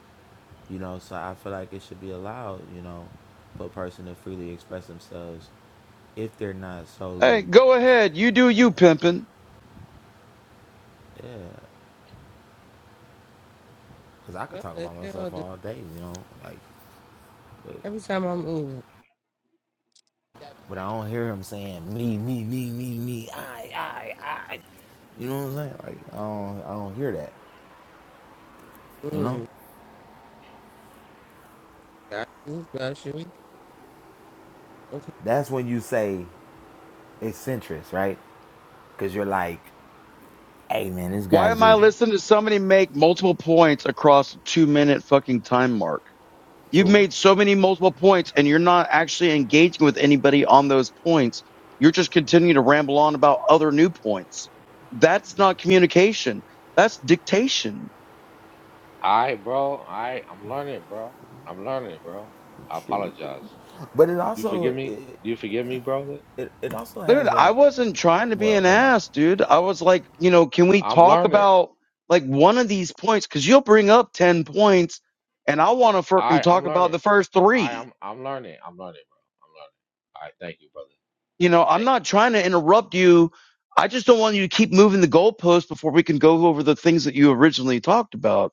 K: You know, so I feel like it should be allowed. You know, for a person to freely express themselves if they're not solely.
H: Hey, go ahead. You do you,
K: Yeah,
H: pimpin'.
K: yeah. Because I could
C: what
K: talk
C: the
K: about
C: hell?
K: myself
C: Just
K: all day. You know, like
C: every time I move.
K: But I don't hear him saying me, me, me, me, me, I, I, I. You know what I'm saying? Like I don't, I don't hear that. You know?
C: Mm, got you. Got you. Okay.
K: That's when you say eccentric, right? Because you're like, hey man, this
H: Why
K: guy's
H: am I
K: just.
H: listening to somebody make multiple points across a two minute fucking time mark? You've made so many multiple points and you're not actually engaging with anybody on those points. You're just continuing to ramble on about other new points. That's not communication. That's dictation.
L: All right, bro. All right, I'm learning, bro. I'm learning, bro. I
K: True.
L: apologize.
K: But it
L: You forgive
K: also,
L: me?
K: it,
L: Do you forgive me, brother?
K: it, it also
H: Dude,
K: has the,
H: I wasn't trying to be
K: well,
H: an
K: never mind.
H: ass, dude. I was like, you know, can we
L: I'm
H: talk
L: learning.
H: about like one of these points? Cause you'll bring up 10 points and I want to
L: All
H: frickin'
L: right, I'm
H: talk about
L: learning.
H: the first
L: All right,
H: three.
L: I'm I'm learning. I'm learning, bro. I'm learning. All right, thank you, brother.
H: You know, I'm
L: Thank you.
H: not trying to interrupt you. I just don't want you to keep moving the goalposts before we can go over the things that you originally talked about.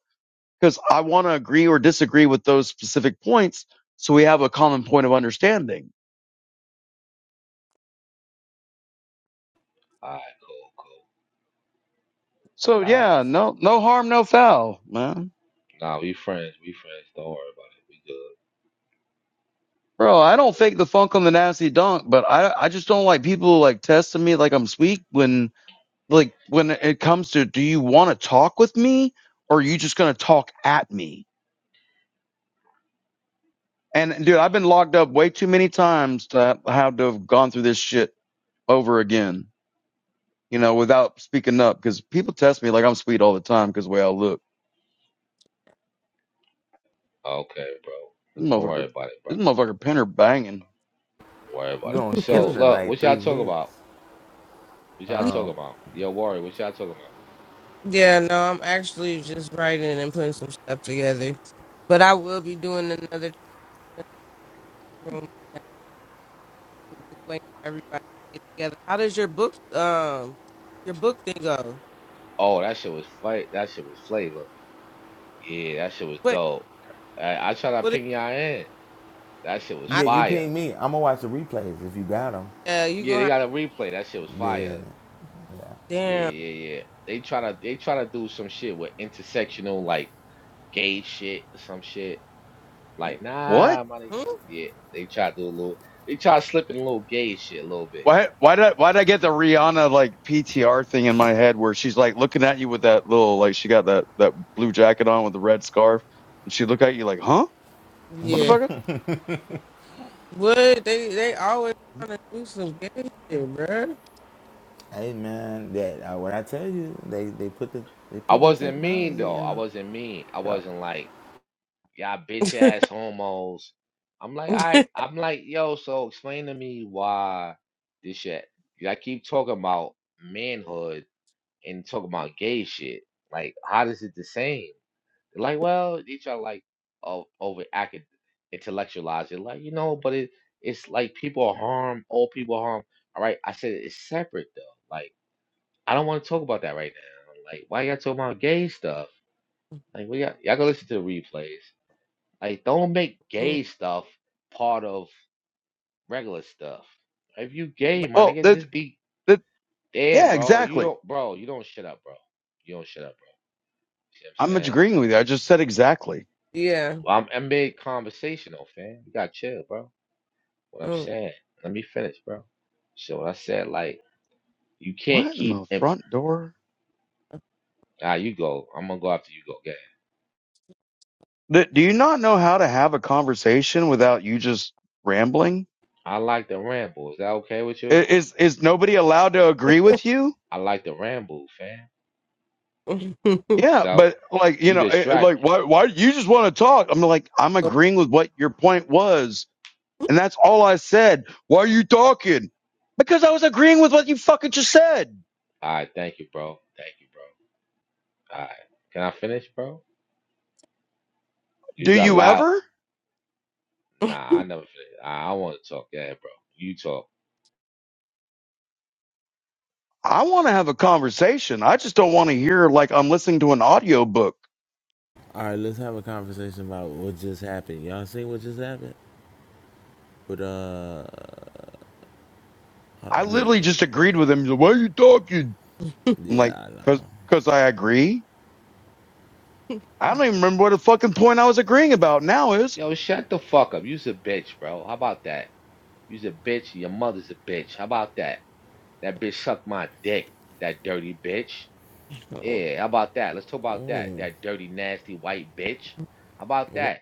H: because I want to agree or disagree with those specific points so we have a common point of understanding.
L: All right, cool.
H: So
L: All right.
H: yeah, no no harm, no foul, man.
L: Nah, we friends. We friends. Don't worry about it. We good.
H: Bro, I
L: We
H: don't
L: good.
H: fake the funk on the nasty dunk, but I I just don't like people like testing me like I'm sweet when like when it comes to do you want to talk with me or are you just gonna talk at me? And dude, I've been locked up way too many times to have to have gone through this shit over again, you know, without speaking up because people test me like I'm sweet all the time because the way I look.
L: Okay, bro.
H: This
L: Don't worry
H: motherfucker,
L: about it, bro.
H: this motherfucker Pinner banging.
L: Don't worry
K: You're
L: about it.
K: going
L: So
K: killing it in
L: look,
K: like
L: what y'all
K: three
L: talking
K: hits.
L: about? What y'all talking about? Yo, Warrior, what y'all talking about?
C: Yeah, no, I'm actually just writing and putting some stuff together. But I will be doing another room. just waiting for everybody together. How does your book um your book thing go?
L: Oh, that shit was fight. That shit was flavor. Yeah, that shit was
C: What?
L: dope. I, I tried to
C: what is
L: ping y'all in. That shit was
C: I
K: Yeah, you
L: fire.
K: ping me. I'm gonna watch the replays if you got them.
C: uh you
L: Yeah,
C: gonna
L: they
C: have
L: got a replay. That shit was
K: Yeah.
L: fire. Yeah,
C: damn
L: yeah, yeah. They try to they try to do some shit with intersectional like gay shit some shit. Like,
H: What?
L: nah, money.
C: hmm?
L: Yeah, they try to do a little. They try to slip in a little gay shit a little bit.
H: Why? Why did I, why did I get the Rihanna like PTR thing in my head where she's like looking at you with that little like she got that that blue jacket on with the red scarf and she look at you like, huh,
C: yeah.
H: motherfucker?
C: What they they always trying to do some gay shit, bruh.
K: Hey man, that uh, when I tell you they they put the they
L: I
K: put the
L: wasn't mean
K: technology
L: though.
K: in
L: I
K: the.
L: wasn't mean. I
K: yeah.
L: wasn't like y'all bitch ass homos. I'm like, I, I'm like, yo. So explain to me why this shit. Y'all keep talking about manhood. and talk about gay shit. Like, how is it the same? Like, well, each are like o- over acad- intellectualize it. Like, you know, but it it's like people are harmed, all people are harmed. All right, I said it's separate though. Like, I don't want to talk about that right now. Like, why y'all talking about gay stuff? Like, we got y'all go listen to the replays. Like, don't make
C: Mm,
L: gay stuff part of regular stuff. If you gay,
C: like,
L: my
H: Well,
L: nigga,
H: that
L: just be
H: that
L: damn,
H: yeah,
L: bro. You
H: exactly.
L: don't, bro. You don't shut up, bro. You don't shut up, bro. You
H: I'm
L: what I'm saying?
H: agreeing with you. I just said exactly.
C: Yeah.
L: Well, I'm, I'm made conversational, fam. You gotta chill, bro. What I'm saying. Let me finish, bro. So I said, like, you can't
H: What in
L: keep.
H: the
L: Imp-
H: front door?
L: ah, you go. I'm gonna go after you go. Get.
H: Th- Do you not know how to have a conversation without you just rambling?
L: I like the ramble. Is that okay with
H: I-
L: you?
H: Is is nobody allowed to agree with you?
L: I like the ramble, fam.
C: Mm.
H: Yeah,
L: Now
H: but like you
L: you
H: know, eh,
L: distract me.
H: like why why do you just want to talk? I'm like I'm agreeing with what your point was, and that's all I said. Why are you talking? Because I was agreeing with what you fucking just said.
L: All right, thank you, bro. Thank you, bro. All right, can I finish, bro? You
H: Do
L: got
H: you
L: loud.
H: ever?
L: Nah, I never finished. I, I want to talk. Yeah, bro. You talk.
H: I want to have a conversation. I just don't want to hear like I'm listening to an audio book.
K: All right, let's have a conversation about what just happened. Y'all seen what just happened? But uh, hold on,
H: I
K: let me.
H: literally just agreed with him. He's like, Why are you talking? I'm like,
K: Yeah, I
H: cause,
K: know.
H: cause I agree. I don't even remember what the fucking point I was agreeing about now is.
L: Yo, shut the fuck up. You's a bitch, bro. How about that? You's a bitch. and Your mother's a bitch. How about that? That bitch sucked my dick. That dirty bitch. Yeah, how about that? Let's talk about
K: Mm.
L: that. That dirty, nasty white bitch. How about that?